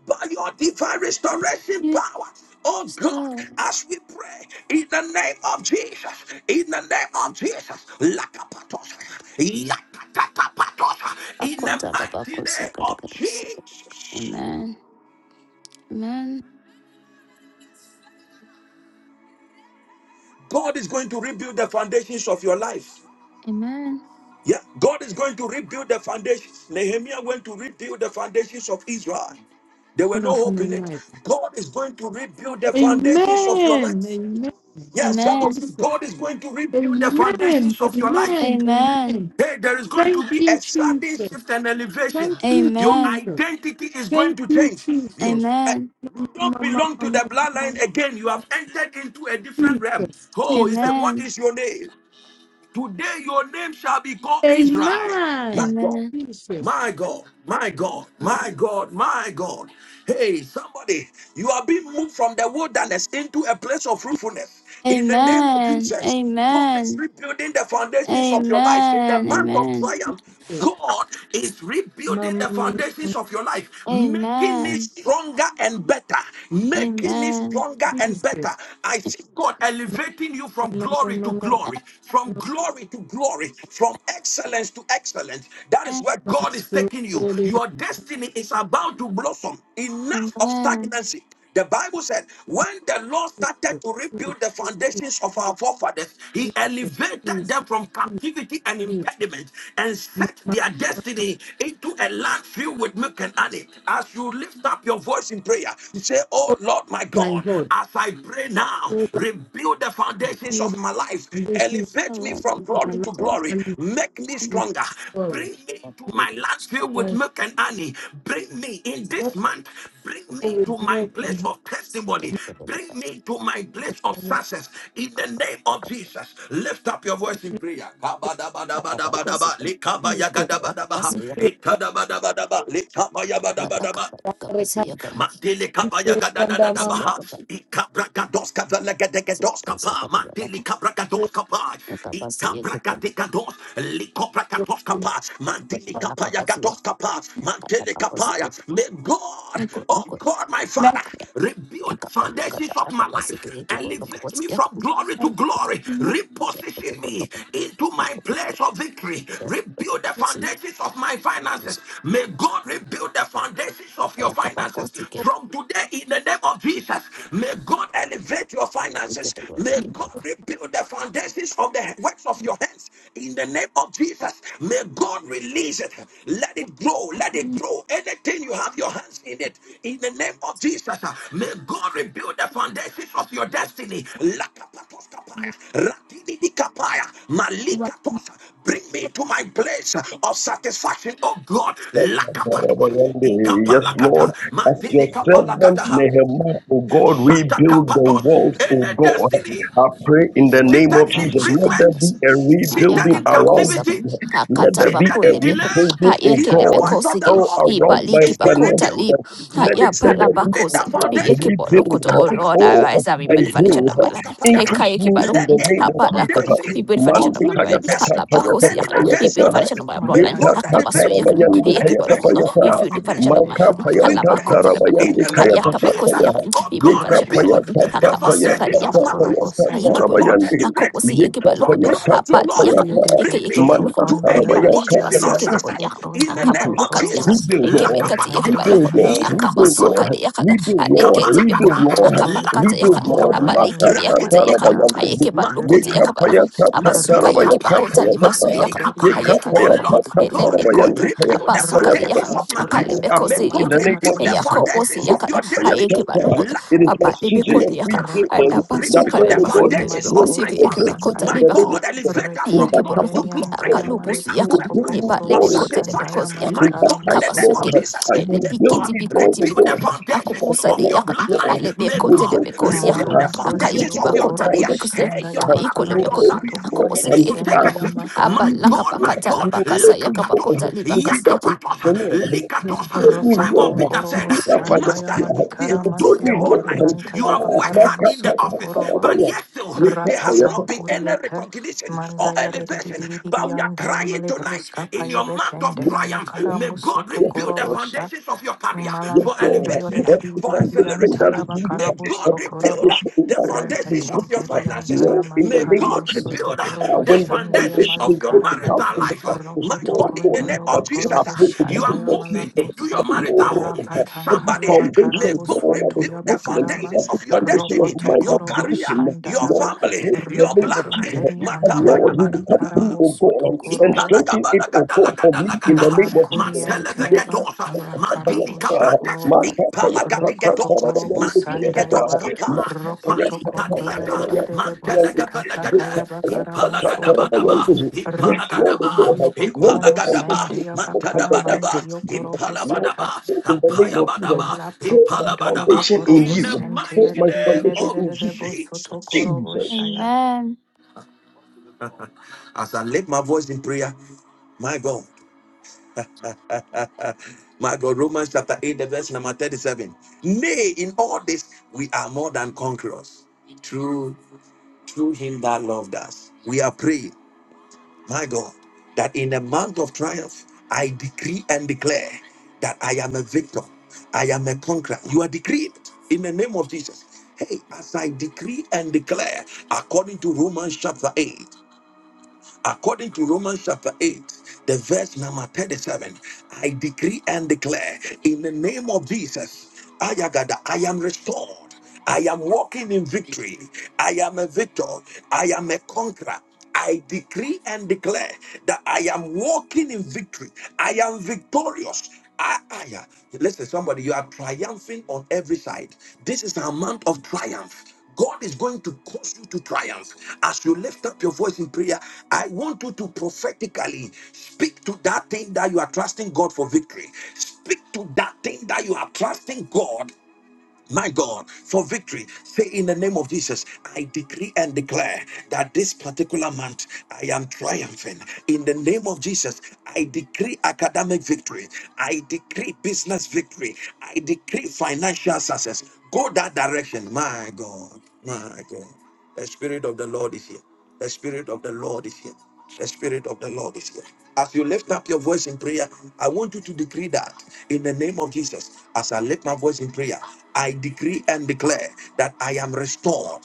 By your divine restoration you power, oh God, star. as we pray in the name of Jesus, in the name of Jesus, in the Bakoda la mighty bakosa name kada of kadosa. Jesus, Amen. Amen. God is going to rebuild the foundations of your life. Amen. Yeah, God is going to rebuild the foundations. Nehemiah went to rebuild the foundations of Israel. There were no hope my in it. life. God is going to rebuild the foundations of your Amen. life. Amen. Yes, some of you, Jesus. God is going to rebuild the Amen. foundations of your life. Amen. Amen. Amen. Hey, there is going Thank to be you, a sudden shift Jesus. and elevation. Thank you, Your Amen. Jesus. identity is going Thank to you, change. Jesus. You, Jesus. eh, Amen. you don't belong to the bloodline again. You have entered into a different realm. Oh, he said, Jesus. What Amen. is your name? Today your name shall be called Israel. My Amen. God. Amen. Jesus. My God, my God, my God, my God. Hey, somebody, you are being moved from the wilderness into a place of fruitfulness. In the name of Amen. Jesus, God is Amen. rebuilding the foundations of your life. In the month of Amen. triumph, God is rebuilding the Jesus. foundations of your life, making it Amen. Amen. stronger and better, Amen. Amen. making it Amen. stronger and Jesus. no, better. I see God elevating you from no, glory no, to no, glory, from no, glory to glory, from excellence to excellence. That is where no, God is so taking you. holy and Your destiny is about to blossom. Enough of Amen. stagnancy. The Bible said, when the Lord started to Jesus, Jesus, rebuild the Jesus, foundations of our forefathers, he elevated Jesus, them from Jesus, captivity and Jesus. impediment and No, set their destiny into a land filled with milk and honey. As you lift up your voice in prayer, say, Oh Lord my My God, God, Lord, as I." pray now, Lord, I rebuild the foundations feel of the my life, foundation I elevate me love you. from of You my glory life to deserve glory, and make me stronger, it's growing. bring me to my land it. filled with And milk and honey, bring me in this not month, bring only me to with my milk and place honey, of testimony, bring me to my place of and success. In the name of Jesus, lift up your voice in prayer. Kabadabadabadabadaba, I'm you for it. likabayagadabaha, ikadabadabadaba, likabayabadabadaba, Mandele kabaya gada da da da baha. Ika braka dos kapa lega dege dos kapa. Mandele kabraka dos kapa. Ika braka dega dos. Liko braka dos kapa. Mandele kapaya gados kapa. Mandele kapaya. May God, oh God, my Father, Let rebuild foundations of my life. Elevate me from glory to us glory glory. Reposition me into my place of victory. Rebuild the foundations of my finances. May God rebuild the foundations of your Yakapa finances. posted, From today, in the name of Jesus, may God elevate your you get finances. the one May and get God back. rebuild the foundations of the works of your hands. In the name of Jesus, may God release let it grow. Let it grow. Anything you have your hands in it. In the name of Jesus, uh, may God rebuild the foundations of your destiny. Lakapatos kapaya, rakididikapaya, not malikatos. Bring me to my place of satisfaction, oh God. Lakapatos, Yes, Lord, ikapalakata, as your servant mandidikapalakataha, Nehemiah, O God, rebuild the shatakapatos. walls, O Any God. destiny I pray in Either the one of my name seated of in Jesus, foundation let there imprisonment, be catabasin. a seated rebuilding in around captivity. Ayakapakosabin, me. Let there be Seated a in delay, Akatapakulebecum, rebuilding, O hear the God, voice of the Ayekelebecosig, all Lord. around my It's being Ibalikipakota finances. rebuilt. lib, Let God it is let there be, rebuilding O the Ayapalapacosin, God, a foundation. Yekipolokoto, oh rebuilding Lord, Lakapatosa, all of arise and my rebuild the foundation good. of my life. likapatoskapayata. Increase me Ekayekibalo, in Let the any name of Hapalaka, Jesus. foundation rebuild the foundation of of Mandi my kaya brain, wickedness tata paya tata contending paya Hatapakosiak, against rebuild your the tata. life, foundation of my may bloodline, Gita Mandaya God Baki tata elevate and Akapasuyak, you. rabayandi Zayamale kaya tata Elevate you Yekipolokoto, paya Busta from that Paya rebuild the tata. foundation of foundation my Bekende Maka heart, as paya Yamalu we pray. tata Karamu In Soto Halapakotelebecot, rabayandi the Kori kaya name of tata Basaya paya. Jesus, Hayakapakosiak, oh rebuild the God, Yika foundation of paya my rebuild Reketen body, tata the Geriam paya saya foundations Hakapasuka, of tata my paya life. tata Korobosaya My God, Yikibolokon, rabayandi. a elevate me coposi, Yika from Yakibalokoto, paya glory a to tata party glory. paya Yakan, tata. Eke Bring Iedevo me Soto Manda Yakibolokon, to a Kondoya new tarabaya Nipale Baki position and of Gibasuke de kapaya success Zayamale Bodiakan, in a Bronto the name capa Yobo increase. of look at Jesus. Yakan, Korobos Rebuild, Aya Lord. Ekepekati Lakapatosa, Bekende Rebuild, Yakibalokon, Yamala Lord. a capa Rebuild, Lord. suka yakapatosa. de Yakata, a Rebuild, Lord. decate Rebuild, Bekon, Kapalakata, Malam a Lord. capa prondo kata yobo Rebuild, Yakan, Lord. a lakapatoskapa, korodo paliki dondo Yakota yamali Yakan, rakidibikapa, Matatatarabayam. a karaba Yakiba Lokoti mandilikapa, senkeriantai Yakabalokon, a basuka rasa mandilikapa, Yakibakota aibe de Basu Yekapayatatatarabayakapayatata. Yakan, mandilikapa. a engeriantai Oh Yakibolokon, Lord, amale my a God, lepekod, koriantaya a rebuild the basuka de rasa Yekapayatatatarabayandikayatapayatata. foundations Yakan, tan of my a life. No koriantai May Kalebekosi apple in God amali the Yakan, name of rebuild e the Jesus. yakopo si foundations karamusotoko of yakata your a Yakoposi destiny. Yekapayatata. Yakan, It is a my Lakapatos, season Yakibalokot, of yakan. rebuilding rokoro likapatos. that Alabasuka Rebuild Lord the leba of mosikanda God, you hote leba foundations yamali of will my kosiki korobo build, yeke family. build ba you kota in My sataya the leba ka name of God, Jesus. elevate us In from my yeke bo glory loko to capacity, glory. repetengeriantai Lord, you Bring amale akalubusu us to yaka will a build proskopo me place eba of korobo more lebe and kote more lebe shanda satisfaction. kosi yamali yaka My in that God, in night, the name Lord, of kabasuke karamusoto Jesus and yes, you ele may will God bikiti build me, Lord, bikuti oh rebuild the bikuti God, in foundations my akubusa de of your yaka finances, Lord, bloodline. alebe May you will kote God build lebe me, kosi Lord, yaka rebuild the malam prondo yes, foundations akaiki of ba yobo your Lord, I'm kota not korobo career. lebe like kosi you. yaka Hey, shanda your aiko career, You lebe will your kote build me, yabakarabusoto career. Lord, It akubusike needs and to yeke ba take uh, koribesende a loko to be shift. a yamaka C aba My E laka God, ba O, my kata la You God. ba will kasa build yaka me, ba Lord, Lakapatosa, kota leba to be kasi that yaka yakapatosa, entrepreneur. You will likatosa. build me, Simon Rokoton Lord, Peter to said, kaleba korobo be suko that de yoko Master, sandaya ba loko financier. to we You malikara have will blekiti build told yaka the me, whole masinkeri night. Lord, You antaya have ah, worked bakara my hard God, in my the musoto God, office, my God, my korobo but God. yet still my there God, my has rapatan not God, my been any kuriepe recognition or mandaya elevation. But we are rediridiriandaya crying tonight malebroska in your payebe month of God, kendaya triumph, makara may God musoto Yes, rebuild the korobo Lord. foundations of your career Yes, Malam for Lord. prondo elevation, yore uh, di di Every di for di di foundation acceleration. that antaya uh. is weak, May bakarabo God every rebuild uh, sokorobo foundation in the my life that is foundations of repeten your broken, keri finances. uh. antaya Lord, in the May name of God malikaramo Jesus. soto rebuild uh, Uh, korobo the when the shandaya foundations foundation is of your broken, malikaraba how marital can the life. uh. darkness My ropo roll God, in the tokondo on? name of yobo But Jesus, I uh, korobo pray in the you are name shandaya of Jesus moving into your that, malabroska Lord, marital oh home. God, every rapatankaya Somebody, may foundation, bakarabo God Lord, that sonto is rebuild the broken, and yabakarama foundations every of your foundation ropo of destiny, mine your that is tokorobo career, broken, your shandaya Lord, ba I family, pray in the your name of repeten Jesus keri bloodline. that, antaya Lord, you will come through, malikaramo oh soto God, and, and suka korobo la strengthen it, oh God, for me in the Italagadalagadalagadalagada. name of Jesus. Malankorian kubusike de kote Yes, Teyaba, Mantelevegedosa. Yes, Alakarabo Mandilikabranta. Shokorobo, Ipalagadigedosa. Rokotokorobo Sandayaba, Mandiligedoskapa. Ropotokondo Valikadiata. Yadede Basikata Mantelegevelegede. Kayaba Karamo Sotoko, Ipalagadabadaba. Lord, the Ipalagadaba. Ratakondo Lord has when the Yobokoromo Ipalagadaba. foundation is Sendeyaba broken, the righteous Mantadabadaba. Karamanti will be. Yokorobo Lord, I Ipalabadaba. Sata, pray in the name of Jesus, Apayabadaba. put my Malaprokondo Ipalabadaba. foundation in Yobokorobo In the you, put mighty my name foundation of in Senteyadede you, Jesus. Bosotokorobo Jesus. Shaya. Amen. As I lift my voice in prayer, my God. My God, Romans chapter 8, the verse number 37. Nay, in all this, we are more than conquerors through, through him that loved us. We are praying, my God, that in the month of triumph, I decree and declare that I am a victor. I am a conqueror. You are decreed in the name of Jesus. Hey, as I decree and declare, according to Romans chapter 8. According to Romans chapter 8, the verse number 37, I decree and declare in the name of Jesus, Ayagada, I am restored. I am walking in victory. I am a victor. I am a conqueror. I decree and declare that I am walking in victory. I am victorious. I, I, uh, listen, somebody, you are triumphing on every side. This is a month of triumph. God is going to cause you to triumph. As you lift up your voice in prayer, I want you to prophetically speak to that thing that you are trusting God for victory. Speak to that thing that you are trusting God my God, for victory. Say in the name of Jesus, I decree and declare that this particular month I am triumphing. In the name of Jesus, I decree academic victory. I decree business victory. I decree financial success. Go that direction, my God, my God. The Spirit of the Lord is here. The Spirit of the Lord is here. The Spirit of the Lord is here. As you lift up your voice in prayer, I want you to decree that in the name of Jesus, as I lift my voice in prayer, I decree and declare that I am restored.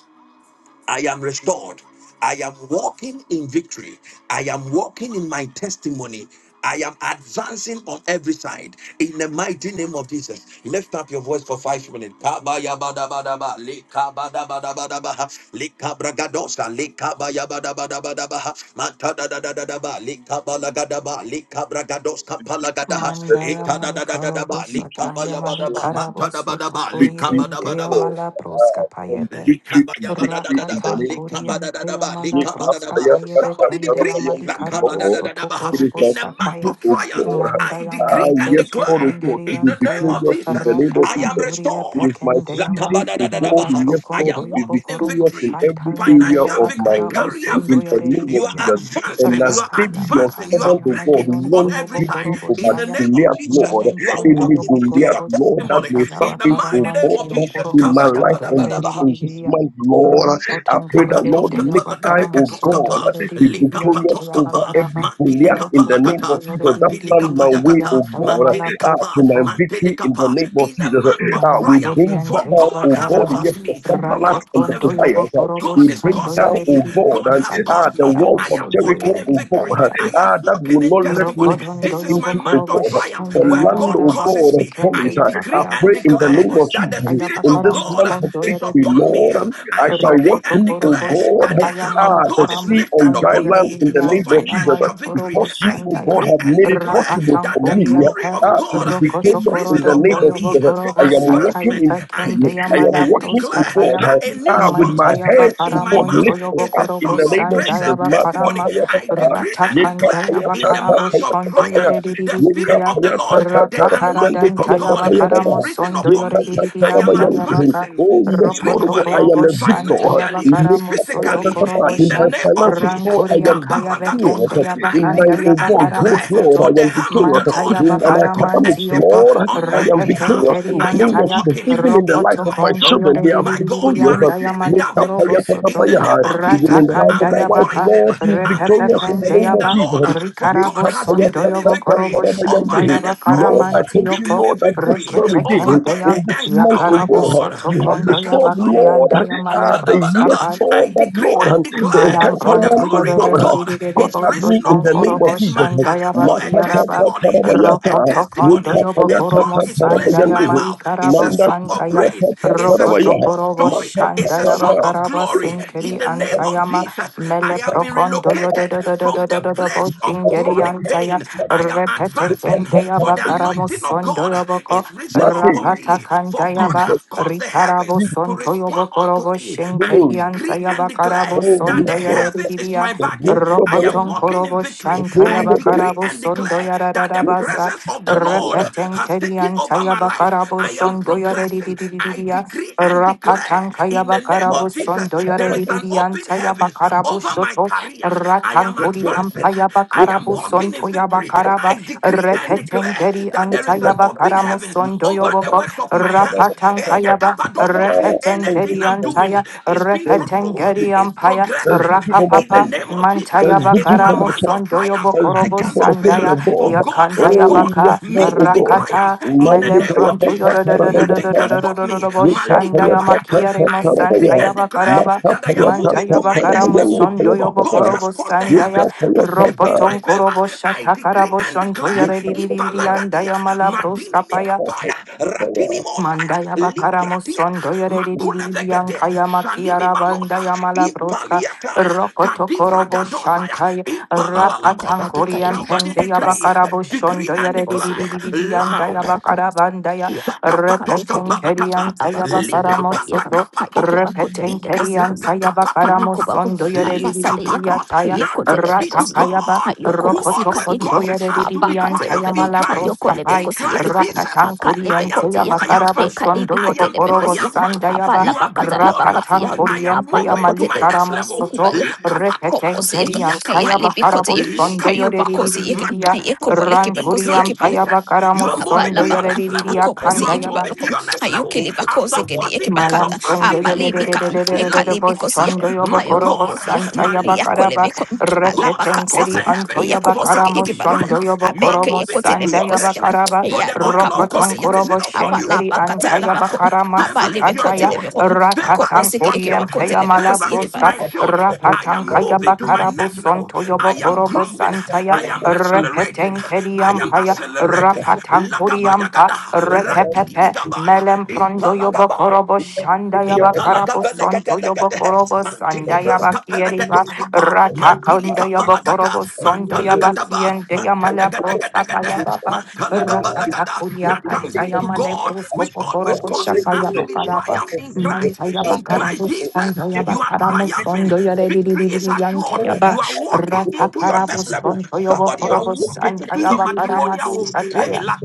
I am restored. I am walking in victory. I am walking in my testimony. I am advancing on every side in the mighty name of Jesus. Lift up your voice for five minutes. Kabayabadabadaba, likabadabadabadabaha, likabragadosa, likabayabadabadabadabaha, matadadadadadaba, likabalagadaba, likabragadoska Victory is palagadaha, set Mandaya for me. malikalobo etadadadadadaba, Victory is sataya assured likabayabadaba, for me. malikaraboso matadabadaba, tokoriden victory, O dea likabadabadaba. God, mala proska ah, from victory to victory in the Likabadabadadadaba, Rakatan name of Korean Jesus. likabadadadaba, Payamala Broska likabadadaba. Payebe Somebody Kende decree Amali Yekapayapataparabayandi. Lord, Karamoso lakabadadadadaba. it is Tokorobo the in a month season, Sataya of O triumph, God. I Ah, decree Mandayamale and yes, Breske Lord, declare O God, to in be Pengerian the name Taya of victorious in the Jesus, name of I am Jesus. Ratakanduria It restored. is my Pekendeyama season, O God, Mala yes, Lakabadadadadaba. I Lord, am to Prokondoyo be walking in Bokorobo victorious in victory, every area financial of Shatanyandayaba my victory, life career in Karabusondoya the victory. name of You are Rediria Jesus. And advancing, you as are Rapaya David, your advancing, you Bakanda are servant, O God, breaking through Yamalion on won Toyo every side. victory Bokorobo In over the Shaya name of Goliath, Jesus, Lord, Melon you are Tondo any walking into Goliath, your Bokorobo Lord, that testimony Santa may in the surface, mighty O name Bakaramanti of God, Jesus. Yokorobo in my life on this in this Sondoya month, Lord. I pray Rokotongoro that dente Lord I, yabakara O musondo God, Toskapa, be Likapa yaredidididiante victorious over Toskapa, yabakarava. every Mantili Goliath Kapa in the name Lakata, of Rokotongoro Jesus. That Mantili stand my Kapa way, Yakata, O dedididididiante God, Mantili ah, Kapa, to my yamalabrosoto. Mantili victory in the Kapa. name of In a Jesus. month of Ah, we triumph, bring for Malankoriente down, God O has God, yabakarava. caused yes, the me to Sambalat walk and in the a Ratokondo victory. Tobias. ah, yobokorobo God we is bring sondo causing down, me. O God God, and has yaredididiante ah, caused the me. yabakara walls I of am musondo walking Jericho, in O victory. God, yaredidiante. I ah, am that walking will in not let me testimony. be set Rokotondo This is my into, O month yobokorobo of God. triumph The shende where land, God O yarararaba causes God, of me. I promise. sikende ah, I decree yabakarabo and pray in the declare name shokorobo of that the sanka Jesus, Spirit in of yabakara this God month of musondo is victory, upon me. Lord, I I shall decree walk decree and through, O declare korobos God, that the hand of ah, the God is karamus sea on lifted dry upon Pandoya land me in the for Ridian, name of Jesus. Chayamali financial victory. Because Korobos, you, I and O Daya, God, decree have and made it declare possible Rapatan for that the me Korean glory Pe, of ah, to God be is victorious in risen the Rokotokorodon, name of upon me Doyobo Jesus. for I Korobos, am walking Satai advancement. in I Beken, victory. decree I am Dayamala and walking, O declare God, proskapaya that a new ah, with song my is Mantaya hands, placed in bakara O my God, mouth. montoyo lifted It's up a in bokorobo song the of name of praise sandaya Jesus. and Ma- testimony. bakarama I decree and declare ratakandaya in the bakarabo month of shondo triumph, the Spirit yeredidididia of the Lord, the ratakara anointing of dantaya God bakaramo is risen sondo upon me. I yoredididia am advancing Oh, yes, Lord, oh, spiritually, I am a Rokotokorobosha, victor. financially, In my Yabakaramuso physically, in the Tokorobosha, name of finances, Jesus. Lord, I Ranturia am Kaya Bekende victorious. Kabaragadosa, I In my Yabakanda decree oh and growth, declare, Lord, for Yabakaramusoto, I the am hand of the victorious. Lord Mantaya In my has caused a academics, shift Bakaramantiyoko, Lord, I on my am behalf. victorious in Repetengeri the I name am of Antaya, Jesus. walking Even in the into life of my my Ropotokondo job. children, they are My God, you victorious. are Yoredianda receiving that victory in Yamalikorobosoto, the name of Even in Jesus. the life Ratakanda I'm of my wife, Yabaka, rejoicing. Lord, she is I'm victorious in the Repepepende rejoicing name in of the Yaba, Jesus. Lord, for God Rikarabo has given me Sondoyobo victory over Koroboshanda any sorrow, Lord, I thank you, giving Yabakaramantiyoko, me Lord, that this victory very day, over any in this angst. month, Oh my oh Yakarabo God, God, soto you have kondo restored, yabaki Lakatosaya. and Lord, uh, dayamale the yes, proskapai I Lord, of decree Lord, and and the declare malam for encounter the realm bronto of glory of God. uh, God yorerererere God is at bosto risen me in the upon me tonkoro name of this Jesus. month boshan uh, for dayabaki a yaraba testimony, for a Makatatatarabayata, rokoto kondo testimony. A yobokoro song is placed mosanda in my yukapayatatatarabayande, yamali mouth. It's karabo a song of santaya praise. It's a rokoto song mandatatatarabayah, of korobo joy. It's shanda a makatatata, song of yabakaraba glory. In sinkeri the name of antayama Jesus, I mele have atatatarabayah, been prokondo relocated from the yorerererereredo place of bostingeri chronic antaya pain. I am repete advancing kende for the yukapatatabayah. yabakaramo anointing of God sondo God yoboko is risen Matthew, upon Rapata me, for God has Jesus, caused the heavens Rikarabo Jesus, to son respond toyobo unto korobo me. shenke I glory, bianta decree and yaba declare karabo oh that son yes, the doyare Lord. The heavens is bidia. my glory backing. of the I Lord, am Rokoton walking in korobo victory. the shanta glory I yaba of the decree Lord. karabo and son declare doyara that the rabasa. presence of the Lord Yukapataya, Repeten has taken kerianta over my yaba life. karabo I am son doyare progressing. I bidia. decree and declare Rapatan in kayaba the name karabo of son Jesus, There's there doyare is victory an open bidianta yaba heavens karabo over my shoto. career. I Ratan am kuri advancing blessing. ampayaba I am karabo son walking in toyaba victory. I decree and Repeten declare that there kerianta is an yaba open karamo heavens son over the doyobo works of my hands. Eh, yakavadosia. Anything I'm doing is being fruitful, is progressing for my in the family. name of Jesus. There's It's victory my for my month church. of triumph. There's I victory for cannot the fail, children of for God. God has Oh, caused yes, me Lord, oh to be God. triumphed in the Mande name kaya of ta ta Jesus. tarabaya Nothing ta. can stop me. Yeka Malika kaya ta ta payata. ta I decree decree tarabaya. and declare Maka that I kaya am ta moving ta to my next tarabaya. Yende level, kaya ta for ta God has caused the Yeka heavens kaya to ta shift in my favor. I decree and declare, Yeka Ibalagadia, Madini ta ta Mikapaya, Ratini Mosaya, Mandaya bakaramo sondo Libratiata, Makula yereriyan Vegede, kaya Sanimi makiyara banda Manosa, yamala broska Impaliataya, rokoto Kadivra korobo Gadosaya, shantai Lord, rapatan Impalalalabosa. nakabadika koriyam ili Somebody pembe basa decree, yabakarabo pada decree shondo and itu declare bosu yakan yereriyan abada daya loud pada pada kan bakara banda ya kuya kabe Shakapatos ko repeten yakan kapalakata. keriyan saya abako segede bakaramo bad Likapata yakan soto ha kapatos. eke bako jele repeten keriyan ko Ikatata saya kapata bakaramo Ayiko bako kapatos. sondo apasade yak yereriyan Likapatos. taya Now ayeko thanks be telebeko to si yak ratakaya ba God ayoko who basi rokoto ka always yeki sondo bako causes us to be apaka yereriyan triumph taya telebeko in mala Christ. ayoko broska pai In lebeko si yeki Christ bako Rapatan Jesus. aka I Kurien lebeko am ti Teya yak Bakarabo triumphant. eka Shondo lebeko I Yobo am telebeko Korobo si yak triumphant. apa Sandayaba You are labaka ta labaka victorious. ti Rapatan yak I am Kurien apa Peya moving to lokotele my next telebeko next Malikaramo level. Soto ikubalo Lakapatosa, akopo Repeten si yak Kerian Teya ayali yakapatosa, beko Bakarabo ti yak doyo ayupa likapatosa, ko si yeki Yoredidia ayeko makapatosa. bole In kebeko si Ranturian Christ yak Paya Jesus, you Bakaramo are moving kabala Sondo to your bakom next Yoredidia level. You akobosi are yeki moving to balokom your next level. ayokele After bakosi kede 40 yeki days of bakata Malam sondo fasting yo and de apale de prayer, de bikan de de de de de de ekale bo lapatosa, bikosi shondo yakan yo my bokoro koro bo God, ayokobosi yakan santa ya bakara yakole ba malikapatosa, bekom God alaba reketen has caused the keri kasakan anto heavens yo for yakobosi bakara us ke to yeki be balokom moshondo yo triumphed. bokoro You are koro abeke mo moving yekotele into sanda your ya bekosi yakan bakara greatness. ba For ya the luka oil of God rokoton bokosi is koro yakan bo risen upon abala you. shenkeri bakata anta ya Favor, labakom bakara favor abale is your masikata ya bekotele shield. bekom Favor rakatan is akobosi ke your kori yeki shield. empe ya bakotele mala Favor bekosi yeki is broska my balokom shield. I rapatan am kaya moving to my bakara bo next level. sonto yo I bo am koro bo growing. santa I ya I am accelerating. repeten keri I am ampa ya accelerating. rapatan kori Lagabayagada. Radigibigabaya. Melem prondo yobo Impalagabaya. korobo shanda yaba karabo sonto yobo Italagabelegedegede, korobo Mantili sanda yaba kieriba Thank braskapelegedoskapa, rata Mantili kanda yobo kapalagada, korobo sondo yaba Mantalagadaba, kiende yamale broska pa Mantadagadegadegede, yaba ba rakata Mantalagabalagada. kuria Now thanks kanta be to yamale God, brosko which po always causes shapa us to yaba be karaba triumph in Christ. manta yaba In Christ karabo sondo Jesus, yaba you are karamo triumphing. sondo yare di di Victory di di is di yanta assured. yaba You are walking rata into your karabo next level. sondo yobo Somebody, you are korobo walking sanda into your yaba karama matrimonial home. Thank sita you. Hey, la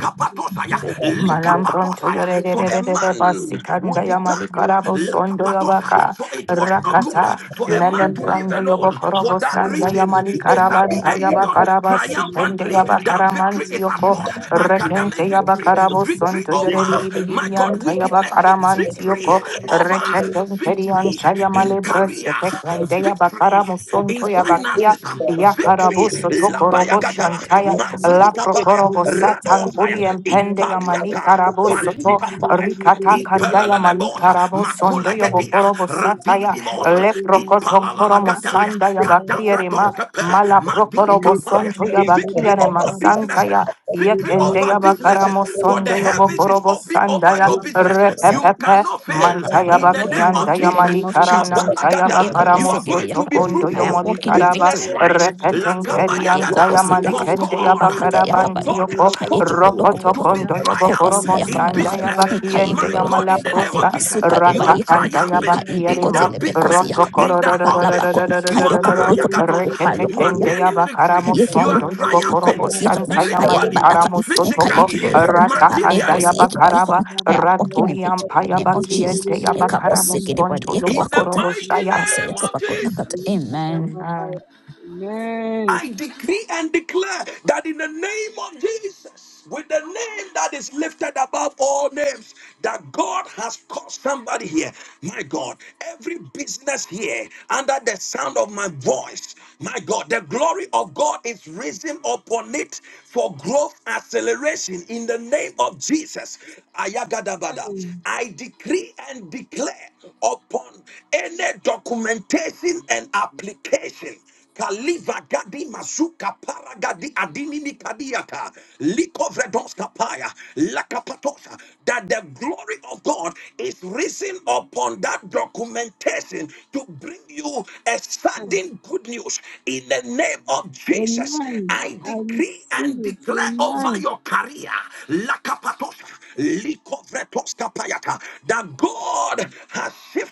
You patosaya, will Sekadan, not lika support the Malambronto patosaya. For a you. yorerererere man basikanda would ya depart, malikarabo laka sondo afflicted patosa. yabaka For it was not blood good rakata of for your a man to poor live melembrando make alone. that you For yobokorovo that support. sanda ya reason, If there you shall are be malikarabanta in a my union book, yabakaraba I smoke sikende of triumphantly. the That victory yabakaramanti is yoko assured. my book will make rekente Academic you the name victory, of yabakarabo Jesus. victory sondo Yet over my faith my a God the yoreriririririanta faith wickedness, sekede yabakaramanti bodi victory yoko yeki balokom over of the Lord. victory rekekenkerianta ya Yes, in malebres career, yefekende my God baba victory yabakaramo is in sondo for the finances, yabakia Lord. victory quickly. yakarabo By Osikete mo sotokorobo etu Labayagada, akote shantaya apasya. La the presence of any Mabiligabaya, Procorobo Satan Radosaya, sickness, Kurien Pendeya by the Impaliata, sickness of Malikarabo any Soto weakness, Valikapaya, Rikata let's Kandaya Ipalalebosa, Malikarabo Sondoyo Makulagedia, Bokorobo Sataya Radinimosa, Le Procoton Poromo Ipalalagadaya, Sandaya make Bakirima the Kadavradoscape, thing Mala Procorobo Mabilikapaya, we Sontoya gave of victory my Bakirema life. over Santaya businesses, Victory over Yekendeya businesses. Bakaramo For the Sondoyo heavens is Bokorobo open over Sandaya your Yes, business. Rakosaka. You Repepepe cannot fail. Mantaya In am the name Walking in of victory in Bakiandaya the Jesus, name of Jesus. my Malikaranantaya Kabalagada, you Bakaramo you. are going Soto to be Thank destiny is I Kondoyo am fruitful. the walking in Molikaraba victory Business in the name of wise, Repeten Jesus. Lord. Yes, kerianta Lakabayagada. ya Kayekobosedaka. For malikende ya God, for bakarabanti Apakadayakabaloko. God yoko. has caused you Ropoto to I Kayekebolokobolo. be kondo have ya triumph bokoromo in sanda Akobasiyakabalaka. taken ya business. bakiende My ya Ekayekeboloko. God, in the name of malabroska. Jesus, you are power. Alebasukadebayeka. Ratakanda ya Yes, triumphing in bakierimo. that business, Roto Ekalibikotelebekosiyaka. in that office. Apalabako. You are korororororororororororo. Ayagadosa. Rekete You are Kayokoboloko kende ya turning you. victory. bakaramo yeki You bolo are sondo ya bokorobo akoko triumphing si yakada shanta ya I haya have spiritually, badaka malikaramo eka sotoko. yiki physically, Think bolo ho about Ratakanda abeko materially. ya si yeki bolo ho bakaraba. haya walking in Ranturi victory in ampa the ya name of Jesus bakiende ya eka bosi bakaramo yeki de body sondo ya yeka In the bakota bokorobo mighty shaya. basa name yeka of bakota Jesus. kata amen Amen. Amen. I decree and declare that in the name of Jesus, with the name that is lifted above all names, that God has called somebody here. My God, every business here under the sound of my voice, my God, the glory of God is risen upon it for growth acceleration in the name of Jesus. Ayagadabada. I decree and declare upon any documentation and application Kaliva gadi mazuka paragadi adini nikadiata likovredos kapaya lakapatosha that the glory of God is risen upon that documentation to bring you a sudden good news in the name of Jesus. Amen. I I decree receive and it. declare over Amen. your career lakapatosha likovredos kapayata that God has shifted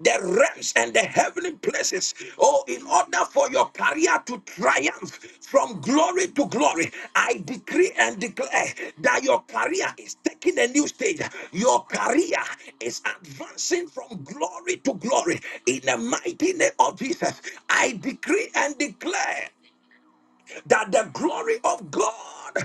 the realms and the heavenly places. Oh, in order for your career to triumph from glory to glory, I decree and declare that your career is taking a new stage. Your career is advancing from glory to glory. In the mighty name of Jesus, I decree and declare that the glory of God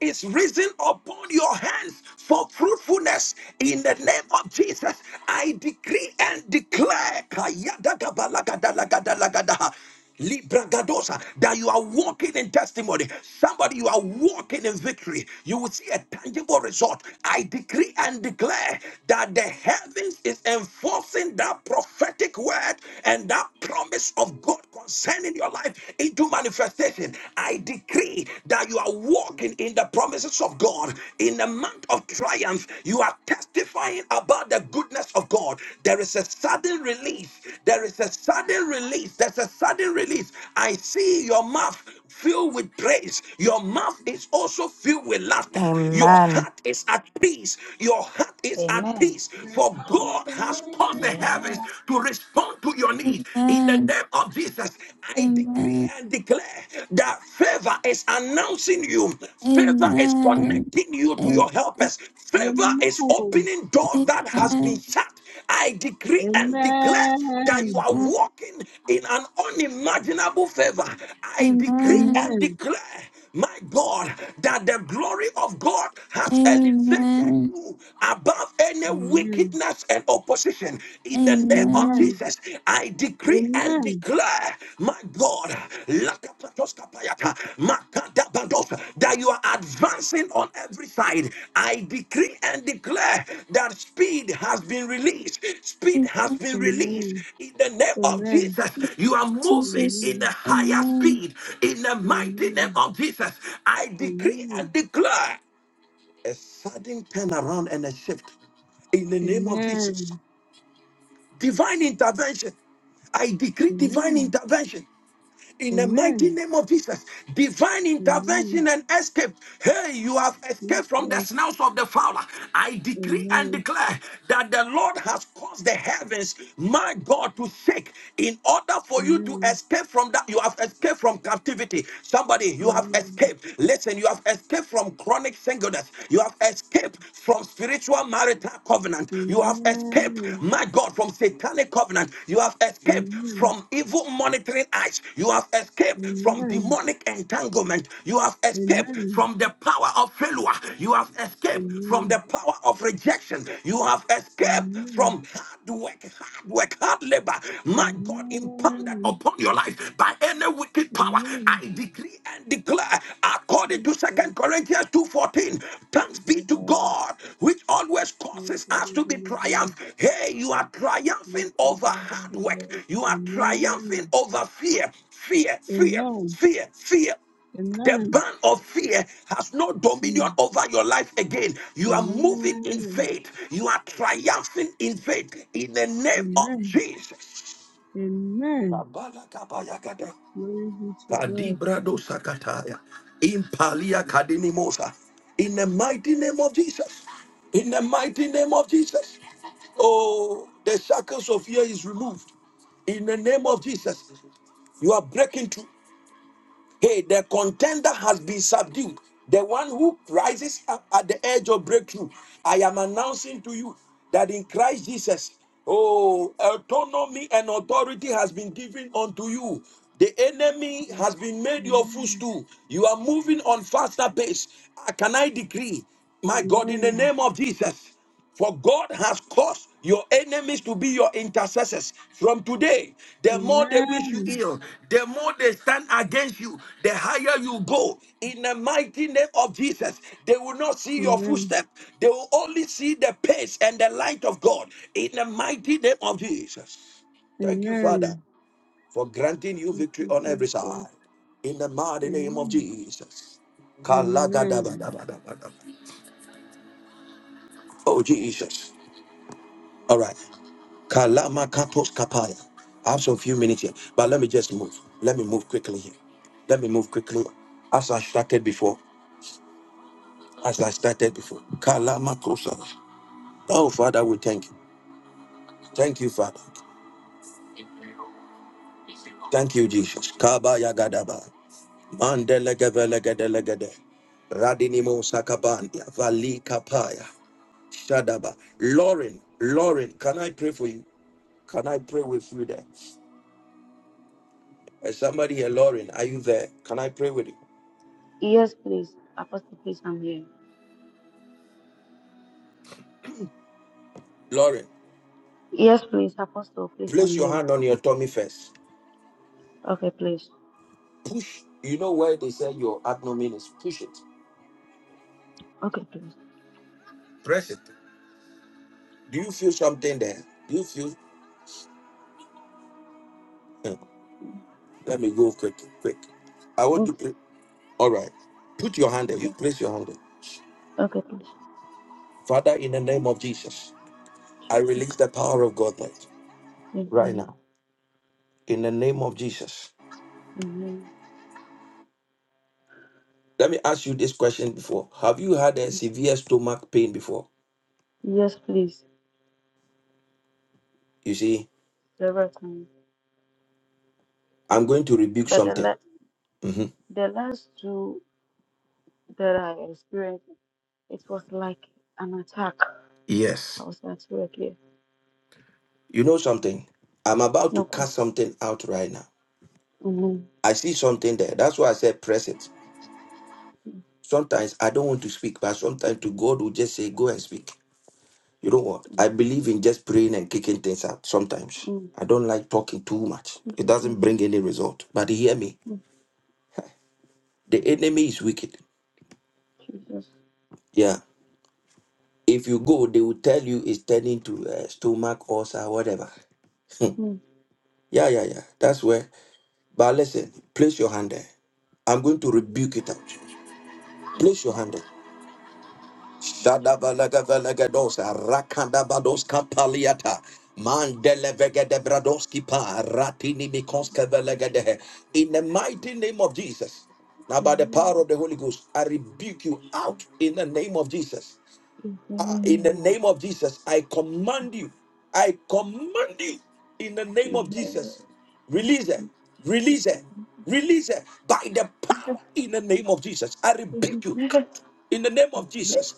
is risen upon your hands for fruitfulness in the name of Jesus. I decree and declare Kayadagabalagadalagadalagadaha, Libragadosa, that you are walking in testimony. Somebody, you are walking in victory. You will see a tangible result. I decree and declare that the heavens is enforcing that prophetic word and that promise of God concerning your life into new manifestation. I decree that you are walking in the promises of God in the month of triumph. You are testifying about the goodness of God. There is a sudden release. There is a sudden release. There's a sudden release. I see your mouth filled with praise. Your mouth is also filled with laughter. Your Amen. heart is at peace. Your heart is at Amen. peace. For God has caused the Amen. heavens to respond to your need In the amen name of Jesus, I decree amen and declare that favor is announcing you, favor is amen connecting you amen to amen your helpers, favor is Amen. opening doors that has been shut. I decree and declare that you Amen. are walking in an unimaginable favor. I decree amen and Amen. declare, my God, that the glory of God has elevated amen amen you above any wickedness and opposition. In the name of amen Amen. Jesus, I decree and Amen. declare, my God, lakapatoskapayata, makadabados, that you are advancing on every side. I decree and declare that speed has been released. Speed has been released. In the name of Amen. Jesus, you are moving Jesus in a higher amen speed. In the Amen. mighty name Amen. of Jesus, I Amen. decree Amen. and declare a sudden turnaround and a shift in the name of Jesus. Amen. Amen. Divine intervention. I decree divine Amen. intervention in the mighty Amen. name of Jesus. Divine intervention Amen. and escape. Hey, you have escaped from the Jesus. snouts of the fowler. I decree and Amen. declare that the Lord has caused the heavens, my God, to shake in order for you to Amen. escape from that. You have escaped from captivity. Somebody, you have Amen. escaped. Listen, you have escaped from chronic singleness. You. You have escaped from spiritual marital covenant. You have escaped, Amen. my God, from satanic covenant. You have escaped Amen. from evil monitoring eyes. You have escaped from Amen. demonic entanglement. You have escaped Amen. from the power of failure. You have escaped from the Amen. power of rejection. You have escaped Amen. from hard work, hard work, hard labor, my God, impounded Amen. upon your life by any wicked power. Amen. I decree and declare, according to Jesus, Second Corinthians 2:14, thanks be to Baba, God, which always Jesus, causes us to be Jesus, triumph. Jesus, Hey, you are triumphing Jesus, over Baba, hard work, Jesus. you are triumphing Amen. over fear, fear, fear, Amen. fear, fear. The Amen. ban of fear has no dominion Mm. over your life again. You are moving in Amen. faith. You are triumphing in faith in the name of Amen. Jesus. Amen. Kabala kabaya kada. Glory be to God. Kadibrado sakataya. Impalia kadinimosa. In the mighty name of Jesus. In the mighty name of Jesus. Oh, the shackles of fear is removed. In the name of Jesus. You are breaking through. Hey, the contender has been subdued. The one who rises up at the edge of breakthrough. I am announcing to you that in Christ Jesus, oh, autonomy and authority has been given unto you. The enemy has been made your Amen. footstool. You are moving on faster pace. Ah, Can I decree, my God, in the Amen. name of Jesus? For God has caused your enemies to be your intercessors. From today, the more they wish you Amen. ill, the more they stand against you, the higher you go. In the mighty name of Jesus, they will not see your Amen. footstep. They will only see the pace and the light of God. In the mighty name of Jesus. Thank you, Father, Amen. for granting you Thank victory you, on every Jesus. side. In the mighty name of Amen. Jesus. Amen. Kalagadabadabadabada. Oh, Jesus. All right. Kalama katos kapaya. I have some few minutes here, but let me just move. Let me move quickly here. Let me move quickly. As I started before, as I started before. Kalama kosa. Oh, Father, we thank you. Thank you, Father. Thank you, Jesus. Kabaya gadaba. Mandele gevele gedele Radinimo sakabandia. Vali kapaya. Shadaba. Lauren, Lauren, can I pray for you? Can I pray with you there? Is somebody here, Lauren? Are you there? Can I pray with you? Yes, please. Apostle, please, I'm here. Lauren, Yes, please. Apostle, please, place I'm your here. hand on your tummy first. Okay, please. Push. You know where they say your abdomen is? Push it. Okay, please. Press it. Do you feel something there? Do you feel? Eh, Let me go quick, quick. I want to. Mm, pray. All right. Put your hand there. Okay, You place your hand there. okay, please. Father, in the name of Jesus, I Jesus. release the power of God right, right Amen. now. In the name of Jesus. Amen. Let me ask you this question before. Have you had a severe stomach pain before? Yes, please. You see, Several times. I'm going to rebuke But the, la- something. Mhm. the last two that I experienced, it was like an attack. Yes. I was at work here. You know something? I'm about to No, God. cast something out right now. Amen. I see something there. That's why I said press it. Mm, Sometimes I don't want to speak, but sometimes to God will just say, go and speak. You know what? mm, I believe in just praying and kicking things out sometimes. mm. I don't like talking too much. Thank It you, doesn't bring Jesus. any result. But hear me. Mm, The enemy is wicked. Jesus. Yeah. If you go, they will tell you it's turning to uh, stomach ulcer, whatever. Hmm. Mm, yeah, yeah, yeah. That's where. But listen, place your hand there. I'm going to thank you, rebuke it out. Jesus. Place your hand. there. Thank you, Shadabalagavelegadosa, Rakandavadoska paliata, Mandelevegedebradoski pa, Jesus. Ratinimikoskevelegedehe. In the mighty name of Jesus. Now, by the power Amen. of the Holy Ghost, I rebuke you out in the name of Jesus. Amen. Ah, in the Amen. name of Jesus, I command you. I command you in the name Jesus, of amen. Amen. Amen. Jesus. Release her. Amen. Release her. Release her by the power in the name of Jesus. I rebuke you out in the name of Jesus.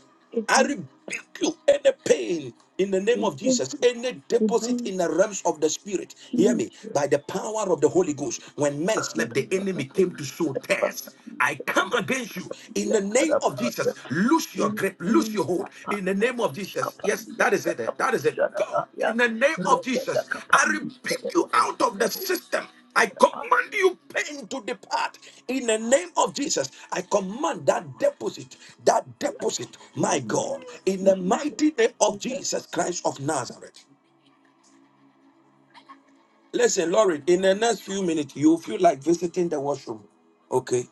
I rebuke you any pain in the name of Jesus, any Amen. deposit Amen. in the realms of the spirit. Hear me Jesus. by the power of the Holy Ghost. When men God of slept, the the enemy Bible, came to sow shit, Baba, tares. you I said the come best, against you Kappa, in the the other, name of Baba, yeah. Jesus. Loose your grip, loose Amen. your hold Kappa, in the the name of bush, Jesus. Kappa, Yes, the that is it. eh, other, That is bush, it. Go Baba, yeah. in the name of Rebecca, Jesus. I Kappa, the amen, the rebuke you other, out of the the other, system. I Baba. command you pain to depart in the name of Jesus. I command that deposit, that deposit, my Amen. God, in the mighty name of Jesus. Jesus Christ of Nazareth. Listen, Lauren, in the next few minutes, you feel like visiting the washroom. Okay.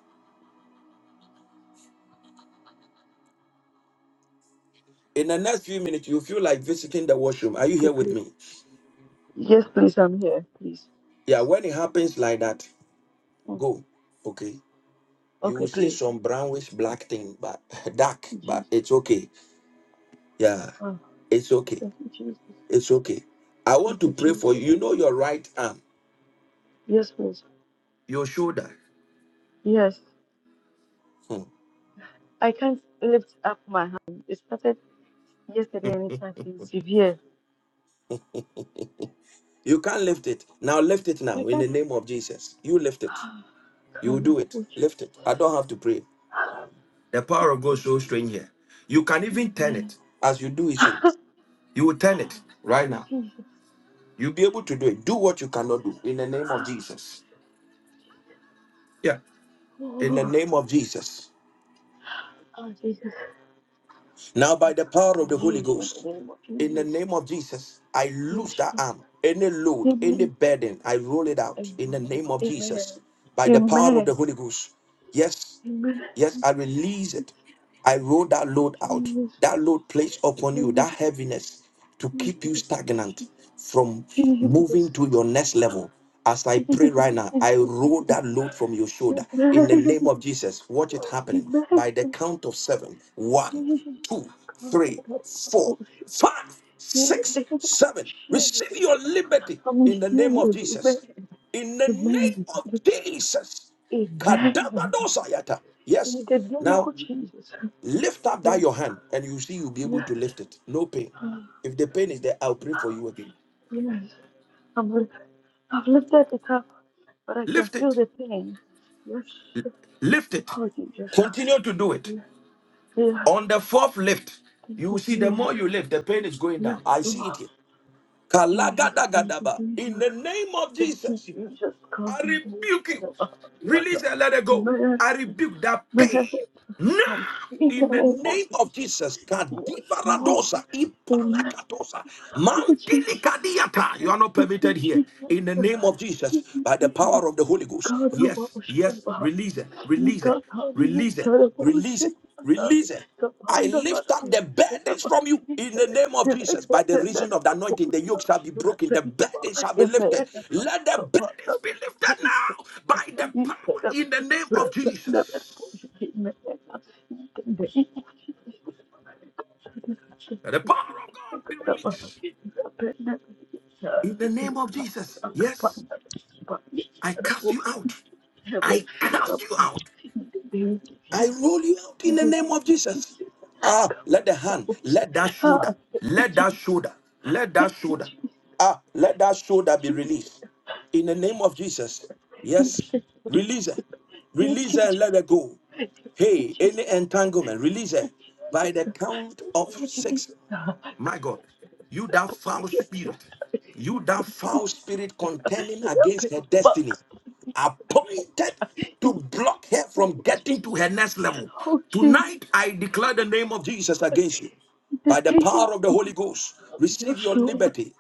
In the next few minutes, you feel like visiting the washroom. Are you Okay, here with please. me? Yes, please, I'm here, please. Yeah, when it happens like that, Oh, go. Okay. You okay, will see please. some brownish black thing, but dark, but Jesus. it's okay. Yeah, Oh, it's okay. thank you, Jesus. It's okay. I want Thank you, to pray for Jesus. you. You know your right arm, Yes, please. your shoulder. Yes. Hmm. I can't lift up my hand. It started yesterday and it has been severe. You can't lift it. Now lift it I now in can't the name of Jesus. You lift it. You come. do it. Lift it. I don't have to pray. Oh, The power of God is Jesus. so strange here. You can even turn Amen. it as you do it so. You will turn it right Oh, now. Jesus. You'll be able to do it. Do what you cannot do in the name of Jesus. Yeah. In the Oh, name of Jesus. oh, Jesus. Now, by the power of the Holy Jesus, in the Ghost, name of in the Jesus. name of Jesus, I loose Yes, that arm. Any load, Lord. any burden, I roll it out Amen. in the name of Jesus. Amen. By the power of Amen. the Holy Ghost. Yes. Amen. Yes, I release it. I roll that load out. Jesus. Jesus. That load placed upon you, that heaviness to keep you stagnant from Jesus. moving to your next level. As I pray right now, Amen. Amen. I roll that load from your shoulder in the name of Jesus. Watch it happening by the count of seven. One, Jesus. two, God, I three, got a four, bullshit. five, In the six, name of seven. Receive Jesus. your liberty I'm in the name here. of Jesus. Amen. In the name Amen. of Jesus. Amen. Kadagadosayata. In Yes. the name Now of Jesus. lift up that Yes. your hand and you see you'll be able Yes. to lift it. No pain. Ah, If the pain is there, I'll pray for you again. Yes. I'm, I've looked at it up. but I can Lift feel it. the pain. Yes. Lift it. Oh, Jesus. Continue to do it. Yes. yes. On the fourth lift, Thank you you, will see the Jesus. more you lift, the pain is going Yes, down. I see it oh here. Jesus. Thank you, Kalagadagadaba. In Jesus. the name of Thank you, Jesus. Jesus. God, I I'm all rebuke you. shut up. Release and let it go. man, I rebuke that pain. Amen. Now, I'm free in in the the name of name of Jesus. Jesus, Yes, Lord. Kadivaradosa, Amen. Ipalakatosa, Oh, Jesus. Mandilikadiata. You are not Thank you, permitted here. In Jesus. the name of Jesus, by the power of the Holy Ghost. Yes, yes, release it, release it, release it, release it, release it. I lift up the burdens from you in the name of Jesus. By the reason of the anointing, the yoke shall be broken, the burdens shall be lifted. Let the burdens be lifted now by the power in the name of Jesus. Thank you. Let the power of God be released in the name of Jesus. Yes, I cast you out. I cast you out. I roll you out in the name of Jesus. Ah, let the hand, let that shoulder, let that shoulder, let that shoulder, ah, let that shoulder be released in the name of Jesus. Yes, Thank release it, release it, and let it go. Hey, any entanglement, release it by the count of six. My God, you that foul spirit, you that foul spirit contending you, against her Jesus. destiny, appointed Oh, to block her from Jesus. getting to her next level. Oh, Jesus. Tonight, I declare the name of Jesus against you. In the By the name power of of the Holy Jesus. Ghost, Yes, receive your Lord. liberty.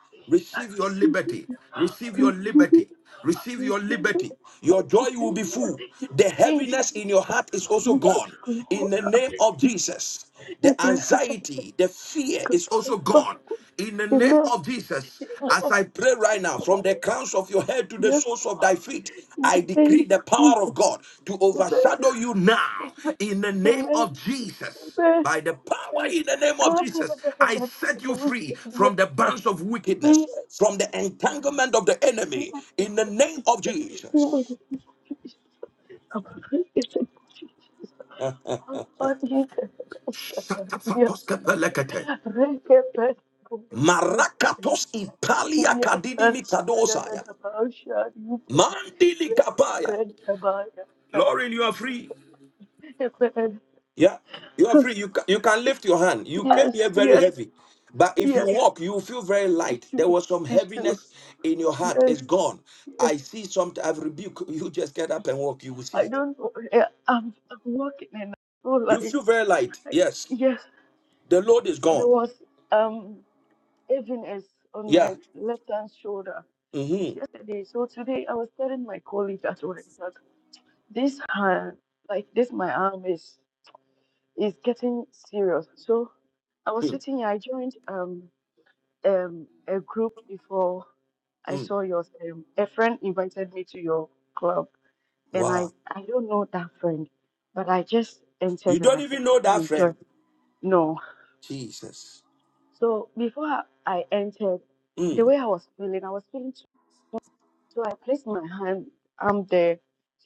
I Receive your receive it. liberty. I Receive your receive it. liberty. I Receive your receive liberty. it. I Your joy will receive be full. it. The In heaviness in your Jesus. heart is also Yes, gone. In Lord. the name of Jesus the Amen. anxiety, the fear is Goodbye, also Father. gone. In the name Amen. of Jesus, as Amen. I pray right now, from the crowns of your head to the Yes, soles of thy Lord. feet, In I the name decree the of power Jesus. of God to Amen. overshadow you now. In the name Amen. of Jesus. Amen. By the power Amen. in the name of God, Jesus, I set I you free worship from the bands of wickedness, you. from the entanglement of the enemy, in the name of Jesus. Marakatos Italia Kadini Mitadosaya. Mandili Kapaya. Lauren, you are free. Yeah, you are free. You can, you can lift your hand. You came Yes, here very yes, heavy. But if you yes. walk, you feel very It's light. There true. was some It's true. heaviness in your heart. Yes, It's gone. yes. I see something. I've rebuked. You just get up and walk. You will I see. don't know. Yeah, I'm, I'm working in all You life. feel very light. Like, Yes. yes, The load is there gone. was um heaviness on my Yeah. left hand shoulder since Mm-hmm. yesterday. So today I was telling my colleague at work that this hand, like this, my arm is is getting serious. So I was Mm, sitting here. I joined um um a group before I mm. saw yours. Um, a friend invited me to your club, and I Wow. I don't know that friend, but I just You entered and I don't said, even okay, know let that me friend. join. No, Jesus. So before I entered, the Mm. way I was feeling, I was feeling so so I placed my hand arm there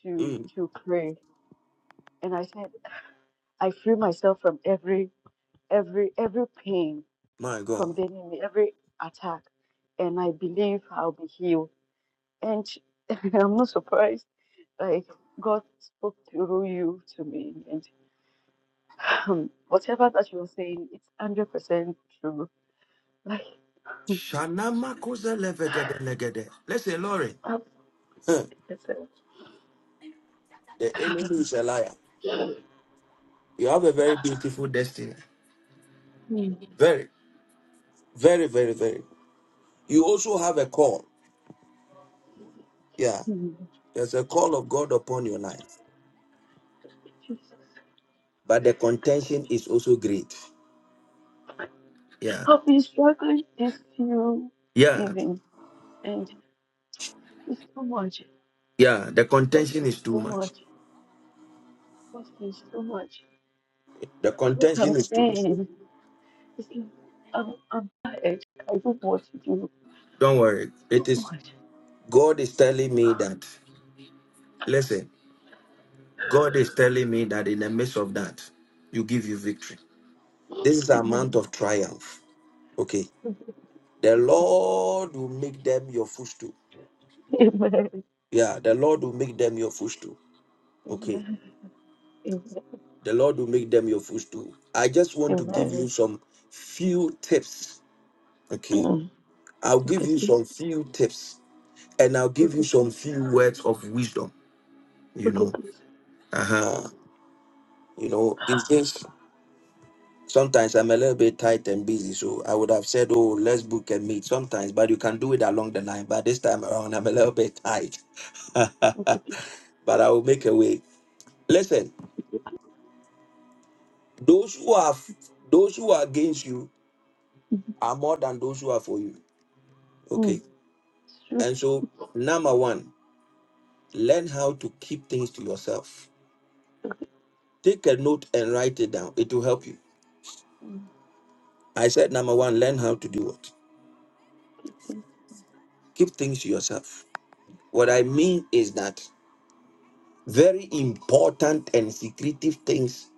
to mm. to pray, and I said, I free myself from every every every pain My from God. the enemy, every attack, and I believe I'll be healed. And I'm not surprised. Like God spoke through you to me, and um, whatever that you are saying, it's hundred percent true. Like, Shanama koze levegede legede. Listen, Lori. um, huh, it's, it's The enemy is a liar. a, You have a very beautiful destiny. Hmm. Very, very, very, very. You also have a call. Yeah. Hmm. There's a call of God upon your life. Jesus. But the contention is also great. Yeah. I've been struggling this few Yeah. season and it's too much, Yeah. The contention posting is too so much. much, posting so much. The What I'm contention is too much. saying is that I'm, I'm tired. I don't want to do Don't worry. so It is much. God is telling me that. Listen, God is telling me that in the midst of that, you give you victory. This is a Amen. month of triumph. Okay. The Lord will make them your footstool. Amen. Yeah, the Lord will make them your footstool. Okay. Amen. Amen. The Lord will make them your footstool. I just want to give you Amen. some few tips. Okay. Mm. I'll Okay, give you please. some few tips and I'll give Okay, you some please. few words of wisdom. You Okay, know, please. uh huh. You know, this is. Sometimes I'm a little bit tight and busy, so I would have said, "Oh, let's book a meet." Sometimes, but you can do it along the line. But this time around, I'm a little bit tight, Okay, please. but I will make a way. Listen, Okay, those who are those who are against you please. are more than those who are for you. Mm. Okay, It's and true. so number one, learn how to keep things to yourself. Take a note and write it down. It will help you. Mm, I said number one, learn how to do what. Okay, thank Keep things to yourself. What I mean is that Very important and secretive things.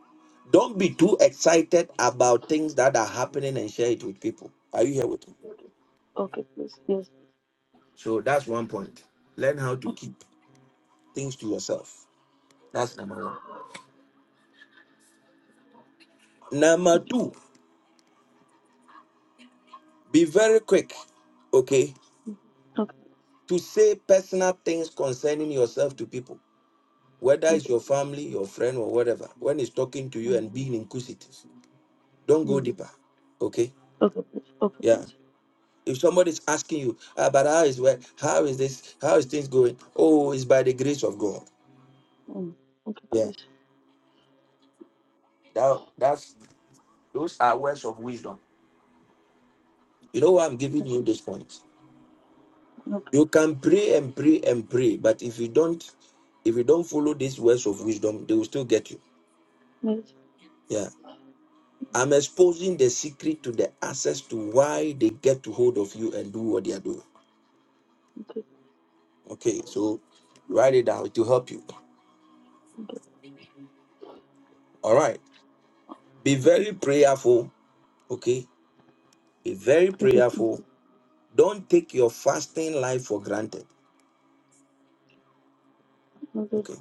Don't be too excited about things that are happening and share it with people. Are you here with me? Okay, okay, please, yes. So that's one point. Learn how to keep things to yourself. That's number one. Number two, be very quick, okay, Okay, please. to say personal things concerning yourself to people, whether Okay, it's your please. family, your friend, or whatever. When it's talking to you Mm, and being inquisitive, don't go mm. deeper, okay? Okay, please. Okay, Yeah. please. If somebody's asking you, ah, but how is well, how is this, how is things going? Oh, it's by the grace of God. Mm, Okay, Yeah, please. that that's those are words of wisdom. You know why I'm giving Okay, you this point. okay, You can pray and pray and pray, but if you don't, if you don't follow these words of wisdom, they will still get you. please. Yeah. I'm exposing the secret to the access to why they get to hold of you and do what they are doing. Okay, Okay, so write it down to help you. okay. All right. Be Okay, very prayerful. Okay Be very okay, please. prayerful. Don't take your fasting life for granted. Okay, okay, Okay.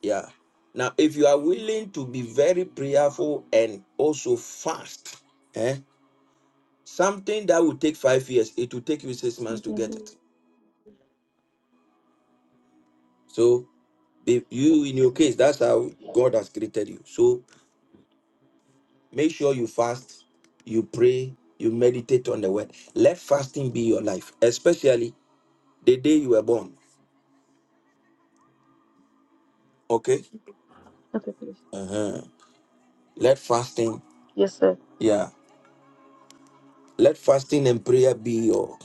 Yeah. Now, if you are willing to be very prayerful and also fast, eh, something that will take five years, it will take you six months to get it. So, be, you in your case, that's how God has created you. So, make sure you fast, you pray, you meditate on the word. Let fasting be your life, especially the day you were born. Okay. okay, please. Uh-huh. Let fasting. Yes, sir. Yeah. Let fasting and prayer be your,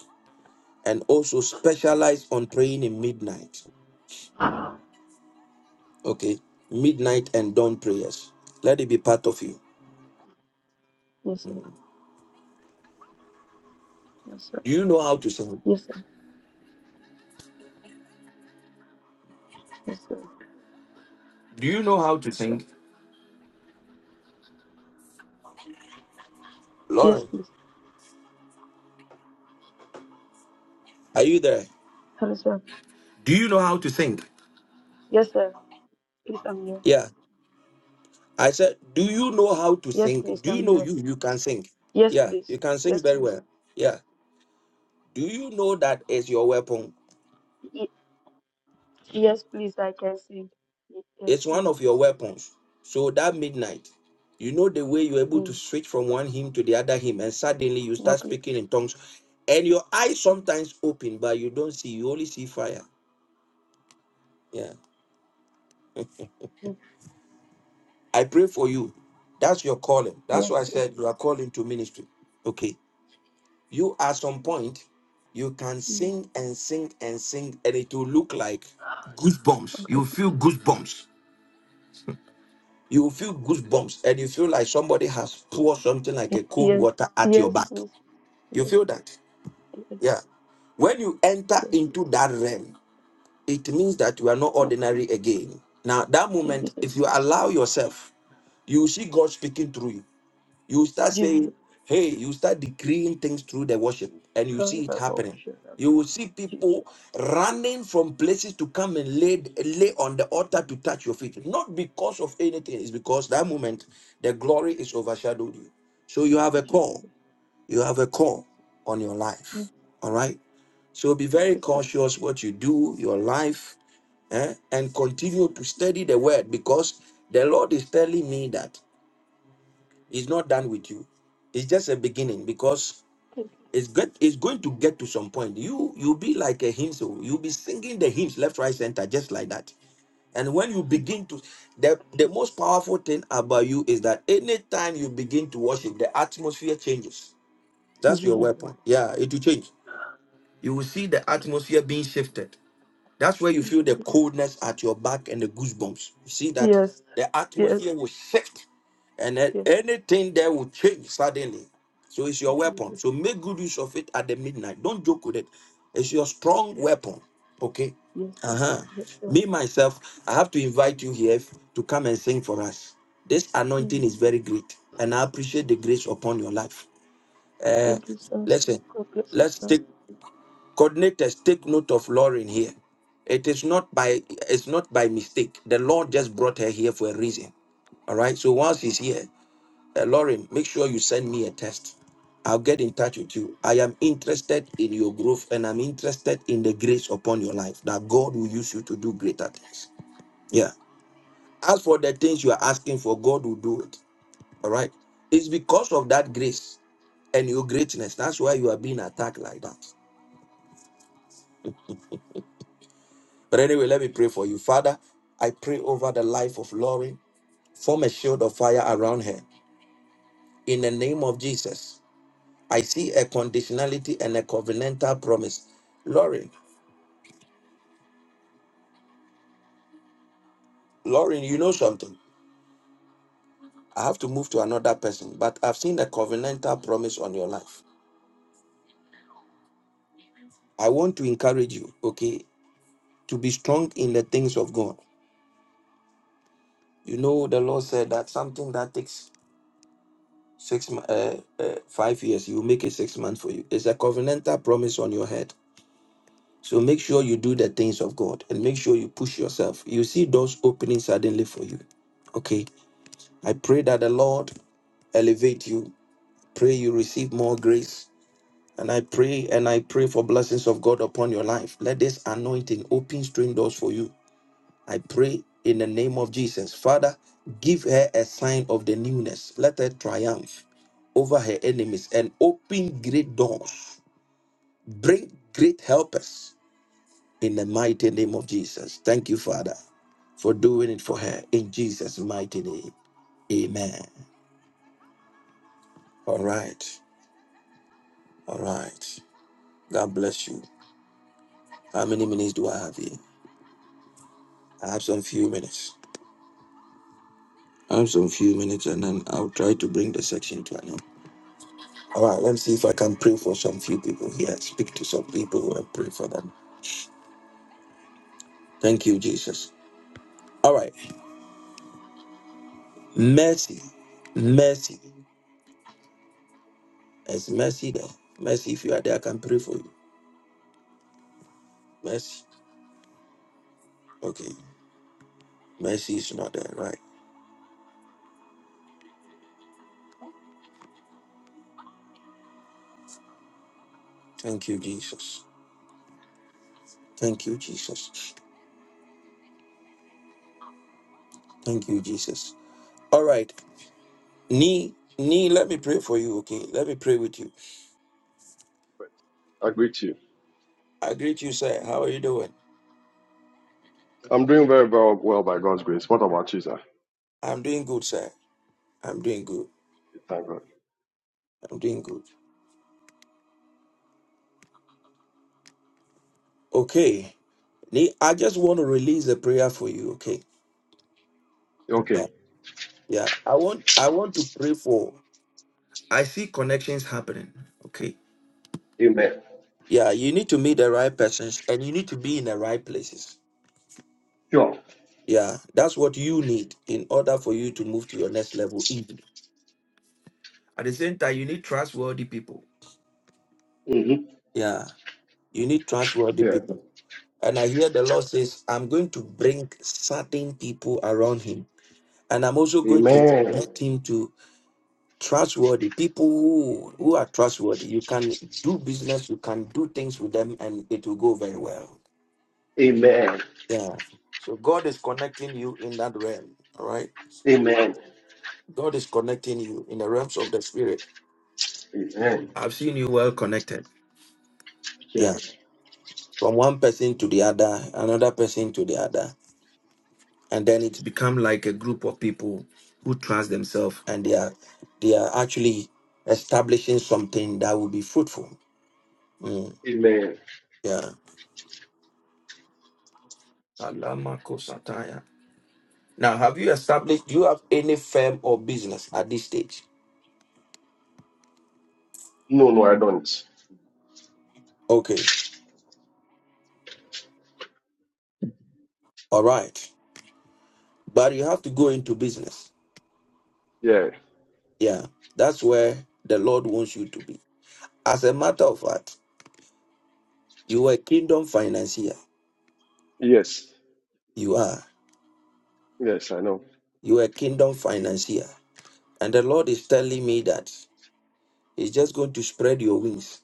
and also specialize on praying in midnight. Okay, midnight and dawn prayers. Let it be part of you. Yes, sir. Yes, sir. Do you know how to sing? Yes, sir. Yes, sir. Do you know how to Yes, sir. sing? Yes, Lauren, please. are you there? Hello, sir. Do you know how to sing? Yes, sir. Please, I'm here. Yeah. I said, do you know how to Yes, sing? please, Do you I'm know here. you you can sing? Yes, Yeah, you please. can sing Yes, very well. please. Yeah. Do you know that is your weapon? Yes, please. I can sing. Yes, It's one please. of your weapons. So that midnight, you know the way you're able to Mm. switch from one hymn to the other hymn, and suddenly you No, start please. speaking in tongues, and your eyes sometimes open, but you don't see. You only see fire. Yeah. Mm. I pray for you. That's your calling. That's Yes, why I please. said you are calling to ministry. Okay. You at some point, you can Mm. sing and sing and sing, and it will look like goosebumps. Okay, You feel please. goosebumps You will feel goosebumps and you feel like somebody has poured something like Y- a cold Yes, water at your yes, back. please. You Yes, feel that? yes, Yeah. When you enter yes. into that realm, it means that you are not Oh, ordinary again. Now, that moment, if Jesus, you allow yourself, you will see God Jesus, speaking through you you start Jesus. saying, hey, you start decreeing things through the worship, and you Kind see it of happening. bullshit. I'm You not- will see people Jesus, running from places to come and lay, lay on the altar to touch your feet. Not because of anything, it's because that moment the glory is overshadowed you. So you have a call. Jesus. You have a call on your Mm. life. All right? So be very Okay, sir. cautious what you do, your life, eh, and continue to study the word because the Lord is telling me that. It's not done with you. It's just a beginning because Thank you, it's get it's going to get to some point. You you'll be like a hymn, so you'll be singing the hymns left, right, center, just like that. And when you sir. begin to the the Jesus, most powerful thing about you is that anytime you begin to worship, the atmosphere changes. That's your Jesus. weapon. Yeah, it will change. You will see the atmosphere being shifted that's where you Thank feel you, the Jesus. coldness at your back and the goosebumps. You see that Yes, the yes, atmosphere will shift and then yes. anything there will change suddenly. So it's your Thank you, weapon. Jesus. So make good use of it at the midnight. Don't joke with it. It's your strong weapon. Okay. Yes, Uh sir. huh. Yes, sir. Me, myself, I have to invite you here to come and sing for us. This Mm. anointing is very great and I appreciate the grace upon your life. Uh, Thank you, sir. listen, God bless you, let's sir. take Coordinators, take note of Lauren here. It is not by it's not by mistake. The Lord just brought her here for a reason. All right. So once he's here, uh, Lauren, make sure you send me a test. I'll get in touch with you. I am interested in your growth and I'm interested in the grace upon your life that God will use you to do greater things. Yeah. As for the things you are asking for, God will do it. All right. It's because of that grace and your greatness. That's why you are being attacked like that. But anyway, let me pray for you. Father, I pray over the life of Lori. Form a shield of fire around her. In the name of Jesus, I see a conditionality and a covenantal promise. Lauren, Lauren, you know something. I have to move to another person, but I've seen a covenantal promise on your life. I want to encourage you, okay, to be strong in the things of God. You know, the Lord said that something that takes six, mo- uh, uh, five years, He will make it six months for you. It's a covenantal promise on your head So make sure you do the things of God and make sure you push yourself. You see doors opening suddenly for you. Okay. I pray that the Lord elevate you. Pray you receive more grace. And I pray and I pray for blessings of God upon your life. Let this anointing open strange doors for you. I pray in the name of Jesus. Father, give her a sign of the newness. Let her triumph over her enemies and open great doors. Bring great helpers in the mighty name of Jesus. Thank you, Father, for doing it for her in Jesus' mighty name. Amen. All right. All right. God bless you. How many minutes do I have here? I have some few minutes. I have some few minutes and then I'll try to bring the section to an end. All right, let's see if I can pray for some few people here. Speak to some people and pray for them. Thank you, Jesus. All right. Mercy. Mercy. It's mercy there. Mercy, if you are there, I can pray for you. Mercy. Okay. Mercy is not there, right? Thank you, Jesus. Thank you, Jesus. Thank you, Jesus. All right. Nee, Nee, let me pray for you, okay? Let me pray with you. it. I greet you. I greet you, sir. How are you doing? I'm doing very, very well by God's grace. What about you, sir? I'm doing good, sir. I'm doing good. Thank God. I'm doing good. Okay. Nee, I just want to release a prayer for you, okay? Yeah. Okay. Yeah. I want I want to pray for I see connections happening. Okay. Amen. Yeah, you need to meet the right persons and you need to be in the right places. Sure. Yeah, that's what you need in order for you to move to your next level. in- At the same time, you need trustworthy people. hmm Yeah, you need trustworthy Yeah. people. And I hear the Lord says, I'm going to bring certain people around him. And I'm also going to Amen. connect him to trustworthy people who, who are trustworthy. You can do business, you can do things with them, and it will go very well. Amen. Yeah. So God is connecting you in that realm. All right. Amen. God is connecting you in the realms of the spirit. Amen. I've seen you well connected Yeah, Yes. from one person to the other, another person to the other, and then it's become like a group of people who trust themselves. and they are they are actually establishing something that will be fruitful. Mm, Amen. yeah. Alamakosataya. Now, have you established? Do you have any firm or business at this stage? No, no, I don't. Okay. All right. But you have to go into business. Yeah. Yeah. That's where the Lord wants you to be. As a matter of fact. You are a kingdom financier. Yes. You are. Yes, I know. You are a kingdom financier. And the Lord is telling me that He's just going to spread your wings.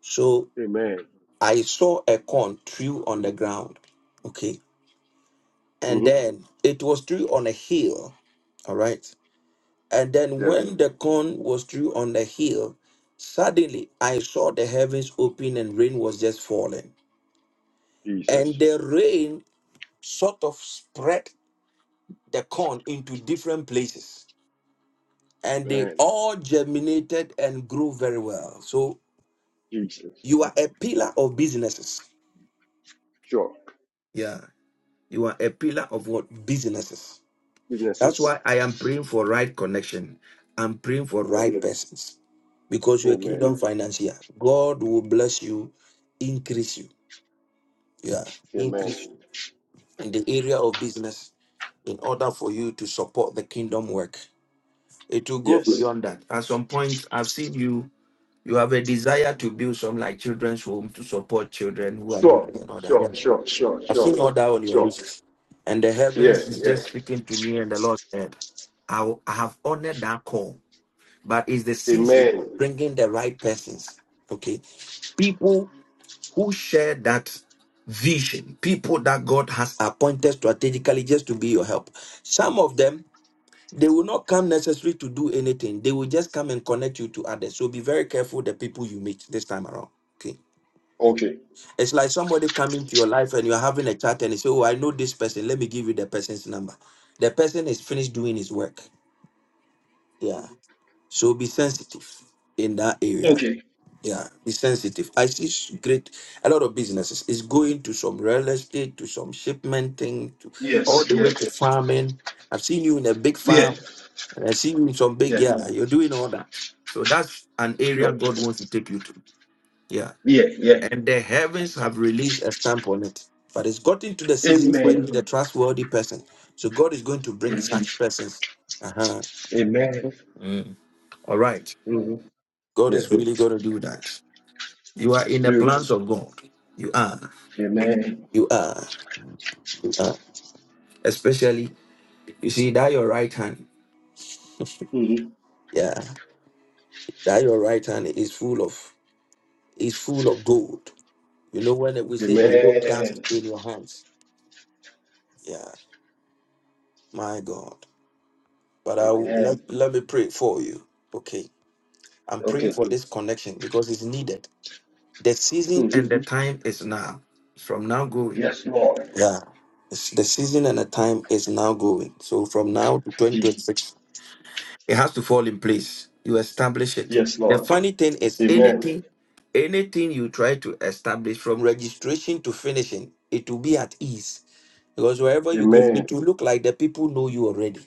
So Amen. I saw a corn true on the ground. Okay. And hmm then it was true on a hill. All right. And then Yeah. when the corn was true on the hill, suddenly I saw the heavens open and rain was just falling. And Jesus. the rain sort of spread the corn into different places and they Amen. all germinated and grew very well. So Jesus. you are a pillar of businesses. Sure. Yeah, you are a pillar of what businesses. That's why Businesses. I am praying for right connection. I'm praying for Yeah. right persons because you're a Amen. kingdom financier. God will bless you, increase you. Yeah, Amen. increase you in the area of business in order for you to support the kingdom work. It will go Yes. beyond that. At some point, I've seen you. You have a desire to build some like children's home to support children who are Sure. needing and all that. Yeah. Sure. Sure. Sure. I've seen Sure. all that on your Sure. list. And the Yeah. heavens is Yeah. just speaking to me, and the Lord said, I, will- I have honored that call, but it's the season Amen. of bringing the right persons. Okay. People who share that vision, people that God has appointed strategically just to be your help. Some of them they will not come necessarily to do anything. They will just come and connect you to others. So be very careful the people you meet this time around. Okay. Okay. It's like somebody coming to your life and you're having a chat and they say, Oh, I know this person. Let me give you the person's number. The person is finished doing his work. Yeah. So be sensitive in that area. Okay. Yeah, be sensitive. I see s- great a lot of businesses is going to some real estate, to some shipment thing, to all Yes. the way to Yes. farming. I've seen you in a big Yeah. farm, and I see you in some big Yeah. yeah. You're doing all that. So that's an area Sure. God wants to take you to. Yeah, Yeah. Yeah. and the heavens have released a stamp on it. But it's gotten to the season where you Amen. need a trustworthy person. So God is going to bring Amen. such persons. Uh huh. Amen. All right. hmm God Yeah. is really going to do that. You are in It's the true. plans of God. You are. Amen. You are. You are. Especially, you see that your right hand. hmm Yeah. That your right hand is full of is full of gold. You know when we say there's no dust Amen. in your hands. Yeah. My God. But I will- let, Amen. let me pray for you. Okay. I'm praying Okay. for this connection because it's needed. The hmm season and the time is now. From now going. Yes, Lord. Yeah. It's- The season and the time is now going. So from now to Ye- 2026 It has to fall in place. You establish it. Yes, The Lord. funny thing is Amen. anything, anything you try to establish from registration to finishing, it will be at ease. Because wherever you go, Amen. it will look like the people know you already.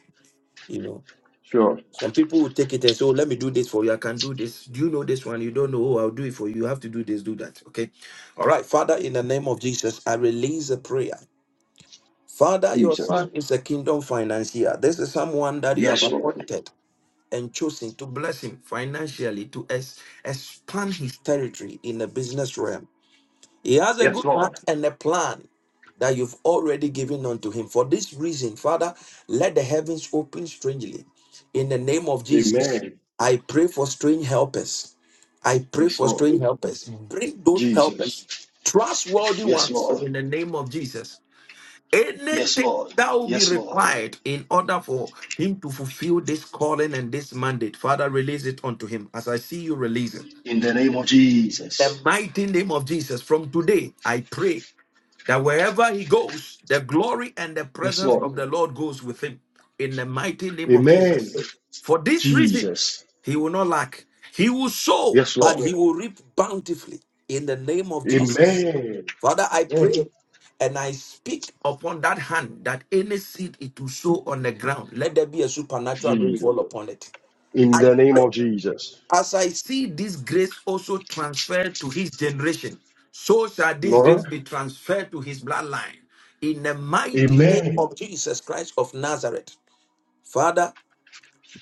You know, Sure. some people will take it and say, Oh, let me do this for you. I can do this. Do you know this one? You don't know. Oh, I'll do it for you. You have to do this, do that. Okay. All right. Father, in the name of Jesus, I release a prayer. Father, your Jesus. son is a kingdom financier. This is someone that you have Yes, Lord. appointed and chosen to bless him financially to ex- expand his territory in the business realm. He has a Yes, good Lord. heart and a plan that you've already given unto him. For this reason, Father, let the heavens open strangely. In the name of Jesus, Amen. I pray for strange helpers. I pray Yes, for Lord. strange helpers. Bring those Jesus. helpers, trustworthy Yes, ones, Lord. in the name of Jesus Yes, anything Lord. that will be Yes, Lord. required in order for him to fulfill this calling and this mandate, Father, release it unto him as I see you release it. In the name of The Jesus. mighty name of Jesus. From today, I pray that wherever he goes, the glory and the Yes, presence Lord. of the Lord goes with him in the mighty name of Amen. Jesus. For this reason, Jesus. he will not lack. He will sow, Yes, but Lord. he will reap bountifully in the name of Jesus. Amen. Father, I Amen. pray and I speak upon that hand that any seed it will sow on the ground, let there be a supernatural Jesus. rainfall upon it. In I the name pray of Jesus. as I see this grace also transferred to his generation, so shall this grace Lord. be transferred to his bloodline. In the mighty name Amen. of Jesus Christ of Nazareth, Father,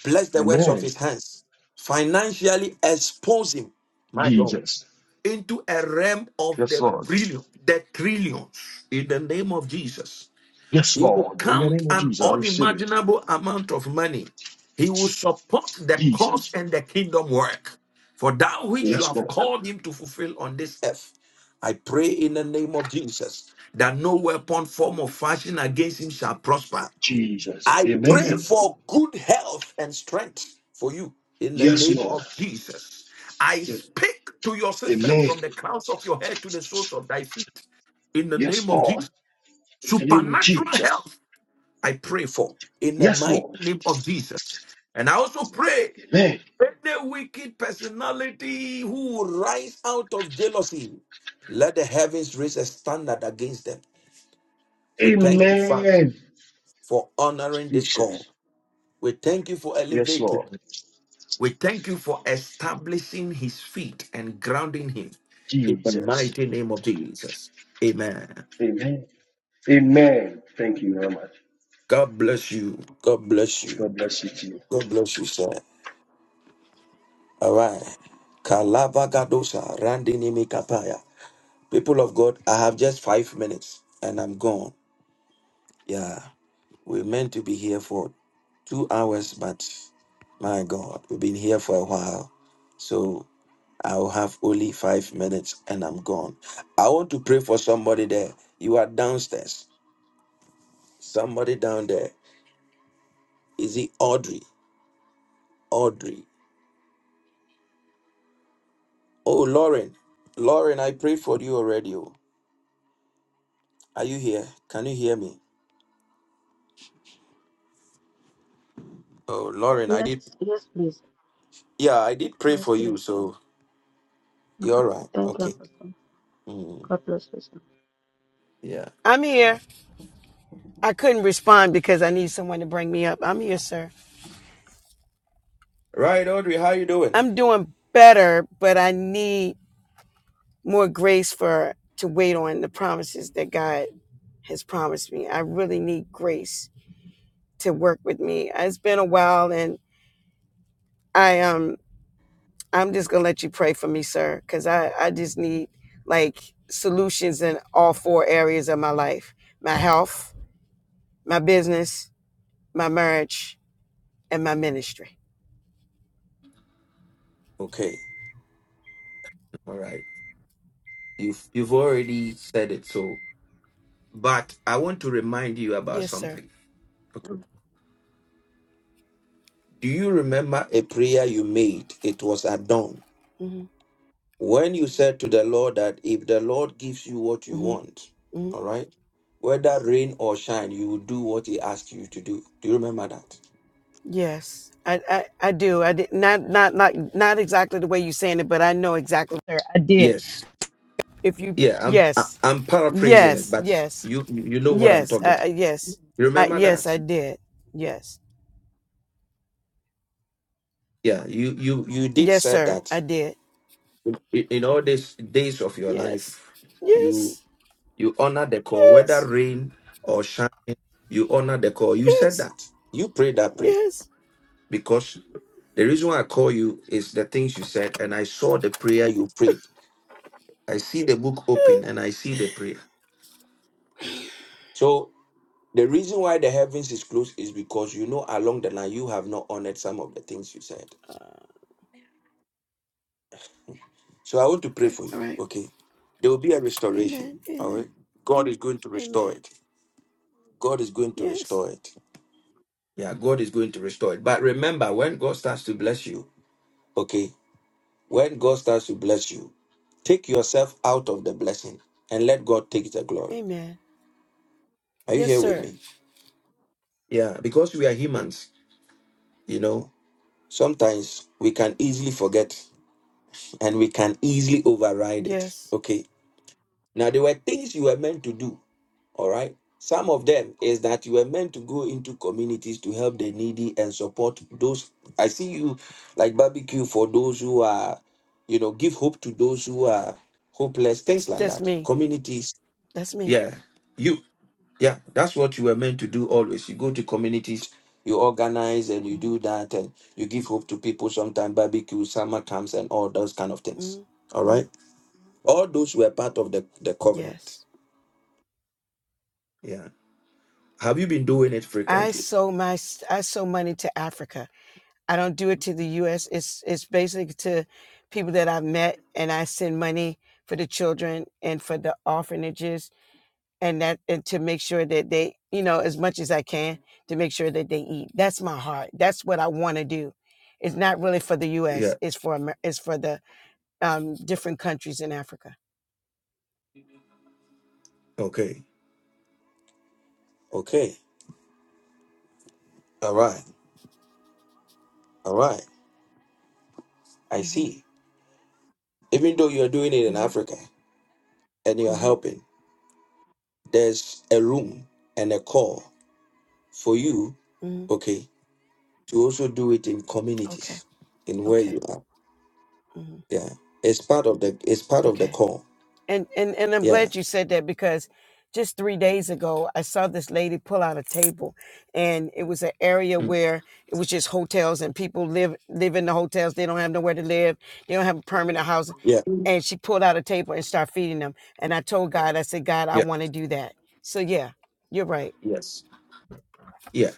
bless the works of Amen. his hands, financially expose him. my God Jesus. into a realm of Yes, the Lord. brilliant, the trillions in the name of Jesus. Yes, He will Lord. In the count name of an Jesus, I receive it. unimaginable amount of money. He will support the cause Jesus. and the kingdom work for that which you Yes, have Lord. called him to fulfill on this earth. I pray in the name of Jesus that no weapon, form, or fashion against him shall prosper. Jesus. I pray Amen. for good health and strength for you in the Yes, name Lord. of Jesus. I speak to your system Amen. from the crowns of your head to the soles of thy feet in the Yes, name of Lord. Jesus. In the name of Supernatural Jesus. health, I pray for in the Yes, mighty Lord. name of Jesus. And I also pray Amen. any wicked personality who will rise out of jealousy, let the heavens raise a standard against them. We thank you, Father, Amen. for honoring this call. Jesus. We thank you for Yes, elevating. Lord. We thank you for establishing his feet and grounding him in the Jesus. mighty name of Jesus. Amen. Amen. Amen. Thank you very much. God bless you. God bless you. God bless you too. God bless you, sir. All right. Kalabagadosa, Randinimi Kapaya. People of God, I have just five minutes and I'm gone. Yeah. we meant to be here for two hours, but my God, we've been here for a while. So I'll have only five minutes and I'm gone. I want to pray for somebody there. You are downstairs. Somebody down there. Is it Audrey? Audrey. Oh, Lauren. Lauren, I prayed for you already. oh. Are you here? Can you hear me? Oh, Lauren, I Yes, did. yes, please. Yeah, I did pray Yes, for you. please. So you're Okay. all right. Thank you, Okay. Apostle. Mm, God bless you, sir. yeah. I'm here. I couldn't respond because I need someone to bring me up. I'm here, sir. Right, Audrey. How you doing? I'm doing better, but I need more grace for to wait on the promises that God has promised me. I really need grace to work with me. It's been a while and I um I'm just gonna let you pray for me, sir, because I, I just need like solutions in all four areas of my life. My health, my business, my marriage, and my ministry. Okay. All right. You've you've already said it. So, but I want to remind you about Yes, sir. something. Okay. Do you remember a prayer you made? It was at dawn. mm hmm When you said to the Lord that if the Lord gives you what mm you hmm want, Mhm. all right, whether rain or shine, you will do what he asked you to do. Do you remember that? Yes, I, I, I do. I did not not not not exactly the way you're saying it, but I know exactly where I did. Yes. If you Yeah, I'm I- yes, I'm paraphrasing it, yes, but yes, you you know what I'm yes, talking. uh, uh, yes, You I, remember yes, that? I did. Yes, Yeah, you you you did yes, said sir, that I did. in in all these days of your Yes, life, yes, You honor the call, whether yes, rain or shine, you honor the call. You said yes, that. You prayed that prayer yes. because the reason why I call you is the things you said, and I saw the prayer you prayed. I see the book open yeah. and I see the prayer. So the reason why the heavens is closed is because you know along the line you have not honored some of the things you said. Uh, So I want to pray okay, for you. all right. Okay. There will be a restoration. Amen. All Amen. right. God is going to restore Amen. it. God is going to Yes. restore it. Yeah, God is going to restore it. But remember, when God starts to bless you, okay, when God starts to bless you, take yourself out of the blessing and let God take the glory. Amen. Are you Yes, here with sir. me? Yeah, because we are humans, you know, sometimes we can easily forget and we can easily override it. Yes. Okay. Now, there were things you were meant to do All right. Some of them is that you were meant to go into communities to help the needy and support those. I see you like barbecue for those who are, you know, give hope to those who are hopeless, things That's like that's that. me. Communities. That's me. Yeah. You. Yeah. That's what you were meant to do always. You go to communities, you organize and you do Mm, that and you give hope to people sometimes, barbecue, summer camps, and all those kind of things. mm, All mm. right. All those were part of the, the covenant. Yes. Yeah. Have you been doing it I frequently? sold my s- I sold money to Africa. I don't do it to the US. It's it's basically to people that I've met and I send money for the children and for the orphanages and that and to make sure that they, you know, as much as I can to make sure that they eat. That's my heart. That's what I want to do. It's not really for the Yeah. US. It's for Amer- it's for the um, different countries in Africa. Okay. Okay. All right. All right. I Mhm. see. Even though you're doing it in Mhm. Africa and you're Mhm. helping, there's a room and a call for you, Mhm. okay, to also do it in Okay. communities in where Okay. you are. Mhm. Yeah. It's part of the it's part of the Okay. call. And and and I'm Yeah. glad you said that because just 3 days ago I saw this lady pull out a table and it was an area Mm. where it was just hotels and people live live in the hotels they don't have nowhere to live they don't have a permanent house Yeah. and she pulled out a table and started feeding them and I told God I said God I Yeah. want to do that. So yeah, you're right. Yes. Yeah.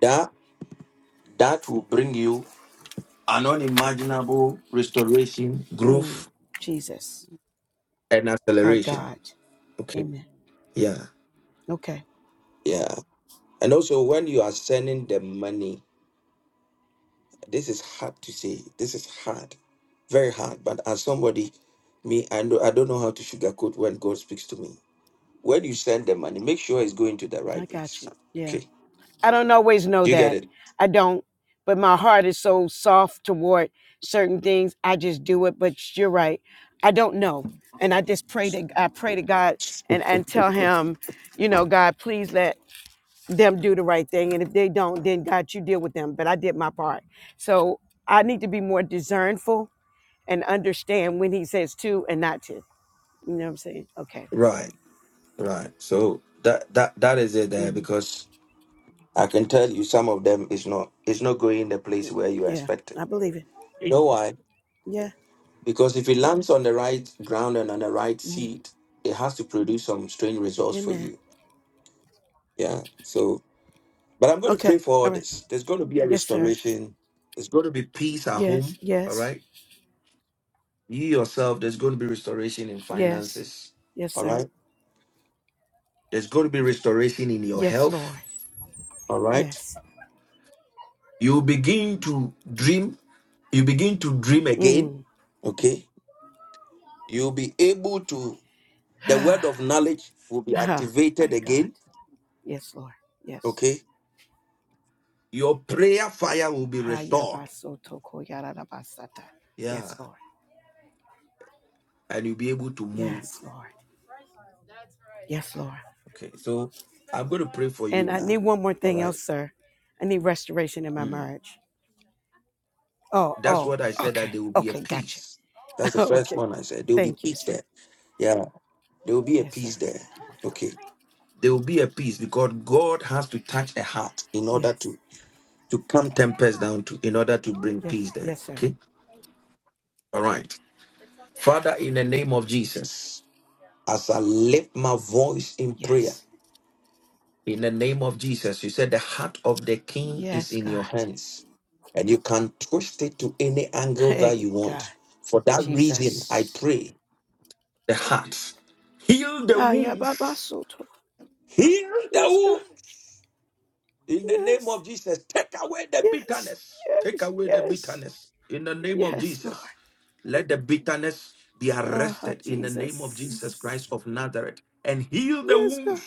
That that will bring you an unimaginable restoration, Mm, growth, Jesus. and My acceleration. God. Okay. Amen. Yeah, Okay. yeah. And also, when you are sending the money, this is hard to say. This is hard, very hard. But as somebody, me, I know I don't know how to sugarcoat when God speaks to me. When you send the money, make sure it's going to the I right got place. you. Yeah. Okay, I don't always know do you get that. it? I don't. But my heart is so soft toward certain things. I just do it. But you're right. I don't know. And I just pray to I pray to God and, and tell him, you know, God, please let them do the right thing. And if they don't, then God, you deal with them. But I did my part. So I need to be more discernful and understand when he says to and not to. You know what I'm saying? Okay. Right, right. So that that that is it there hmm because I can tell you some of them is not is not going the place where you Yeah. expected. I believe it. You know why? Yeah. Because if it lands on the right ground and on the right hmm seed, it has to produce some strange results for Amen. you. Yeah. So, but I'm going to Okay. pray for All all right. this. There's going to be a Yes, sir. restoration. There's going to be peace at Yes, home. All yes, right. You yourself, there's going to be restoration in yes, finances. yes, All sir. right. There's going to be restoration in your Yes, health. Lord. All right. Yes. You begin to dream. You begin to dream again. Mm. Okay. You'll be able to, the word of knowledge will be Ah, activated My God. again. Yes, Lord. Yes. Okay Your prayer fire will be restored. Hayabasotokoyarabasata. Yeah. Yes, Lord. And you'll be able to move. Yes, Lord. Yes, Lord. Okay. So I'm going to pray for And you I need now. one more All thing right. else, sir. I need restoration in my Mm. marriage. Oh, That's oh, what I said that okay. there will be a Okay, gotcha. peace. That's the first okay. one I said. There will be Thank you, peace sir. there. Yeah. There will be a Yes, sir. peace there. Okay. There will be a peace because God has to touch a heart in order Yes. to to calm tempest down to in order to bring Yes. peace there. Yes, sir. Okay. All right. Father, in the name of Jesus, as I lift my voice in prayer. Yes. In the name of Jesus, you said the heart of the king is Yes, in God. your hands and you can twist it to any angle that you Hey, God. want. For that reason, I Jesus. pray the heart, heal the Ah, yeah, Baba wounds, Soto. heal the Yes, God. wounds. In the name Yes. of Jesus, take away the Yes. bitterness. Take Yes. away the Yes. bitterness. In the name of Yes, Lord. Jesus, let the bitterness be Ah, arrested in the name of Jesus Christ Jesus. of Nazareth and heal the Yes, God. wounds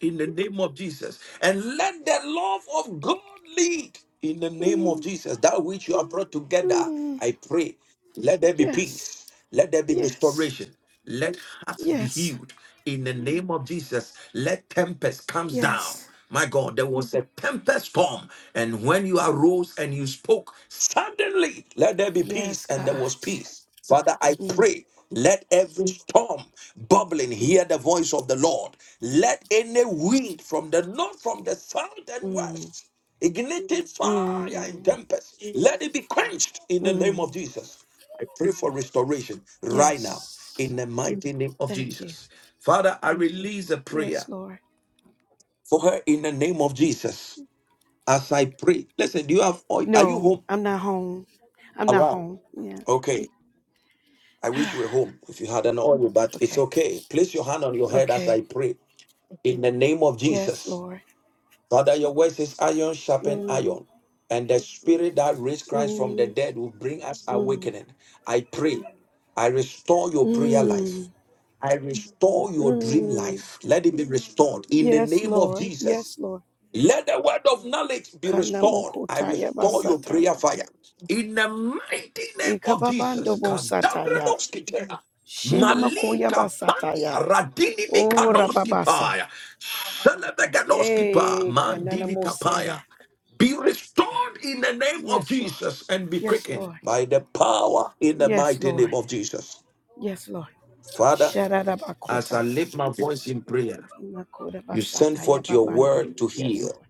in the name of Jesus. And let the love of God lead in the name of Mm, Jesus. That which you have brought together, mm, I pray, let there be yes. peace. Let there be Yes. restoration. Let hearts be Yes. healed in the name of Jesus. Let tempest comes down. Yes. My God, there was a tempest storm, and when you arose and you spoke, suddenly let there be peace, Yes, and there was God. peace. Father, I Mm, pray. Let every storm bubbling hear the voice of the Lord. Let any wind from the north, from the south, and mm, west ignited fire and mm, tempest. Let it be quenched in the name of mm. Jesus. I pray for restoration right now Yes. in the mighty name of Thank you. Jesus. Father, I release a Yes, prayer Lord. for her in the name of Jesus as I pray. Listen, do you have oil? Are you No, home? I'm not home. I'm not Around. home. Yeah. Okay. I wish you were home if you had an oil, but it's okay. okay. Place your hand on your head as Okay. I pray in the name of Yes, Jesus. Lord. Father, your word says iron sharpen Mm, iron, and the spirit that raised Christ from the mm, dead will bring us mm, awakening. I pray, I restore your prayer life. mm, I restore your dream mm. life. Let it be restored in the Yes, name of Lord. Jesus. Yes, Lord. Let the word of knowledge be restored. I Kanamokotaya restore your prayer basataya. fire. In the mighty name of Ikababando Jesus, bosataya. Kadabradoski Tera, Shinemakoya Malika pani basataya. Radini Oh, Mikadoski rababasa. Paya, Selebegadoski Pa, Eh, Mandili Kapaya. kananamosaya. Be restored in the name of Yes, Lord. Jesus and be Yes, quickened Lord. by the power in the Yes, mighty Lord. name of Jesus. Yes, Lord. Father, as Sharadabakota. I lift my voice in prayer, Makoda you send basataya forth your babande. word to Yes, heal. Lord.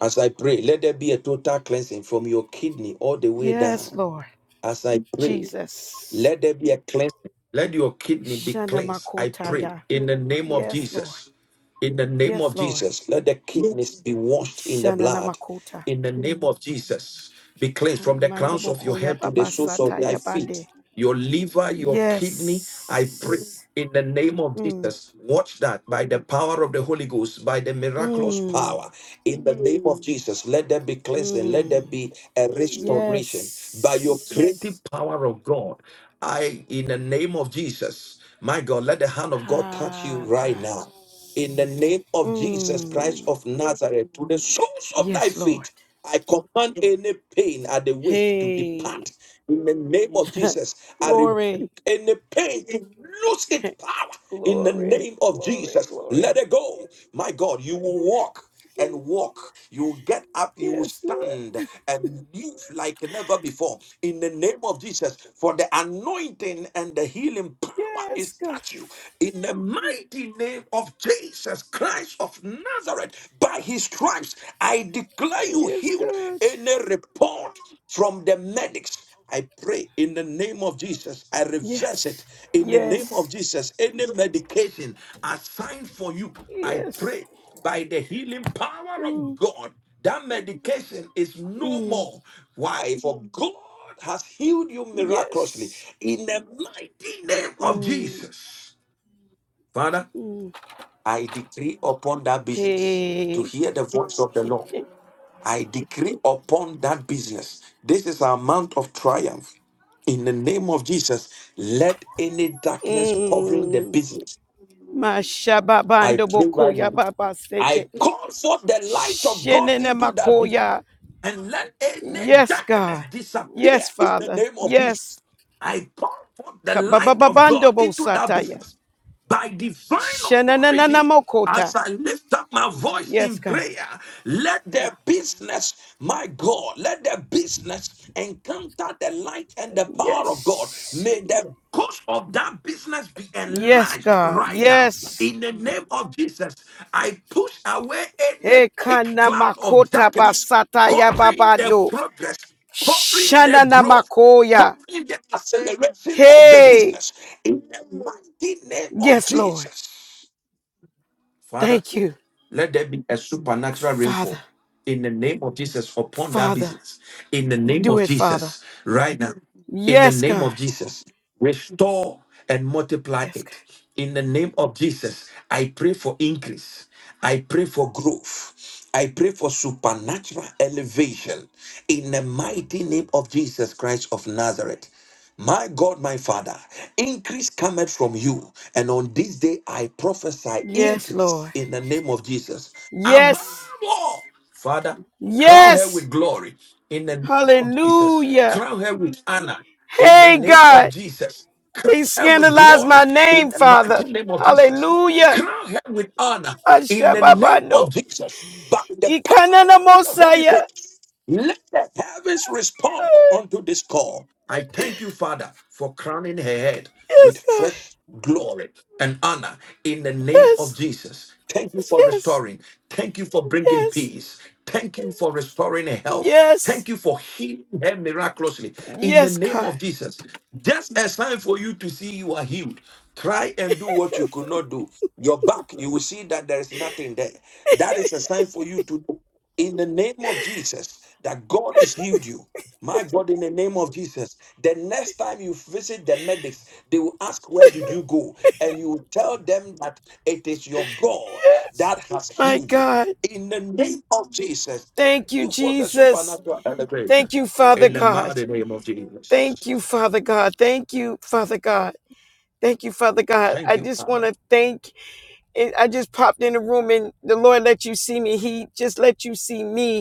As I pray, let there be a total cleansing from your kidney all the way Yes, down. Lord. As I pray, Jesus. let there be a cleansing. Let your kidney be cleansed. I pray Shanamakotaya. in the name of Yes, Lord. Jesus. In the name Yes, of Lord. Jesus, let the kidneys be washed in the blood. Shananamakota. In the name of Jesus, be cleansed from the crowns of your Mandabokoya head to the soles of thy babasataya feet. bande. Your liver, your kidney, I pray. Yes. In the name of Mm. Jesus, watch that by the power of the Holy Ghost, by the miraculous Mm. power. In the name of Jesus, let there be cleansing, let there Mm. be a restoration. By your creative Yes. power of God, I, in the name of Jesus, my God, let the hand of God touch you Ah, right now God. in the name of Jesus Christ Mm. of Nazareth to the soles of thy Yes, Lord. feet I command any pain at the waist to Hey. depart. In the name of Jesus, I glory. rebuke any pain to lose its power. In the glory. name of Glory. Jesus, Glory. let it go. My God, you will walk and walk. You will get up, you will Yes, Lord. stand and live like never before. In the name of Jesus, for the anointing and the healing power Yes, is God. touch you. In the mighty name of Jesus Christ of of Nazareth. By his stripes, I declare you Yes, healed. God. Any report from the medics, I pray in the name of Jesus, I reverse it Yes. in the name of Yes. Jesus. Any medication assigned for you, I Yes. pray by the healing power of Mm, God, that medication is no mm, more. Why? For God has healed you miraculously yes. in the mighty name of Mm, Jesus. Father, mm. I decree upon that business to Hey. hear the voice of the Lord. I decree upon that business. This is our month of triumph. In the name of Jesus, let any darkness covering the Mm. business, I Mashababando pray right bokoya now. baba I sete. call forth the light of God Shenene into that business makoya. and let any Yes, darkness God. disappear Yes, in the Father. name of Jesus. Yes. I pour forth the light of God Kabababando into that bosataya. business by divine Shenanana authority. As mokota. I lift up my voice Yes, in God. prayer, let the business, my God, let the business encounter the light and the power of God. Yes. May the course of that business be Yes, enlarged God. right now. Yes. In the name of Jesus, I push away any He thick kana cloud of makota darkness basata ya covering the babando. progress, covering Shana the Namakoya. growth, covering the acceleration of the Hey. business in the mighty name of Yes, Lord. Jesus. Father, Thank you. let there be a supernatural Father. rainfall in the name of Jesus upon that Father. business. In the name Do of it, Father. Jesus, right now. In the Yes, name God. of Jesus, restore and multiply Yes, God. it. In the name of Jesus, I pray for increase. I pray for growth. I pray for supernatural elevation in the mighty name of Jesus Christ of Nazareth. My God, my Father, increase cometh from you. And on this day I prophesy Yes, increase Lord. in the name of Jesus. Above Yes. all, Father, crown her Yes. with glory in the name of Jesus. Hallelujah. Crown her with honor in the Hey, name of God. Jesus. Crown They her with scandalized my glory in name, the Father. mighty name of Jesus. Hallelujah. Crown her with honor in the name Ashababando. of Jesus. By the Ikanana power of the Holy Mosaya. Ghost. Let the heavens respond unto this call. I thank you, Father, for crowning her head with Yes, God. fresh glory and honor in the name of Yes. Jesus. Thank you for Yes. restoring. Thank you for bringing Yes. peace. Thank you for restoring her health. Yes. Thank you for healing her miraculously in the Yes, name God. of Jesus. Just a sign for you to see you are healed. Try and do what you could not do. Your back, you will see that there is nothing there. That is a sign for you to do in the name of Jesus that God has healed you. My God, in the name of Jesus, the next time you visit the medics, they will ask, Where did you go? And you will tell them that it is your God Yes. that has My healed you. God. In the name of Jesus, thank Thank you, you for the Jesus. supernatural Thank elevation. you, Father In the God. mighty name of Jesus. Thank you, Father God. Thank you, Father God. Thank you, Father God. Thank I you. just Ah, want to thank. I just popped in the room and the Lord let you see me. He just let you see me.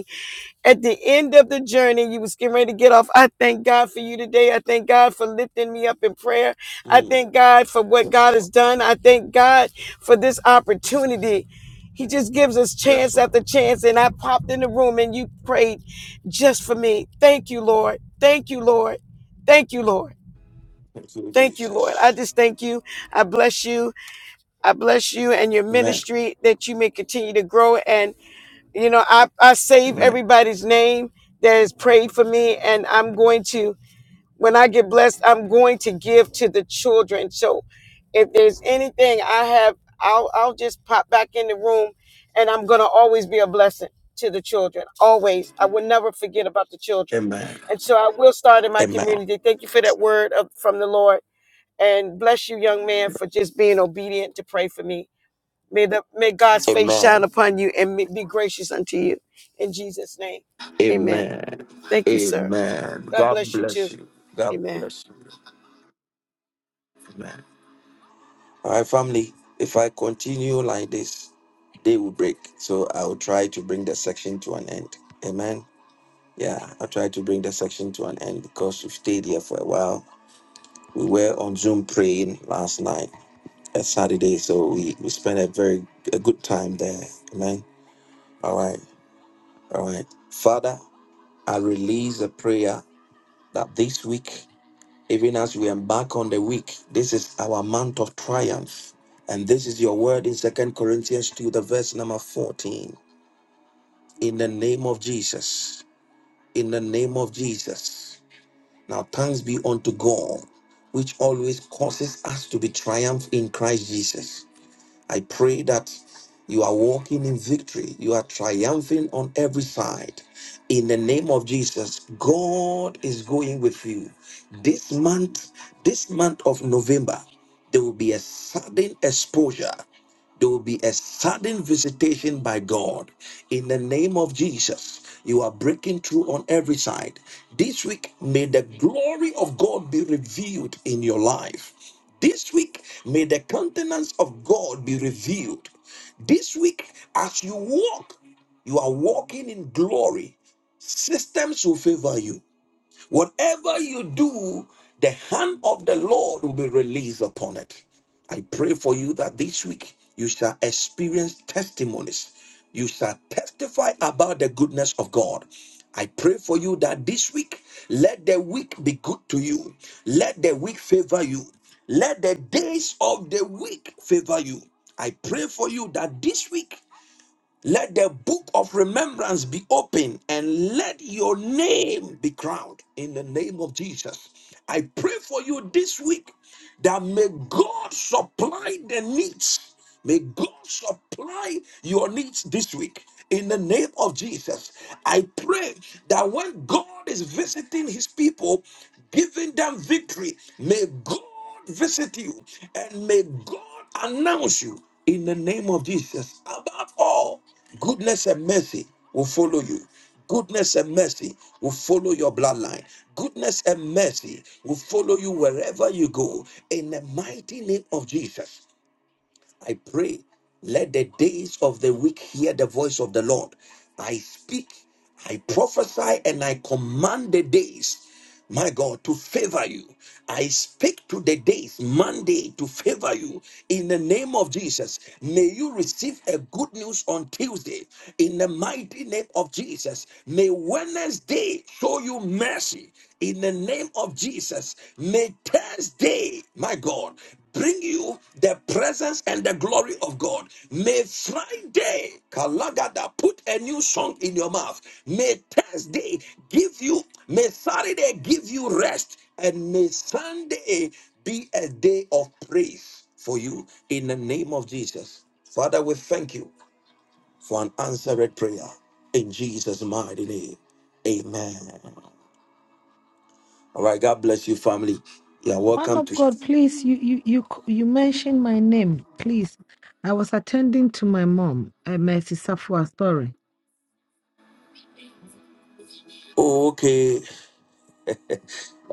at the end of the journey, you was getting ready to get off. I thank God for you today. I thank God for lifting me up in prayer. I Mm, thank God for what Yes, God has Lord. done. I thank God for this opportunity. He just gives us Yes, chance after Lord. chance. And I popped in the room and you prayed just for me. Thank you, Lord. Thank you, Lord. Thank you, Lord. Thank you, Thank you, Lord. I Jesus. just thank you. I bless you. I bless you and your Amen. ministry that you may continue to grow. and. You know, I, I save Amen. everybody's name that has prayed for me, and I'm going to, when I get blessed, I'm going to give to the children. So if there's anything I have, I'll, I'll just pop back in the room, and I'm going to always be a blessing to the children. Always. I will never forget about the children. Amen. And so I will start in my Amen. community. Thank you for that word of, from the Lord. And bless you, young man, for just being obedient to pray for me May the may God's face shine Amen. upon you and be gracious unto you. In Jesus' name. Amen. Amen. Thank you, sir. Amen. God God bless you too. bless you. God Amen. bless you. Amen. All right, family. If I continue like this, day will break. So I will try to bring the section to an end. Amen. Yeah, I'll try to bring the section to an end because we've stayed here for a while. We were on Zoom praying last night at Saturday, so we, we spent a very a good time there. Amen. All right. All right. Father, I release a prayer that this week Even as we embark on the week, this is our month of triumph. And this is your word in Second Corinthians 2, the verse number 14. In the name of Jesus. In the name of Jesus. Now thanks be unto God, which always causes us to be triumph in Christ Jesus I pray that you are walking in victory. You are triumphing on every side. In the name of Jesus, God is going with you. This month, this month of November, there will be a sudden exposure. There will be a sudden visitation by God in the name of Jesus. You are breaking through on every side. This week, may the glory of God be revealed in your life. This week, may the countenance of God be revealed. This week, as you walk, you are walking in glory. Systems will favor you Whatever you do, the hand of the Lord will be released upon it. I pray for you that this week you shall experience testimonies. You shall testify about the goodness of God. I pray for you that this week, let the week be good to you. Let the week favor you. Let the days of the week favor you. I pray for you that this week let the book of remembrance be open and let your name be crowned in the name of Jesus. I pray for you this week that may God supply the needs. May God supply your needs this week in the name of Jesus. I pray that when God is visiting his people, giving them victory, may God visit you and may God announce you in the name of Jesus. Above all, goodness and mercy will follow you. Goodness and mercy will follow your bloodline. Goodness and mercy will follow you wherever you go. In the mighty name of Jesus. I pray, let the days of the weak hear the voice of the Lord. I speak, I prophesy, and I command the days, my God, to favor you. I speak to the days, Monday, to favor you. In the name of Jesus, may you receive a good news on Tuesday. In the mighty name of Jesus, may Wednesday show you mercy in the name of Jesus. May Thursday, my God, bring you the presence and the glory of God. May Friday, Kalagada, put a new song in your mouth. May Thursday give you, may Saturday give you rest, and may Sunday be a day of praise for you in the name of Jesus. Father, we thank you for an answered prayer in Jesus' mighty name. Amen. All right, God bless you, family. You are Man welcome of to. God, please, you you you c- you mentioned my name, please. I was attending to my mom, uh, Mercy Safwa. Sorry. Okay.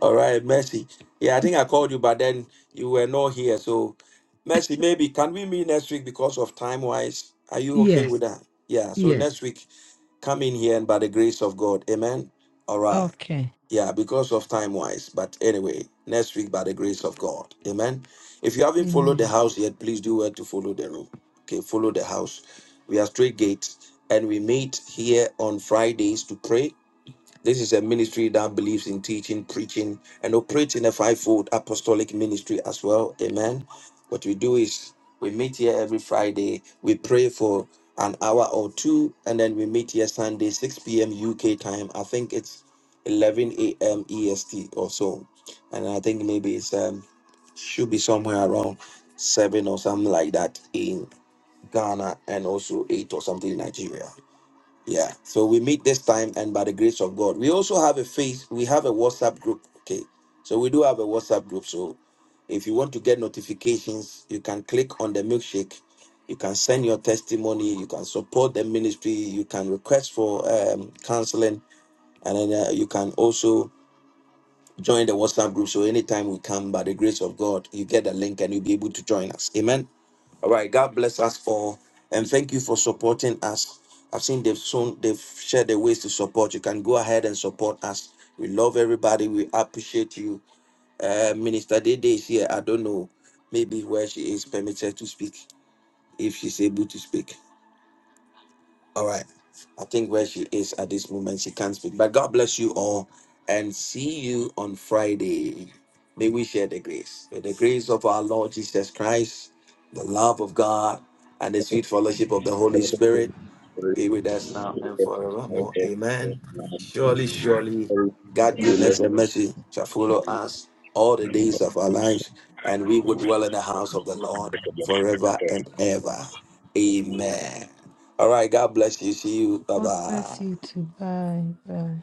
All right, Mercy. Yeah, I think I called you, but then you were not here. So, Mercy, maybe can we meet next week because of time wise? Are you okay Yes, with that? Yeah, so yes. next week, come in here and by the grace of God. Amen. All right. Okay. Yeah, because of time wise. But anyway, next week, by the grace of God. Amen. If you haven't followed the Amen. house yet, please do well to follow the room. Okay, follow the house. We are straight gates and we meet here on Fridays to pray this is a ministry that believes in teaching, preaching, and operates in a fivefold apostolic ministry as well. Amen. What we do is we meet here every Friday, we pray for an hour or two, and then we meet here Sunday, 6 p.m. UK time. I think it's 11 a.m. EST or so. And I think maybe it's um should be somewhere around seven or something like that in Ghana and also eight or something in Nigeria. Yeah. So we meet this time and by the grace of God. We also have a face, we have a WhatsApp group. Okay. So we do have a WhatsApp group. So if you want to get notifications, you can click on the milkshake. You can send your testimony. You can support the ministry. You can request for um, counseling. And then uh, you can also join the WhatsApp group. So anytime we come, by the grace of God, you get a link and you'll be able to join us. Amen. All right. God bless us all, and thank you for supporting us. I've seen they've soon they've shared the ways to support. You can go ahead and support us. We love everybody. We appreciate you. Uh, Minister Dede is here. I don't know. Maybe where she is permitted to speak, if she's able to speak. All right. I think where she is at this moment, she can't speak. But God bless you all and see you on Friday. May we share the grace. May the grace of our Lord Jesus Christ, the love of God, and the sweet fellowship of the Holy Spirit be with us now and forevermore. Amen. Surely, surely, God' Amen. Goodness. goodness and mercy shall follow us all the days of our lives, and we will dwell in the house of the Lord forever and ever. Amen. All right. God bless you. See you. Bye God bye. bless you too. Bye. Bye.